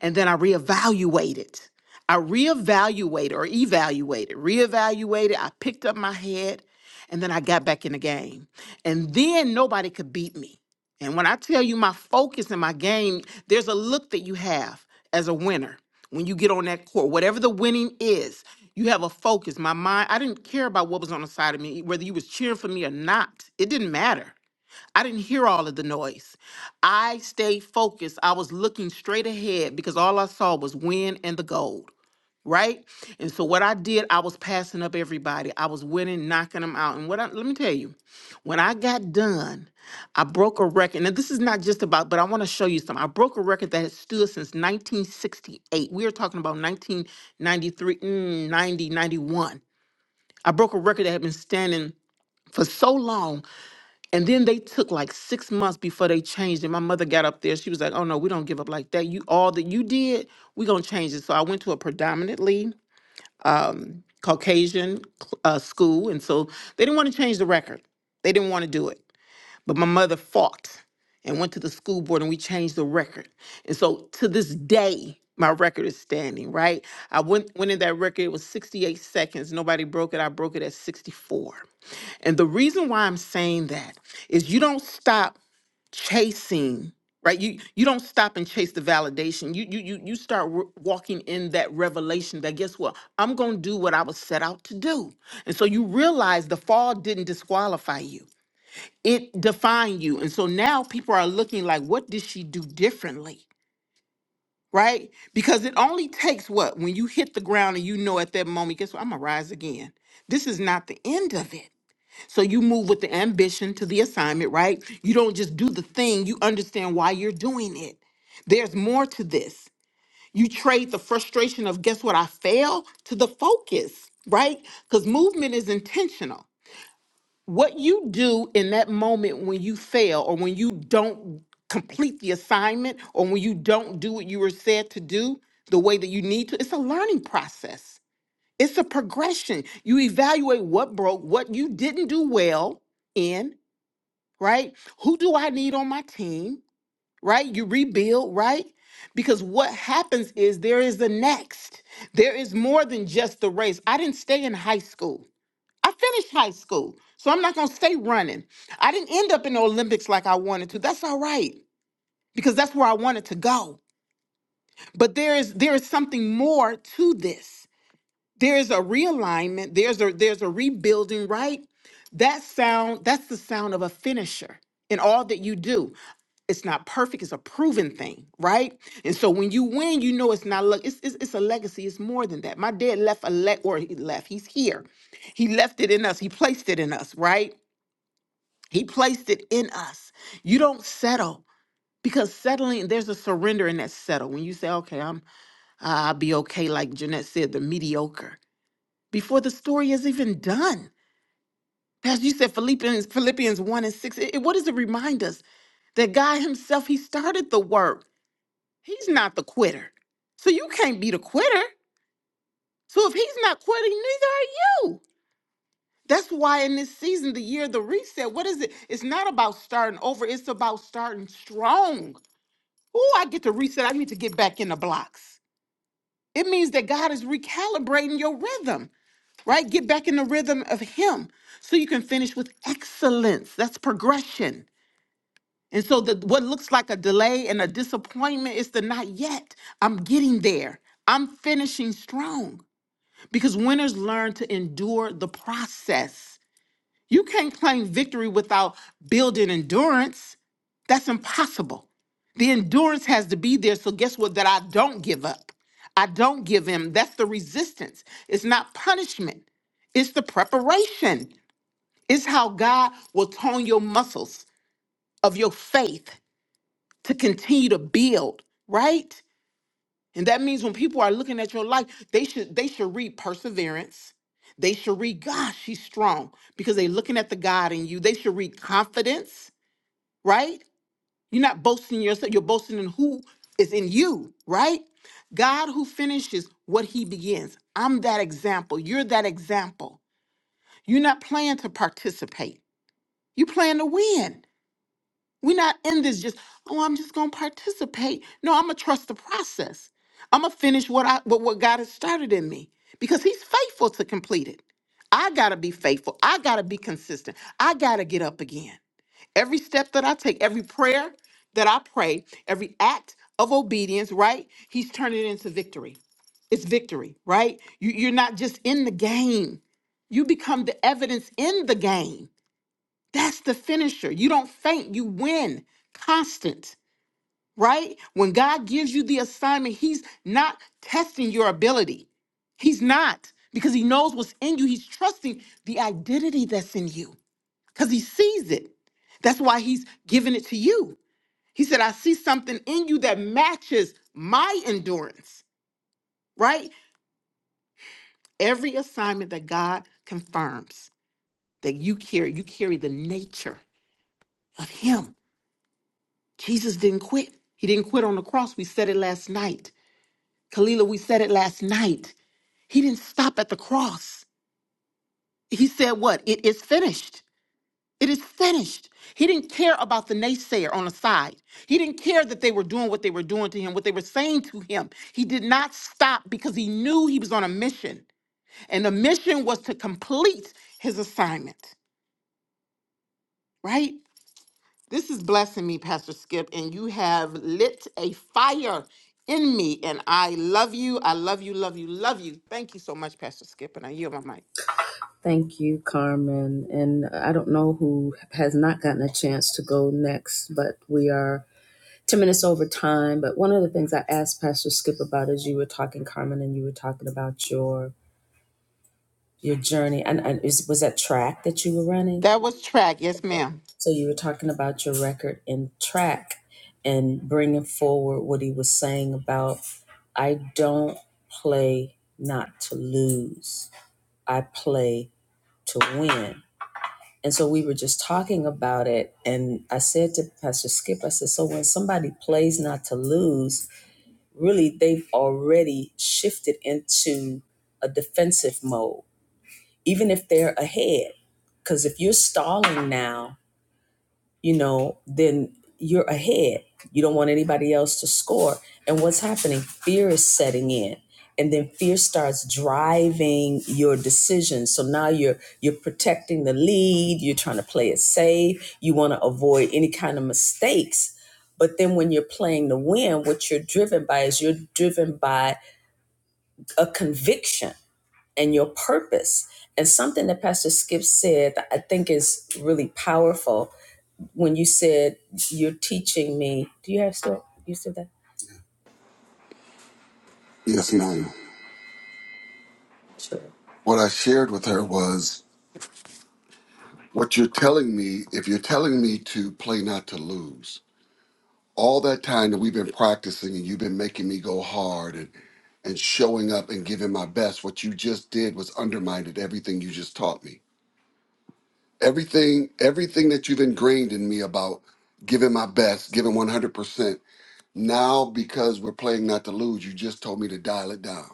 and then I reevaluate it. I reevaluate or evaluate it, reevaluate it. I picked up my head and then I got back in the game. And then nobody could beat me. And when I tell you my focus and my game, there's a look that you have as a winner when you get on that court, whatever the winning is, you have a focus. My mind, I didn't care about what was on the side of me, whether you was cheering for me or not. It didn't matter. I didn't hear all of the noise. I stayed focused. I was looking straight ahead because all I saw was win and the gold, right? And so what I did, I was passing up everybody. I was winning, knocking them out. And what I, let me tell you, when I got done, I broke a record. Now this is not just about, but I want to show you something. I broke a record that has stood since 1968. We are talking about 1993, mm, 90, 91. I broke a record that had been standing for so long and then they took like six months before they changed it. My mother got up there. She was like, "Oh no, we don't give up like that. You all that you did, we gonna change it." So I went to a predominantly Caucasian cl- uh, school, and so they didn't want to change the record. They didn't want to do it. But my mother fought and went to the school board, and we changed the record. And so to this day, my record is standing. Right? I went went in that record. It was 68 seconds. Nobody broke it. I broke it at 64. And the reason why I'm saying that is you don't stop chasing right you you don't stop and chase the validation you you you, you start w- walking in that revelation that guess what i'm going to do what i was set out to do and so you realize the fall didn't disqualify you it defined you and so now people are looking like what did she do differently right because it only takes what when you hit the ground and you know at that moment guess what i'm gonna rise again this is not the end of it so you move with the ambition to the assignment, right? You don't just do the thing, you understand why you're doing it. There's more to this. You trade the frustration of, guess what, I fail to the focus, right? Because movement is intentional. What you do in that moment when you fail or when you don't complete the assignment or when you don't do what you were said to do the way that you need to, it's a learning process. It's a progression. You evaluate what broke, what you didn't do well, in right? Who do I need on my team, right? You rebuild, right? Because what happens is there is the next. There is more than just the race. I didn't stay in high school. I finished high school. So I'm not going to stay running. I didn't end up in the Olympics like I wanted to. That's all right because that's where I wanted to go. But there is there is something more to this. There is a realignment, there's a there's a rebuilding, right? That sound that's the sound of a finisher in all that you do it's not perfect it's a proven thing right and so when you win you know it's not luck it's, it's, it's a legacy it's more than that my dad left a le- or he left he's here he left it in us he placed it in us right he placed it in us you don't settle because settling there's a surrender in that settle when you say okay i'm i'll be okay like jeanette said the mediocre before the story is even done as you said philippians philippians 1 and 6 it, it- what does it remind us that god himself he started the work He's not the quitter. So you can't be the quitter. So if he's not quitting, neither are you. That's why in this season, the year of the reset, what is it? It's not about starting over, it's about starting strong. Oh, I get to reset. I need to get back in the blocks. It means that God is recalibrating your rhythm, right? Get back in the rhythm of Him so you can finish with excellence. That's progression And so the what looks like a delay and a disappointment is the not yet. I'm getting there. I'm finishing strong. Because winners learn to endure the process. You can't claim victory without building endurance. That's impossible. The endurance has to be there. So guess what? That I don't give up. I don't give in. That's the resistance. It's not punishment. It's the preparation. It's how God will tone your muscles of your faith to continue to build, right? And that means when people are looking at your life, they should they should read perseverance. They should read, gosh, she's strong because they're looking at the God in you. They should read confidence, right? You're not boasting in yourself, you're boasting in who is in you, right? God who finishes what he begins. I'm that example. You're that example. You're not playing to participate. You plan to win. We're not in this just, oh, I'm just gonna participate. No, I'm gonna trust the process. I'm gonna finish what I what, what God has started in me because He's faithful to complete it. I gotta be faithful. I gotta be consistent. I gotta get up again. Every step that I take, every prayer that I pray, every act of obedience, right? He's turning it into victory. It's victory, right? You, you're not just in the game. You become the evidence in the game that's the finisher. You don't faint, you win. Constant, right? When God gives you the assignment, He's not testing your ability. He's not, because He knows what's in you. He's trusting the identity that's in you, because He sees it. That's why He's giving it to you. He said, I see something in you that matches my endurance, right? Every assignment that God confirms that you carry, you carry the nature of Him Jesus didn't quit. He didn't quit on the cross. We said it last night. Kalila, we said it last night. He didn't stop at the cross. He said, What? It is finished. It is finished. He didn't care about the naysayer on the side. He didn't care that they were doing what they were doing to him, what they were saying to him. He did not stop because he knew he was on a mission. And the mission was to complete his assignment, right? This is blessing me, Pastor Skip, and you have lit a fire in me. And I love you. I love you, love you, love you. Thank you so much, Pastor Skip. And I yield my mic.
Thank you, Carmen. And I don't know who has not gotten a chance to go next, but we are 10 minutes over time. But one of the things I asked Pastor Skip about is you were talking, Carmen, and you were talking about your your journey. And, and is, was that track that you were running?
That was track. Yes, ma'am.
So you were talking about your record in track and bringing forward what he was saying about I don't play not to lose, I play to win And so we were just talking about it. And I said to Pastor Skip, I said, so when somebody plays not to lose, really they've already shifted into a defensive mode, even if they're ahead. Because if you're stalling now, you know, then you're ahead. You don't want anybody else to score. And what's happening? Fear is setting in. And then fear starts driving your decisions. So now you're you're protecting the lead, you're trying to play it safe, you want to avoid any kind of mistakes. But then when you're playing to win, what you're driven by is you're driven by a conviction and your purpose. And something that Pastor Skip said that I think is really powerful when you said you're teaching me. Do you have still you still that?
Yes, ma'am. What I shared with her was what you're telling me, if you're telling me to play not to lose, all that time that we've been practicing and you've been making me go hard and and showing up and giving my best, what you just did was undermined everything you just taught me. Everything, everything that you've ingrained in me about giving my best, giving 100%. Now, because we're playing not to lose, you just told me to dial it down.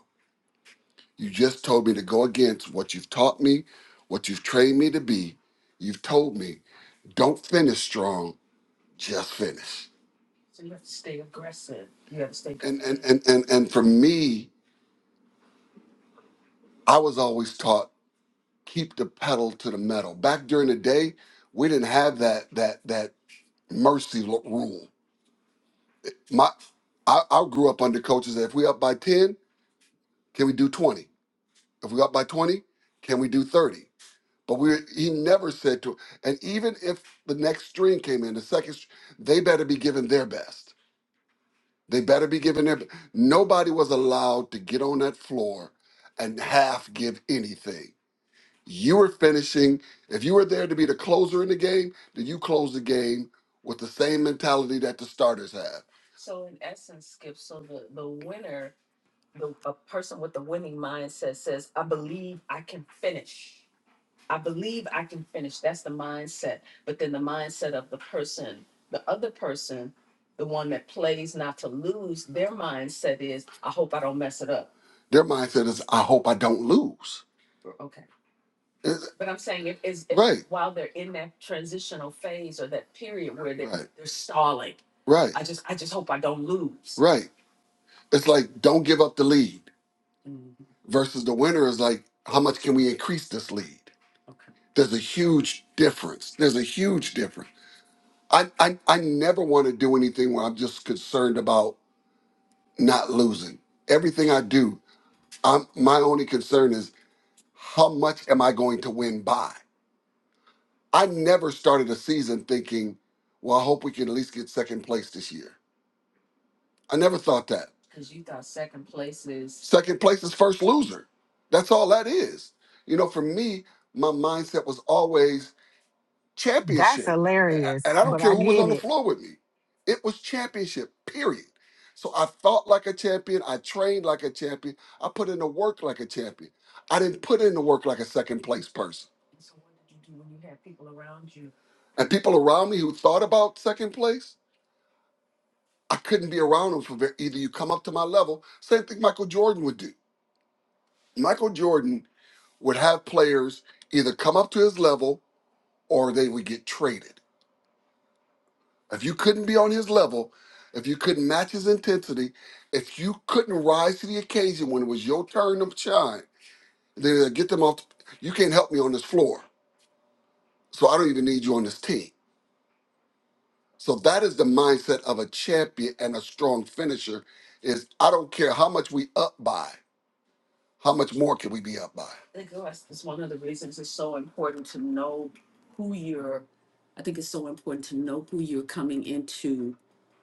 You just told me to go against what you've taught me, what you've trained me to be. You've told me, don't finish strong, just finish. And and and and, and for me, I was always taught keep the pedal to the metal. Back during the day, we didn't have that that that mercy lo- rule. My I, I grew up under coaches that if we up by 10, can we do 20? If we're up by 20, can we do 30? But we he never said to and even if the next string came in, the second str- they better be giving their best. They better be giving their nobody was allowed to get on that floor and half give anything. You were finishing, if you were there to be the closer in the game, then you close the game with the same mentality that the starters have. So in essence, Skip, so the, the winner, the a person with the winning mindset says, I believe I can finish. I believe I can finish. That's the mindset. But then the mindset of the person, the other person, the one that plays not to lose, their mindset is, I hope I don't mess it up. Their mindset is, I hope I don't lose. Okay. It's- But I'm saying if is if right, while they're in that transitional phase or that period where they, right, they're stalling, right, I just I just hope I don't lose. right. It's like, don't give up the lead. Mm, versus the winner is like, how much can we increase this lead? okay. There's a huge difference. There's a huge difference. I, I, I never want to do anything where I'm just concerned about not losing. Everything I do, I'm, my only concern is how much am I going to win by? I never started a season thinking, well, I hope we can at least get second place this year. I never thought that. Because you thought second place is Second place is first loser. That's all that is. You know, for me, my mindset was always
That's
championship. A-
hilarious,
And I don't
but
care
I
who was
get
on the
it.
floor with me. It was championship, period. So I thought like a champion. I trained like a champion. I put in the work like a champion. I didn't put in the work like a second place person. so what did you do when you had people around you? And people around me who thought about second place, I couldn't be around him for very, either you come up to my level. Same thing Michael Jordan would do. Michael Jordan would have players either come up to his level or they would get traded. If you couldn't be on his level, if you couldn't match his intensity, if you couldn't rise to the occasion when it was your turn to shine, then they'd get them off. You can't help me on this floor, so I don't even need you on this team. So that is the mindset of a champion and a strong finisher. Is I don't care how much we up by. How much more can we be up by? I think that's, that's one of the reasons it's so important to know who you're, I think it's so important to know who you're coming into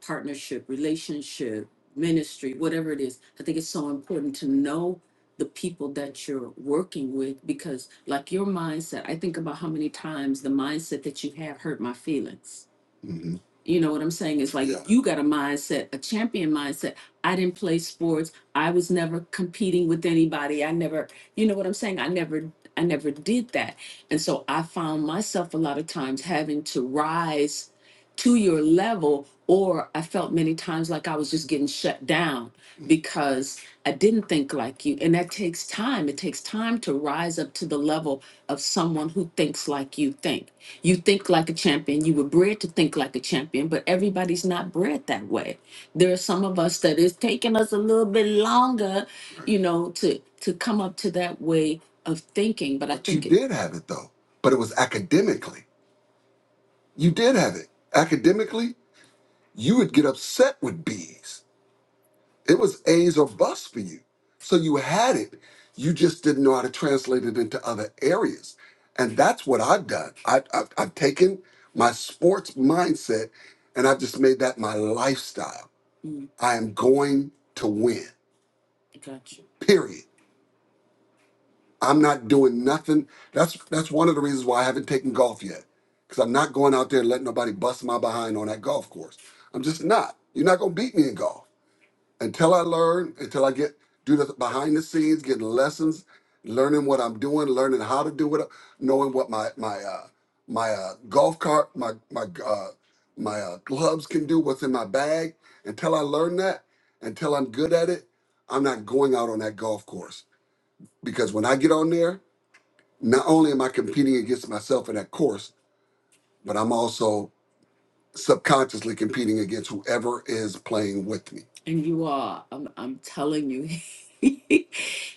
partnership, relationship, ministry, whatever it is. I think it's so important to know the people that you're working with because, like your mindset, I think about how many times the mindset that you have hurt my feelings. hmm You know what I'm saying? It's like Yeah. you got a mindset, a champion mindset. I didn't play sports. I was never competing with anybody. I never, you know what I'm saying? I never I never did that. And so I found myself a lot of times having to rise to your level or I felt many times like I was just getting shut down because I didn't think like you. And that takes time. It takes time to rise up to the level of someone who thinks like you think. You think like a champion. You were bred to think like a champion, but everybody's not bred that way there are some of us that it's taking us a little bit longer, you know, to to come up to that way of thinking. But I But you think it, did have it though. But it was academically. You did have it. Academically, you would get upset with B's. It was A's or busts for you. So you had it. You just didn't know how to translate it into other areas. And that's what I've done. I, I've, I've taken my sports mindset and I've just made that my lifestyle. I am going to win. Gotcha. Period. I'm not doing nothing. That's that's one of the reasons why I haven't taken golf yet, because I'm not going out there and letting nobody bust my behind on that golf course. I'm just not. You're not gonna beat me in golf until I learn, until I get do the behind the scenes, getting lessons, learning what I'm doing, learning how to do it, knowing what my my uh, my uh, golf cart, my my uh, my uh, clubs can do, what's in my bag. Until I learn that, until I'm good at it, I'm not going out on that golf course because when I get on there, not only am I competing against myself in that course, but I'm also subconsciously competing against whoever is playing with me. And you are. I'm, I'm telling you,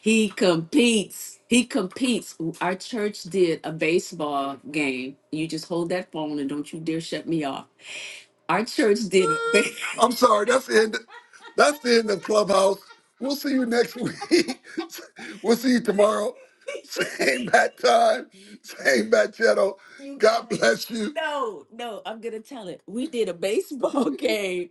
he competes. He competes. Our church did a baseball game. You just hold that phone and don't you dare shut me off. Our church did it. I'm sorry. That's the end. That's the end of Clubhouse. We'll see you next week. we'll see you tomorrow. Same bat time. Same bat channel. you God got it. bless you. No, no, I'm gonna tell it. We did a baseball game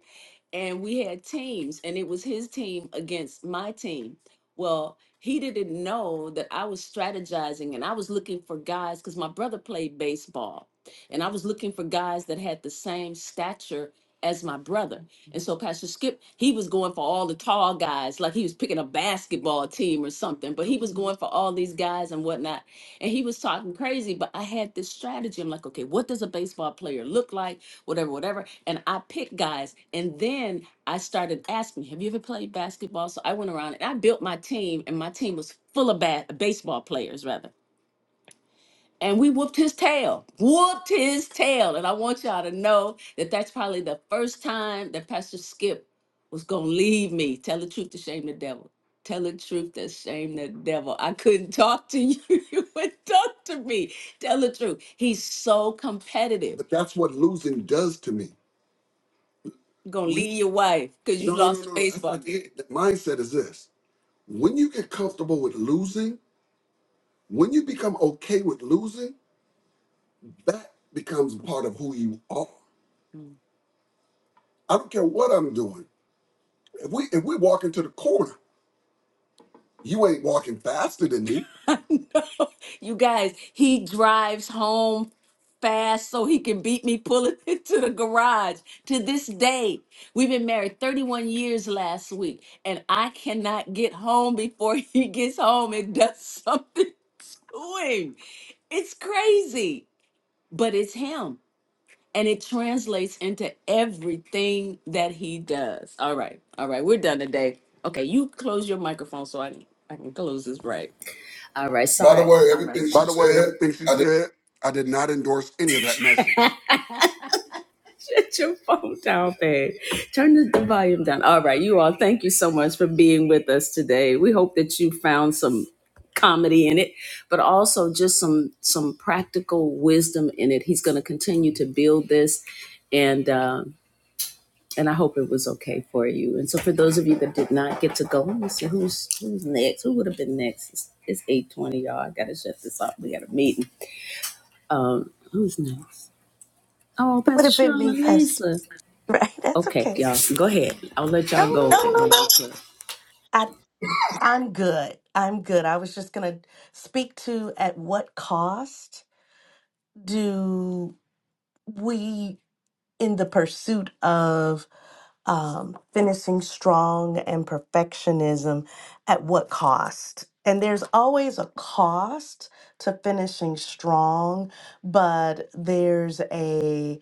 and we had teams and it was his team against my team well he didn't know that i was strategizing and i was looking for guys because my brother played baseball and i was looking for guys that had the same stature as my brother and so pastor skip he was going for all the tall guys like he was picking a basketball team or something but he was going for all these guys and whatnot and he was talking crazy but i had this strategy i'm like okay what does a baseball player look like whatever, whatever. And I picked guys. And then I started asking, Have you ever played basketball? So I went around and I built my team, and my team was full of ba- baseball players, rather. And we whooped his tail, whooped his tail. And I want y'all to know that that's probably the first time that Pastor Skip was going to leave me. Tell the truth to shame the devil. Tell the truth to shame the devil. I couldn't talk to you. You would talk to me. Tell the truth. He's so competitive. But that's what losing does to me. You're gonna leave your wife because you No, no, no, lost no. face That's for not her. it. The mindset is this. When you get comfortable with losing, when you become okay with losing, that becomes part of who you are. I don't care what I'm doing. If we if we walk into the corner You ain't walking faster than me. I know, you guys, he drives home fast so he can beat me pulling into the garage to this day. We've been married 31 years last week, and I cannot get home before he gets home and does something to him. It's crazy, but it's him and it translates into everything that he does. All right, all right, we're done today. Okay, you close your microphone so I can I can close this right.
All right, By the sorry. way,
All right.
everything she
By the way,
said,
everything she
I did.
said, I did not endorse any of that message.
Shut your phone down, babe. Turn the, the volume down. All right, you all, thank you so much for being with us today. We hope that you found some comedy in it, but also just some some practical wisdom in it. He's going to continue to build this, and uh, and I hope it was okay for you. And so, for those of you that did not get to go, let me see who's who's next. Who would have been next? It's, it's eight twenty, y'all. I gotta shut this off. We got a meeting. Um, who's next? Oh,
It would
Pastor
have been
Cheryl
me,
and
Pastor.
Lisa.
Right? That's
Okay,
okay.
y'all, go ahead.
No,
I'll let y'all go
no,
No,
no.
no, no.
I, I'm good. I'm good. I was just going to speak to at what cost do we, in the pursuit of um, finishing strong and perfectionism at what cost? And there's always a cost to finishing strong, but there's a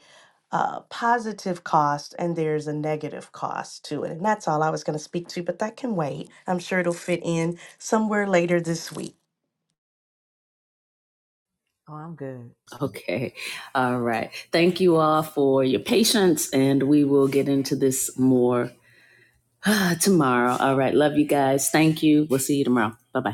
uh, positive cost and there's a negative cost to it. And that's all I was going to speak to, but that can wait. I'm sure it'll fit in somewhere later this week.
Oh, I'm good.
Okay, all right. Thank you all for your patience, and we will get into this more tomorrow. All right, love you guys. Thank you. We'll see you tomorrow. Bye bye.